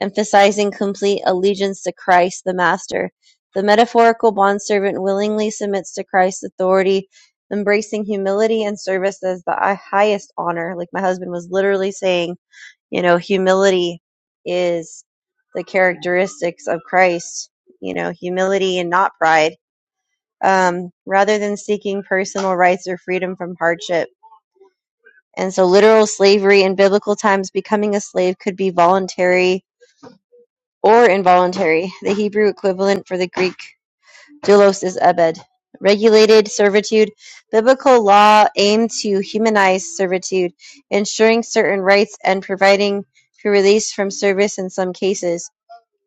B: emphasizing complete allegiance to Christ, the Master. The metaphorical bondservant willingly submits to Christ's authority, embracing humility and service as the highest honor. Like my husband was literally saying, you know, humility is the characteristics of Christ, you know, humility and not pride um, rather than seeking personal rights or freedom from hardship. And so, literal slavery in biblical times, becoming a slave could be voluntary or involuntary. The Hebrew equivalent for the Greek doulos is ebed. Regulated servitude. Biblical law aimed to humanize servitude, ensuring certain rights and providing for release from service in some cases.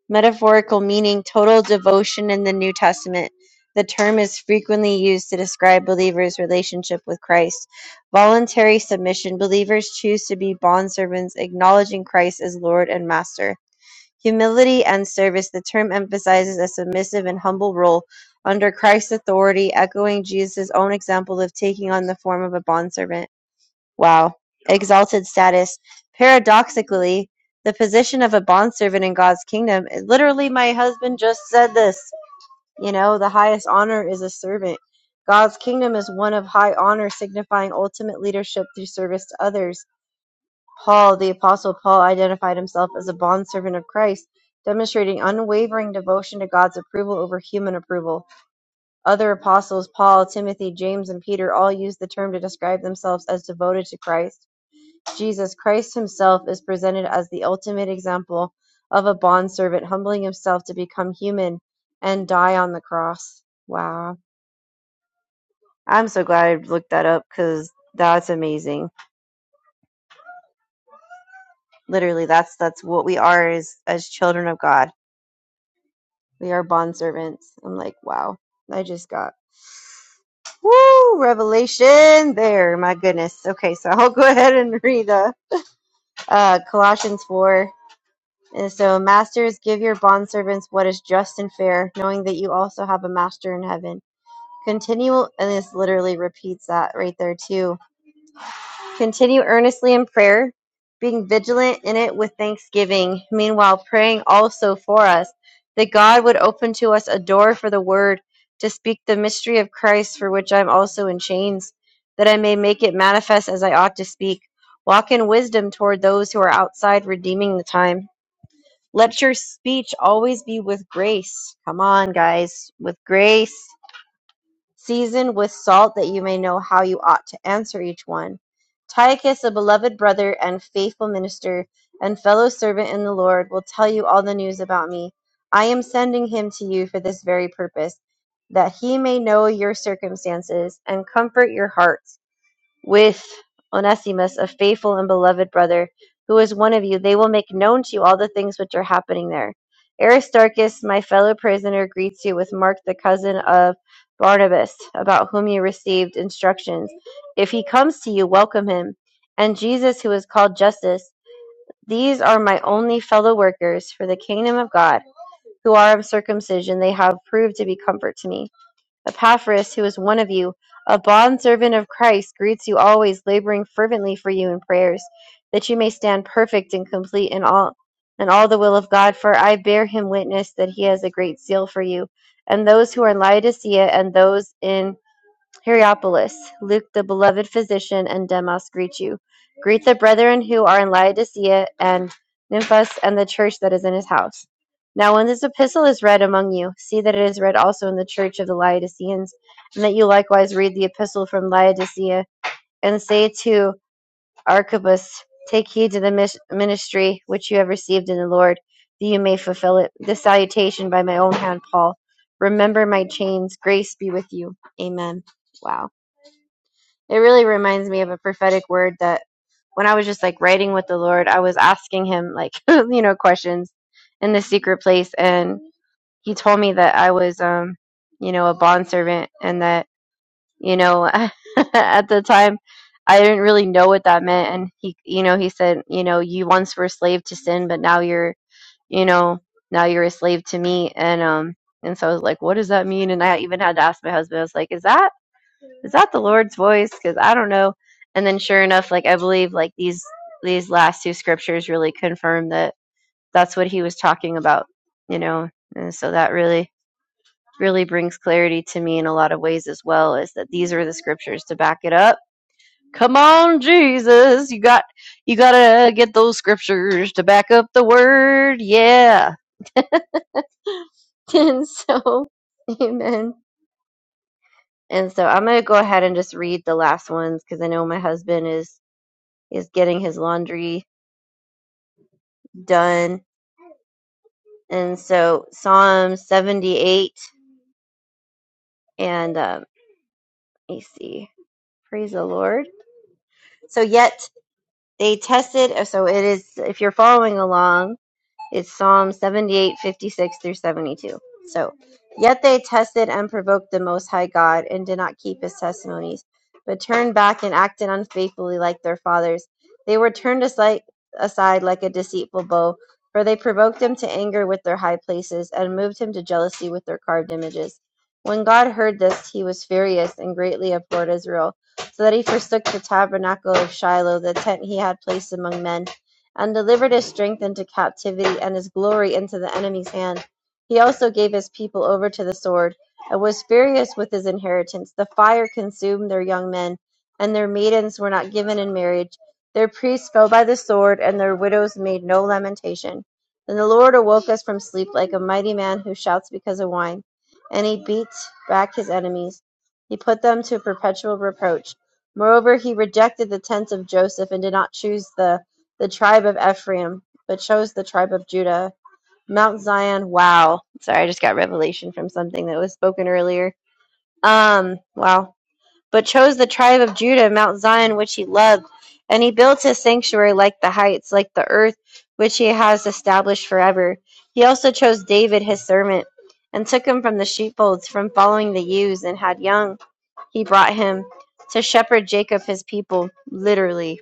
B: Metaphorical meaning total devotion in the New Testament. The term is frequently used to describe believers' relationship with Christ. Voluntary submission. Believers choose to be bondservants, acknowledging Christ as Lord and Master. Humility and service. The term emphasizes a submissive and humble role under Christ's authority, echoing Jesus' own example of taking on the form of a bondservant. Wow. Exalted status. Paradoxically, the position of a bondservant in God's kingdom, literally, my husband just said this. You know, the highest honor is a servant. God's kingdom is one of high honor, signifying ultimate leadership through service to others. Paul, the Apostle Paul, identified himself as a bondservant of Christ, demonstrating unwavering devotion to God's approval over human approval. Other apostles, Paul, Timothy, James, and Peter, all used the term to describe themselves as devoted to Christ. Jesus Christ himself is presented as the ultimate example of a bondservant humbling himself to become human and die on the cross. Wow. I'm so glad I looked that up cuz that's amazing. Literally that's that's what we are as as children of God. We are bondservants. I'm like, wow. I just got woo revelation there. My goodness. Okay, so I'll go ahead and read uh, uh Colossians 4 And so, masters, give your bondservants what is just and fair, knowing that you also have a master in heaven. Continue, and this literally repeats that right there too. Continue earnestly in prayer, being vigilant in it with thanksgiving. Meanwhile, praying also for us that God would open to us a door for the word to speak the mystery of Christ, for which I'm also in chains, that I may make it manifest as I ought to speak. Walk in wisdom toward those who are outside, redeeming the time. Let your speech always be with grace. Come on, guys, with grace, seasoned with salt, that you may know how you ought to answer each one. Tychicus, a beloved brother and faithful minister and fellow servant in the Lord, will tell you all the news about me. I am sending him to you for this very purpose, that he may know your circumstances and comfort your hearts with Onesimus, a faithful and beloved brother, who is one of you. They will make known to you all the things which are happening there. Aristarchus, my fellow prisoner, greets you with Mark, the cousin of Barnabas, about whom you received instructions. If he comes to you, welcome him. And Jesus, who is called Justice, these are my only fellow workers for the kingdom of God, who are of circumcision. They have proved to be comfort to me. Epaphras, who is one of you, a bondservant of Christ, greets you always, laboring fervently for you in prayers, that you may stand perfect and complete in all in all the will of God, for I bear him witness that he has a great zeal for you, and those who are in Laodicea and those in Hierapolis, Luke the beloved physician and Demas greet you. Greet the brethren who are in Laodicea and Nymphos and the church that is in his house. Now, when this epistle is read among you, see that it is read also in the church of the Laodiceans, and that you likewise read the epistle from Laodicea, and say to Archippus, Take heed to the mis- ministry which you have received in the Lord, that you may fulfill it. This salutation by my own hand, Paul. Remember my chains. Grace be with you. Amen. Wow. It really reminds me of a prophetic word that when I was just like writing with the Lord, I was asking him like, you know, questions in the secret place. And he told me that I was, um, you know, a bondservant and that, you know, at the time I didn't really know what that meant. And he, you know, he said, you know, you once were a slave to sin, but now you're, you know, now you're a slave to me. And, um, and so I was like, what does that mean? And I even had to ask my husband, I was like, is that is that the Lord's voice? Because I don't know. And then sure enough, like I believe like these these last two scriptures really confirm that that's what he was talking about, you know. And so that really really brings clarity to me in a lot of ways as well is that these are the scriptures to back it up. Come on, Jesus, you got you got to get those scriptures to back up the word. Yeah. And so, amen. And so I'm going to go ahead and just read the last ones because I know my husband is is getting his laundry done. And so Psalm 78 and um, let me see, praise the Lord. So yet they tested. So it is if you're following along. It's Psalm 78:56 through 72. So, yet they tested and provoked the Most High God and did not keep his testimonies, but turned back and acted unfaithfully like their fathers. They were turned aside, aside like a deceitful bow, for they provoked him to anger with their high places and moved him to jealousy with their carved images. When God heard this, he was furious and greatly abhorred Israel, so that he forsook the tabernacle of Shiloh, the tent he had placed among men and delivered his strength into captivity and his glory into the enemy's hand. He also gave his people over to the sword, and was furious with his inheritance. The fire consumed their young men, and their maidens were not given in marriage. Their priests fell by the sword, and their widows made no lamentation. Then the Lord awoke us from sleep like a mighty man who shouts because of wine, and he beat back his enemies. He put them to perpetual reproach. Moreover, he rejected the tents of Joseph and did not choose the the tribe of Ephraim, but chose the tribe of Judah. Mount Zion, wow. Sorry, I just got revelation from something that was spoken earlier. Um, wow. But chose the tribe of Judah, Mount Zion, which he loved. And he built his sanctuary like the heights, like the earth, which he has established forever. He also chose David, his servant, and took him from the sheepfolds, from following the ewes, and had young. He brought him to shepherd Jacob, his people, literally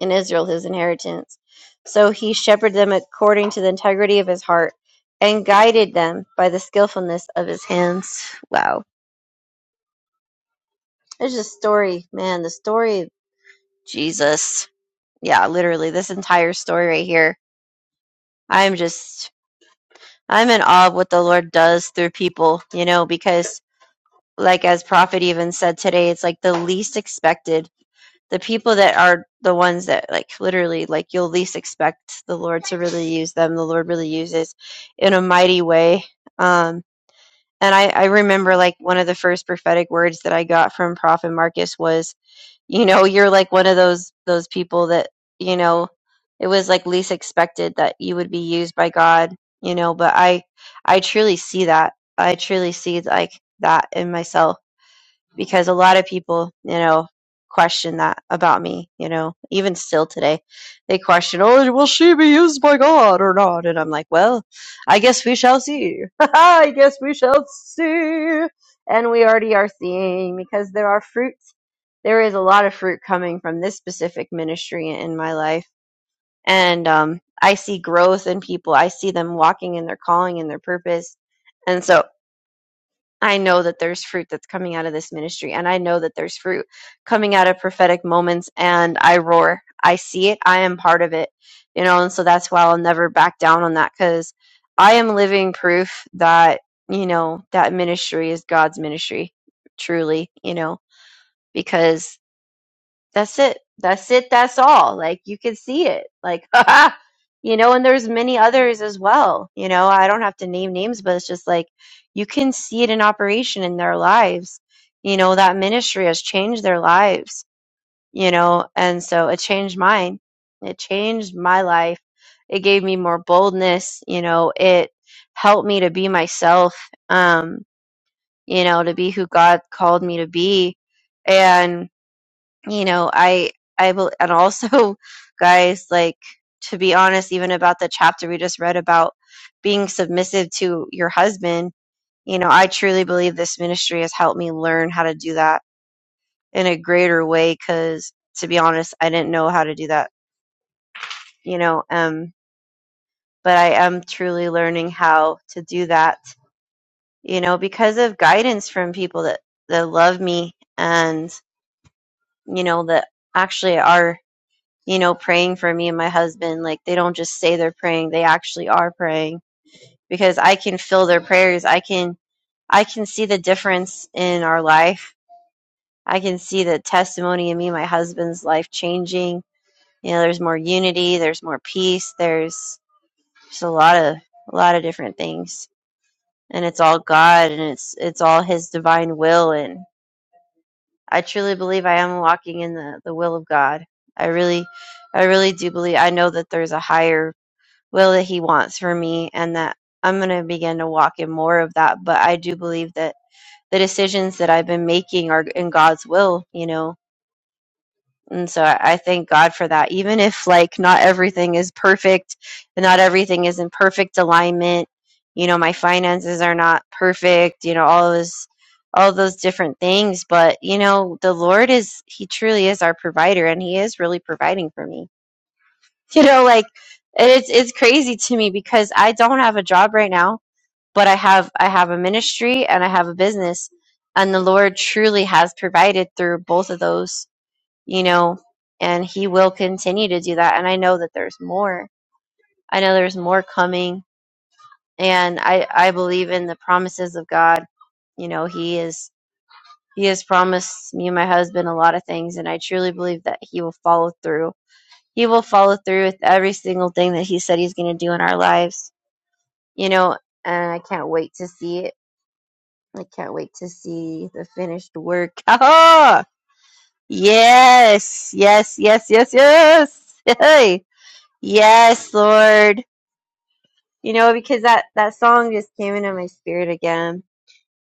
B: in Israel his inheritance. So he shepherded them according to the integrity of his heart and guided them by the skillfulness of his hands. Wow. There's a story, man, the story of Jesus. Yeah, literally, this entire story right here. I'm just, I'm in awe of what the Lord does through people, you know, because, like, as Prophet even said today, it's like the least expected the people that are the ones that like literally like you'll least expect the lord to really use them the lord really uses in a mighty way um and I, I remember like one of the first prophetic words that i got from prophet marcus was you know you're like one of those those people that you know it was like least expected that you would be used by god you know but i i truly see that i truly see like that in myself because a lot of people, you know, question that about me, you know, even still today. They question, oh, will she be used by God or not? And I'm like, well, I guess we shall see. I guess we shall see. And we already are seeing because there are fruits. There is a lot of fruit coming from this specific ministry in my life. And um, I see growth in people. I see them walking in their calling and their purpose. and so. I know that there's fruit that's coming out of this ministry, and I know that there's fruit coming out of prophetic moments, and I roar. I see it. I am part of it, you know, and so that's why I'll never back down on that because I am living proof that, you know, that ministry is God's ministry, truly, you know, because that's it that's it that's all like you can see it like you know and there's many others as well you know i don't have to name names but it's just like you can see it in operation in their lives you know that ministry has changed their lives you know and so it changed mine it changed my life it gave me more boldness you know it helped me to be myself um you know to be who god called me to be and you know i i bel- and also guys like to be honest even about the chapter we just read about being submissive to your husband you know i truly believe this ministry has helped me learn how to do that in a greater way because to be honest i didn't know how to do that you know um but i am truly learning how to do that you know because of guidance from people that that love me and you know that actually are you know, praying for me and my husband. Like they don't just say they're praying, they actually are praying because I can feel their prayers. I can I can see the difference in our life. I can see the testimony in me and my husband's life changing. You know, there's more unity, there's more peace, there's just a lot of a lot of different things. And it's all God and it's it's all his divine will and I truly believe I am walking in the, the will of God. I really I really do believe I know that there's a higher will that he wants for me and that I'm going to begin to walk in more of that but I do believe that the decisions that I've been making are in God's will you know and so I I thank God for that even if like not everything is perfect and not everything is in perfect alignment you know my finances are not perfect you know all of this all those different things but you know the Lord is he truly is our provider and he is really providing for me you know like it's it's crazy to me because i don't have a job right now but i have i have a ministry and i have a business and the lord truly has provided through both of those you know and he will continue to do that and i know that there's more i know there's more coming and i i believe in the promises of god you know he is he has promised me and my husband a lot of things and i truly believe that he will follow through he will follow through with every single thing that He said He's going to do in our lives, you know, and I can't wait to see it. I can't wait to see the finished work. Ah! Yes, yes, yes, yes, yes. Hey. Yes, Lord. You know, because that, that song just came into my spirit again.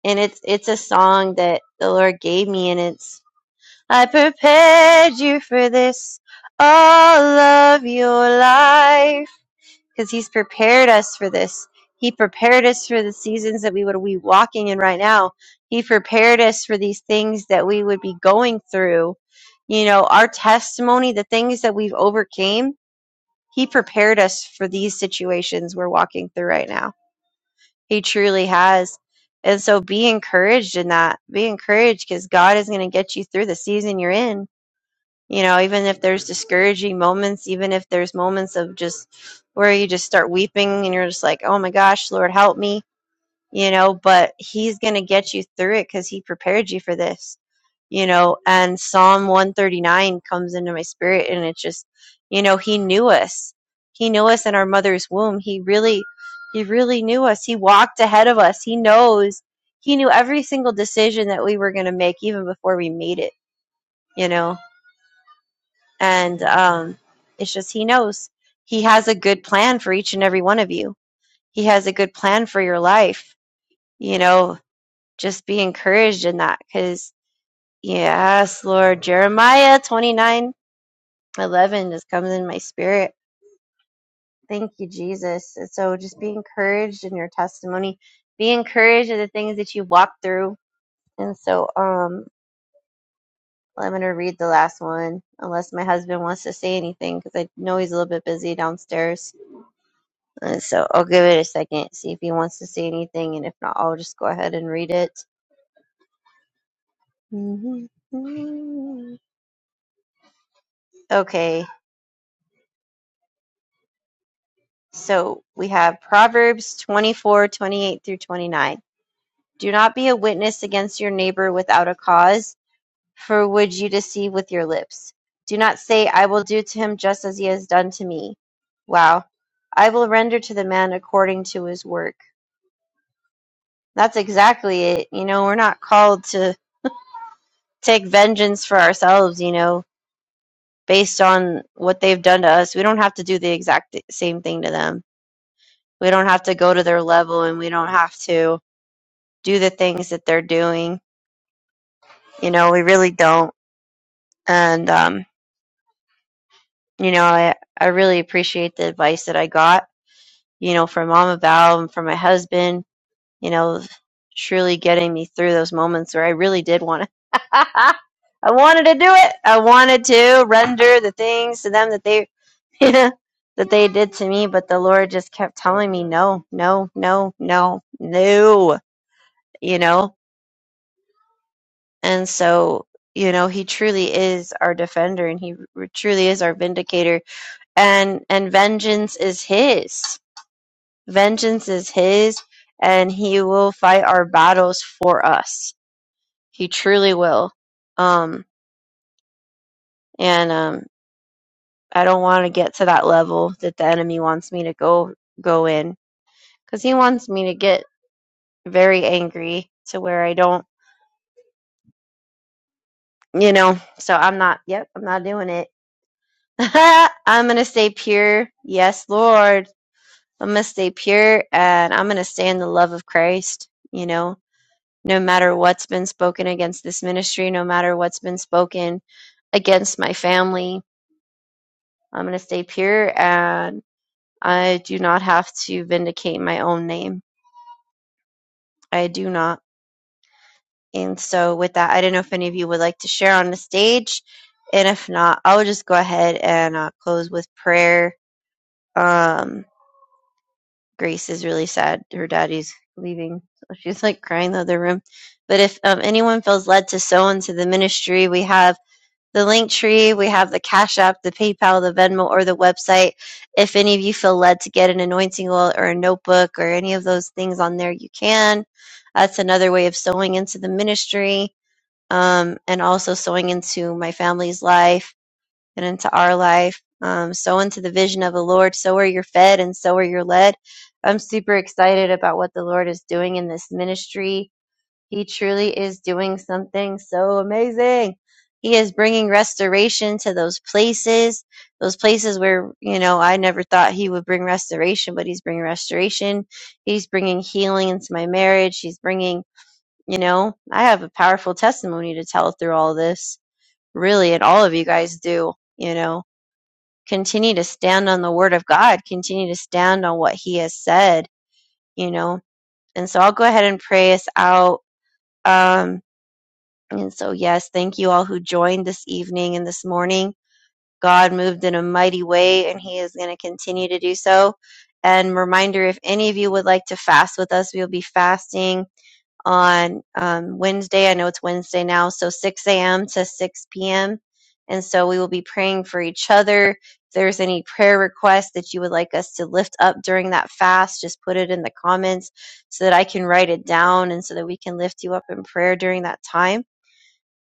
B: And it's it's a song that the Lord gave me and it's I prepared you for this all of your life. because he's prepared us for this. He prepared us for the seasons that we would be walking in right now. He prepared us for these things that we would be going through. You know, our testimony, the things that we've overcame, he prepared us for these situations we're walking through right now. He truly has. And so be encouraged in that. Be encouraged because God is going to get you through the season you're in you know even if there's discouraging moments even if there's moments of just where you just start weeping and you're just like oh my gosh lord help me you know but he's going to get you through it cuz he prepared you for this you know and psalm 139 comes into my spirit and it's just you know he knew us he knew us in our mother's womb he really he really knew us he walked ahead of us he knows he knew every single decision that we were going to make even before we made it you know and um, it's just he knows he has a good plan for each and every one of you he has a good plan for your life you know just be encouraged in that because yes lord jeremiah 29 11 just comes in my spirit thank you jesus And so just be encouraged in your testimony be encouraged in the things that you walk through and so um i'm going to read the last one unless my husband wants to say anything because i know he's a little bit busy downstairs And so I'll give it a second, see if he wants to say anything, and if not, I'll just go ahead and read it. Okay, so we have Proverbs 24 28 through 29. Do not be a witness against your neighbor without a cause, for would you deceive with your lips? Do not say, I will do to him just as he has done to me. Wow. I will render to the man according to his work. That's exactly it. You know, we're not called to take vengeance for ourselves, you know based on what they've done to us. We don't have to do the exact same thing to them. We don't have to go to their level and we don't have to do the things that they're doing. You know, we really don't. And, um, you know, I, I really appreciate the advice that I got, you know, from Mama Val and from my husband, you know, truly getting me through those moments where I really did want to. I wanted to do it. I wanted to render the things to them that they that they did to me, but the Lord just kept telling me, no, no, no, no, no, you know? And so, you know, he truly is our defender and he r- truly is our vindicator and, and vengeance is his. Vengeance is his and he will fight our battles for us. He truly will. Um, and, um, I don't want to get to that level that the enemy wants me to go, go in because he wants me to get very angry to where I don't, you know, so I'm not, yep, I'm not doing it. I'm going to stay pure. Yes, Lord. I'm going to stay pure and I'm going to stay in the love of Christ, you know, no matter what's been spoken against this ministry, no matter what's been spoken against my family, I'm going to stay pure and I do not have to vindicate my own name. I do not. And so, with that, I don't know if any of you would like to share on the stage. And if not, I'll just go ahead and uh, close with prayer. Um, Grace is really sad. Her daddy's leaving. So she's like crying in the other room. But if um, anyone feels led to sow into the ministry, we have the link tree, we have the Cash App, the PayPal, the Venmo, or the website. If any of you feel led to get an anointing oil or a notebook or any of those things on there, you can. That's another way of sowing into the ministry um, and also sowing into my family's life and into our life. Um, sow into the vision of the Lord. So are you're fed and so are you're led. I'm super excited about what the Lord is doing in this ministry. He truly is doing something so amazing. He is bringing restoration to those places, those places where, you know, I never thought he would bring restoration, but he's bringing restoration. He's bringing healing into my marriage. He's bringing you know, I have a powerful testimony to tell through all this. Really, and all of you guys do, you know. Continue to stand on the word of God, continue to stand on what he has said, you know. And so I'll go ahead and pray us out. Um, and so, yes, thank you all who joined this evening and this morning. God moved in a mighty way, and he is going to continue to do so. And reminder if any of you would like to fast with us, we'll be fasting on um, Wednesday. I know it's Wednesday now, so 6 a.m. to 6 p.m. And so we will be praying for each other. If there's any prayer requests that you would like us to lift up during that fast, just put it in the comments so that I can write it down and so that we can lift you up in prayer during that time.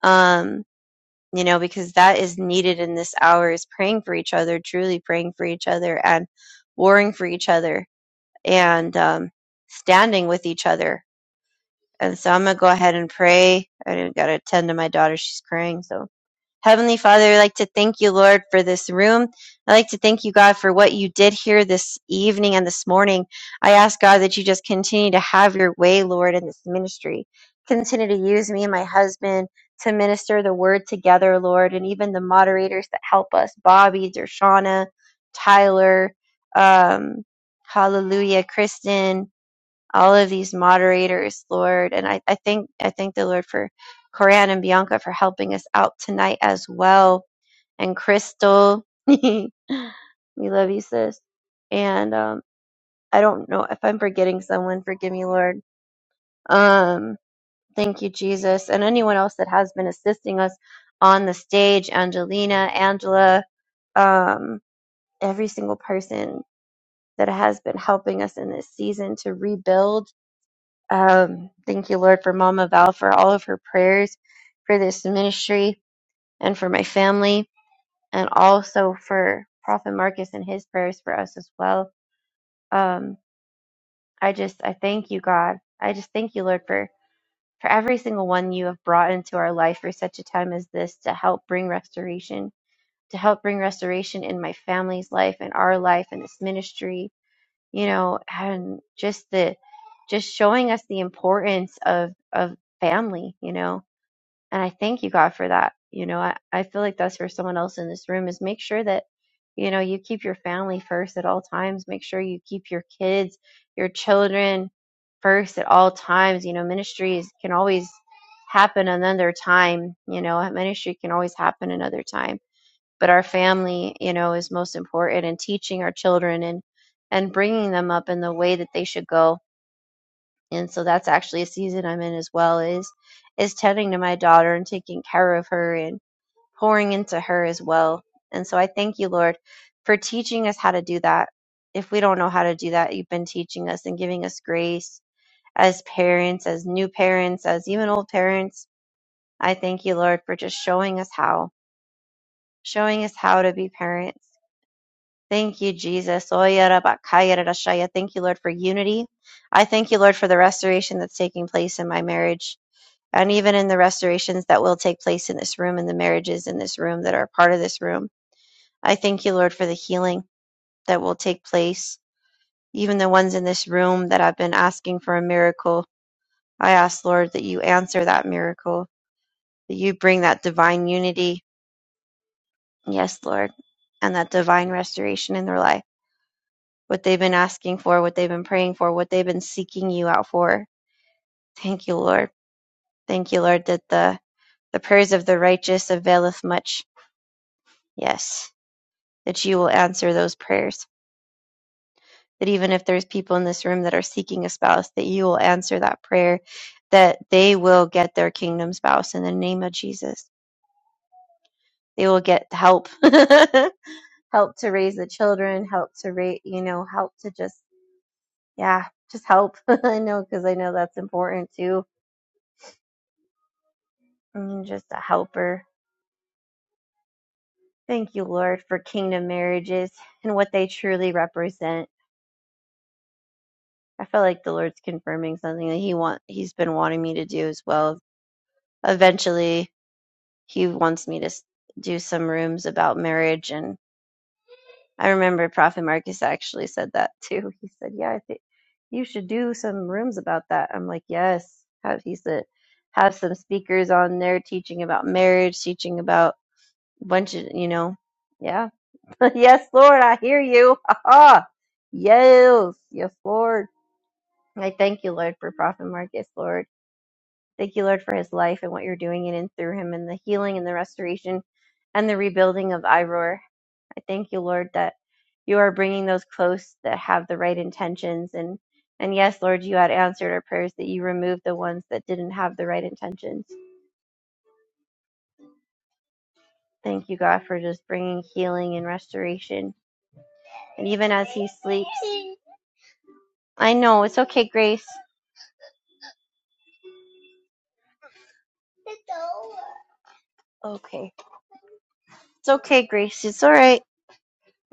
B: Um, you know, because that is needed in this hour is praying for each other, truly praying for each other and warring for each other and um, standing with each other and so I'm going to go ahead and pray. I got to attend to my daughter. She's crying. So, Heavenly Father, I'd like to thank you, Lord, for this room. I'd like to thank you, God, for what you did here this evening and this morning. I ask, God, that you just continue to have your way, Lord, in this ministry. Continue to use me and my husband to minister the word together, Lord, and even the moderators that help us Bobby, Dershana, Tyler, um, Hallelujah, Kristen all of these moderators, Lord. And I, I thank, I thank the Lord for Coran and Bianca for helping us out tonight as well. And Crystal. we love you, sis. And um I don't know if I'm forgetting someone, forgive me, Lord. Um thank you, Jesus. And anyone else that has been assisting us on the stage, Angelina, Angela, um, every single person that has been helping us in this season to rebuild Um, thank you, Lord, for Mama Val, for all of her prayers, for this ministry, and for my family, and also for Prophet Marcus and his prayers for us as well. Um, I just, I thank you, God. I just thank you, Lord, for, for every single one you have brought into our life for such a time as this to help bring restoration, to help bring restoration in my family's life, in our life, in this ministry, you know, and just the, just showing us the importance of, of family, you know, And I thank you, God, for that. You know, I, I feel like that's for someone else in this room is make sure that, you know, you keep your family first at all times. Make sure you keep your kids, your children first at all times. You know, ministries can always happen another time. You know, a ministry can always happen another time. But our family, you know, is most important and teaching our children and, and bringing them up in the way that they should go and so that's actually a season I'm in as well is is tending to my daughter and taking care of her and pouring into her as well. And so I thank you, Lord, for teaching us how to do that. If we don't know how to do that, you've been teaching us and giving us grace as parents, as new parents, as even old parents. I thank you, Lord, for just showing us how, showing us how to be parents. Thank you, Jesus. Thank you, Lord, for unity. I thank you, Lord, for the restoration that's taking place in my marriage. and even in the restorations that will take place in this room and the marriages in this room that are part of this room. I thank you, Lord, for the healing that will take place. Even the ones in this room that have been asking for a miracle, I ask, Lord, that you answer that miracle, that you bring that divine unity. Yes, Lord, and that divine restoration in their life. What they've been asking for, what they've been praying for, what they've been seeking you out for. Thank you, Lord. Thank you, Lord, that the, the prayers of the righteous availeth much. Yes, that you will answer those prayers. That even if there's people in this room that are seeking a spouse, that you will answer that prayer, that they will get their kingdom spouse in the name of Jesus. They will get help, help to raise the children, help to rate, you know, help to just, yeah, just help. I know because I know that's important too. I'm just a helper. Thank you, Lord, for kingdom marriages and what they truly represent. I feel like the Lord's confirming something that He want He's been wanting me to do as well eventually he wants me to s- do some rooms about marriage and i remember prophet marcus actually said that too he said yeah i think you should do some rooms about that i'm like yes have he said have some speakers on there teaching about marriage teaching about a bunch of you know yeah yes lord i hear you Ha ha. yes yes lord i thank you lord for prophet marcus lord Thank you, Lord, for his life and what you're doing in and through him and the healing and the restoration and the rebuilding of Iroar. I thank you, Lord, that you are bringing those close that have the right intentions. And, and yes, Lord, you had answered our prayers that you removed the ones that didn't have the right intentions. Thank you, God, for just bringing healing and restoration. And even as he sleeps, I know it's okay, Grace. Okay. It's okay, Grace. It's all right.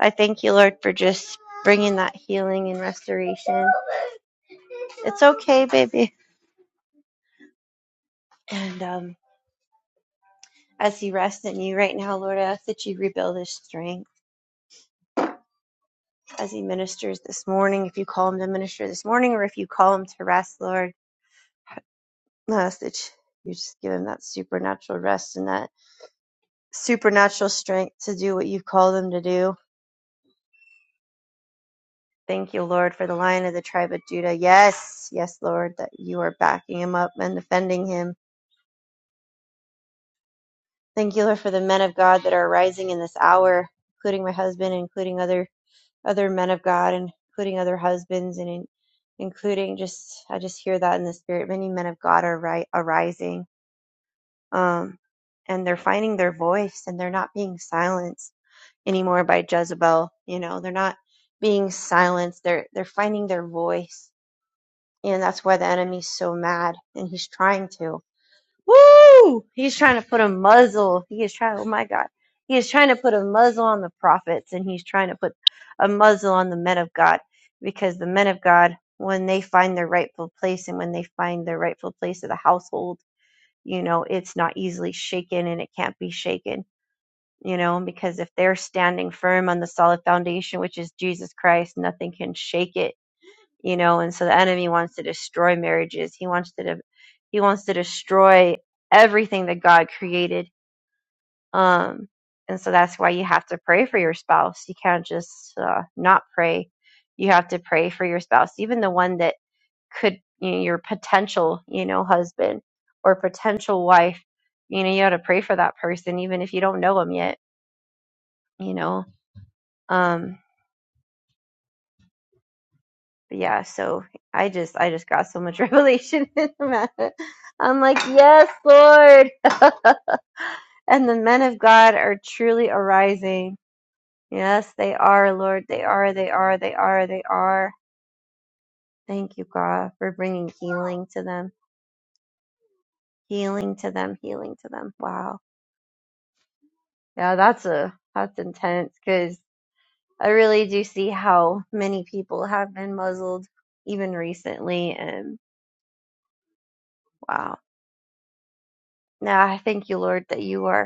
B: I thank you, Lord, for just bringing that healing and restoration. It's okay, baby. And um, as He rests in you right now, Lord, I ask that you rebuild His strength as He ministers this morning. If you call Him to minister this morning, or if you call Him to rest, Lord, I ask that you just give Him that supernatural rest and that supernatural strength to do what you've called Him to do. Thank you, Lord, for the lion of the tribe of Judah. Yes, yes, Lord, that you are backing him up and defending him Thank you, Lord, for the men of God that are rising in this hour, including my husband, including other other men of God, and including other husbands, and in, including just I just hear that in the spirit. Many men of God are ri- arising, um, and they're finding their voice, and they're not being silenced anymore by Jezebel. You know, they're not being silenced. They're they're finding their voice, and that's why the enemy's so mad, and he's trying to. Woo! He's trying to put a muzzle. He is trying, oh my God. He is trying to put a muzzle on the prophets and he's trying to put a muzzle on the men of God because the men of God, when they find their rightful place and when they find their rightful place of the household, you know, it's not easily shaken and it can't be shaken, you know, because if they're standing firm on the solid foundation, which is Jesus Christ, nothing can shake it you know and so the enemy wants to destroy marriages he wants to de- he wants to destroy everything that god created um and so that's why you have to pray for your spouse you can't just uh, not pray you have to pray for your spouse even the one that could you know, your potential you know husband or potential wife you know you got to pray for that person even if you don't know them yet you know um, But yeah, so I just I just got so much revelation in the matter. I'm like, yes, Lord. and the men of God are truly arising. Yes, they are, Lord. They are, they are, they are, they are. Thank you, God, for bringing healing to them, healing to them, healing to them. Wow. Yeah, that's a that's intense because I really do see how many people have been muzzled even recently, and wow. Now I thank you, Lord, that you are.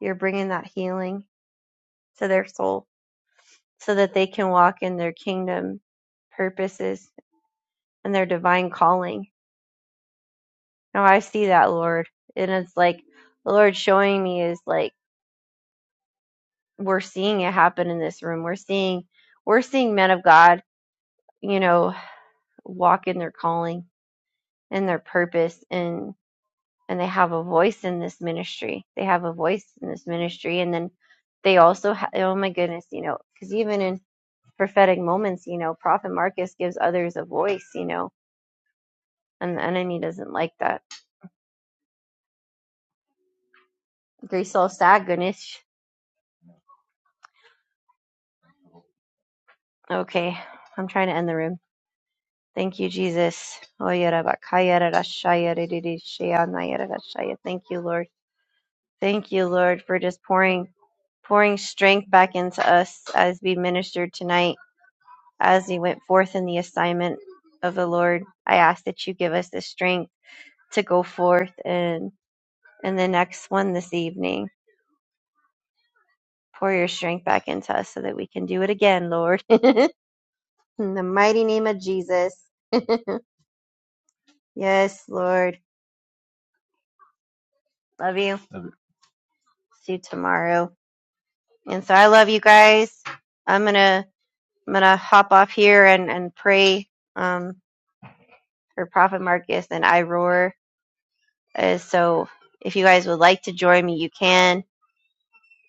B: You're bringing that healing to their soul so that they can walk in their kingdom purposes and their divine calling. Now I see that, Lord. And it's like the Lord showing me is like we're seeing it happen in this room. We're seeing we're seeing men of God, you know, walk in their calling and their purpose and and they have a voice in this ministry. They have a voice in this ministry and then they also ha- oh my goodness, you know, cuz even in prophetic moments, you know, Prophet Marcus gives others a voice, you know, and the enemy doesn't like that. Grisel Sagunish. Okay, I'm trying to end the room. Thank you, Jesus. Oyarabakayarashayaririshayanayarashaya. Thank you, Lord. Thank you, Lord, for just pouring pouring strength back into us as we ministered tonight, as we went forth in the assignment of the Lord. I ask that you give us the strength to go forth and in the next one this evening. Pour your strength back into us so that we can do it again, Lord. In the mighty name of Jesus. Yes, Lord. Love you. See you tomorrow. And so I love you guys. I'm gonna I'm gonna hop off here and, and pray um for Prophet Marcus and I Uh, so if you guys would like to join me, you can.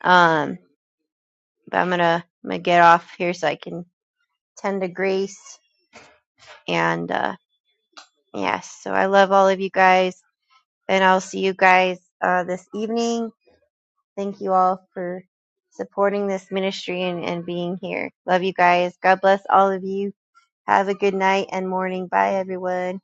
B: Um but I'm gonna I'm gonna get off here so I can tend to grace and uh yes, so I love all of you guys. and I'll see you guys uh, this evening. Thank you all for supporting this ministry and, and being here. Love you guys. God bless all of you. Have a good night and morning. Bye, everyone.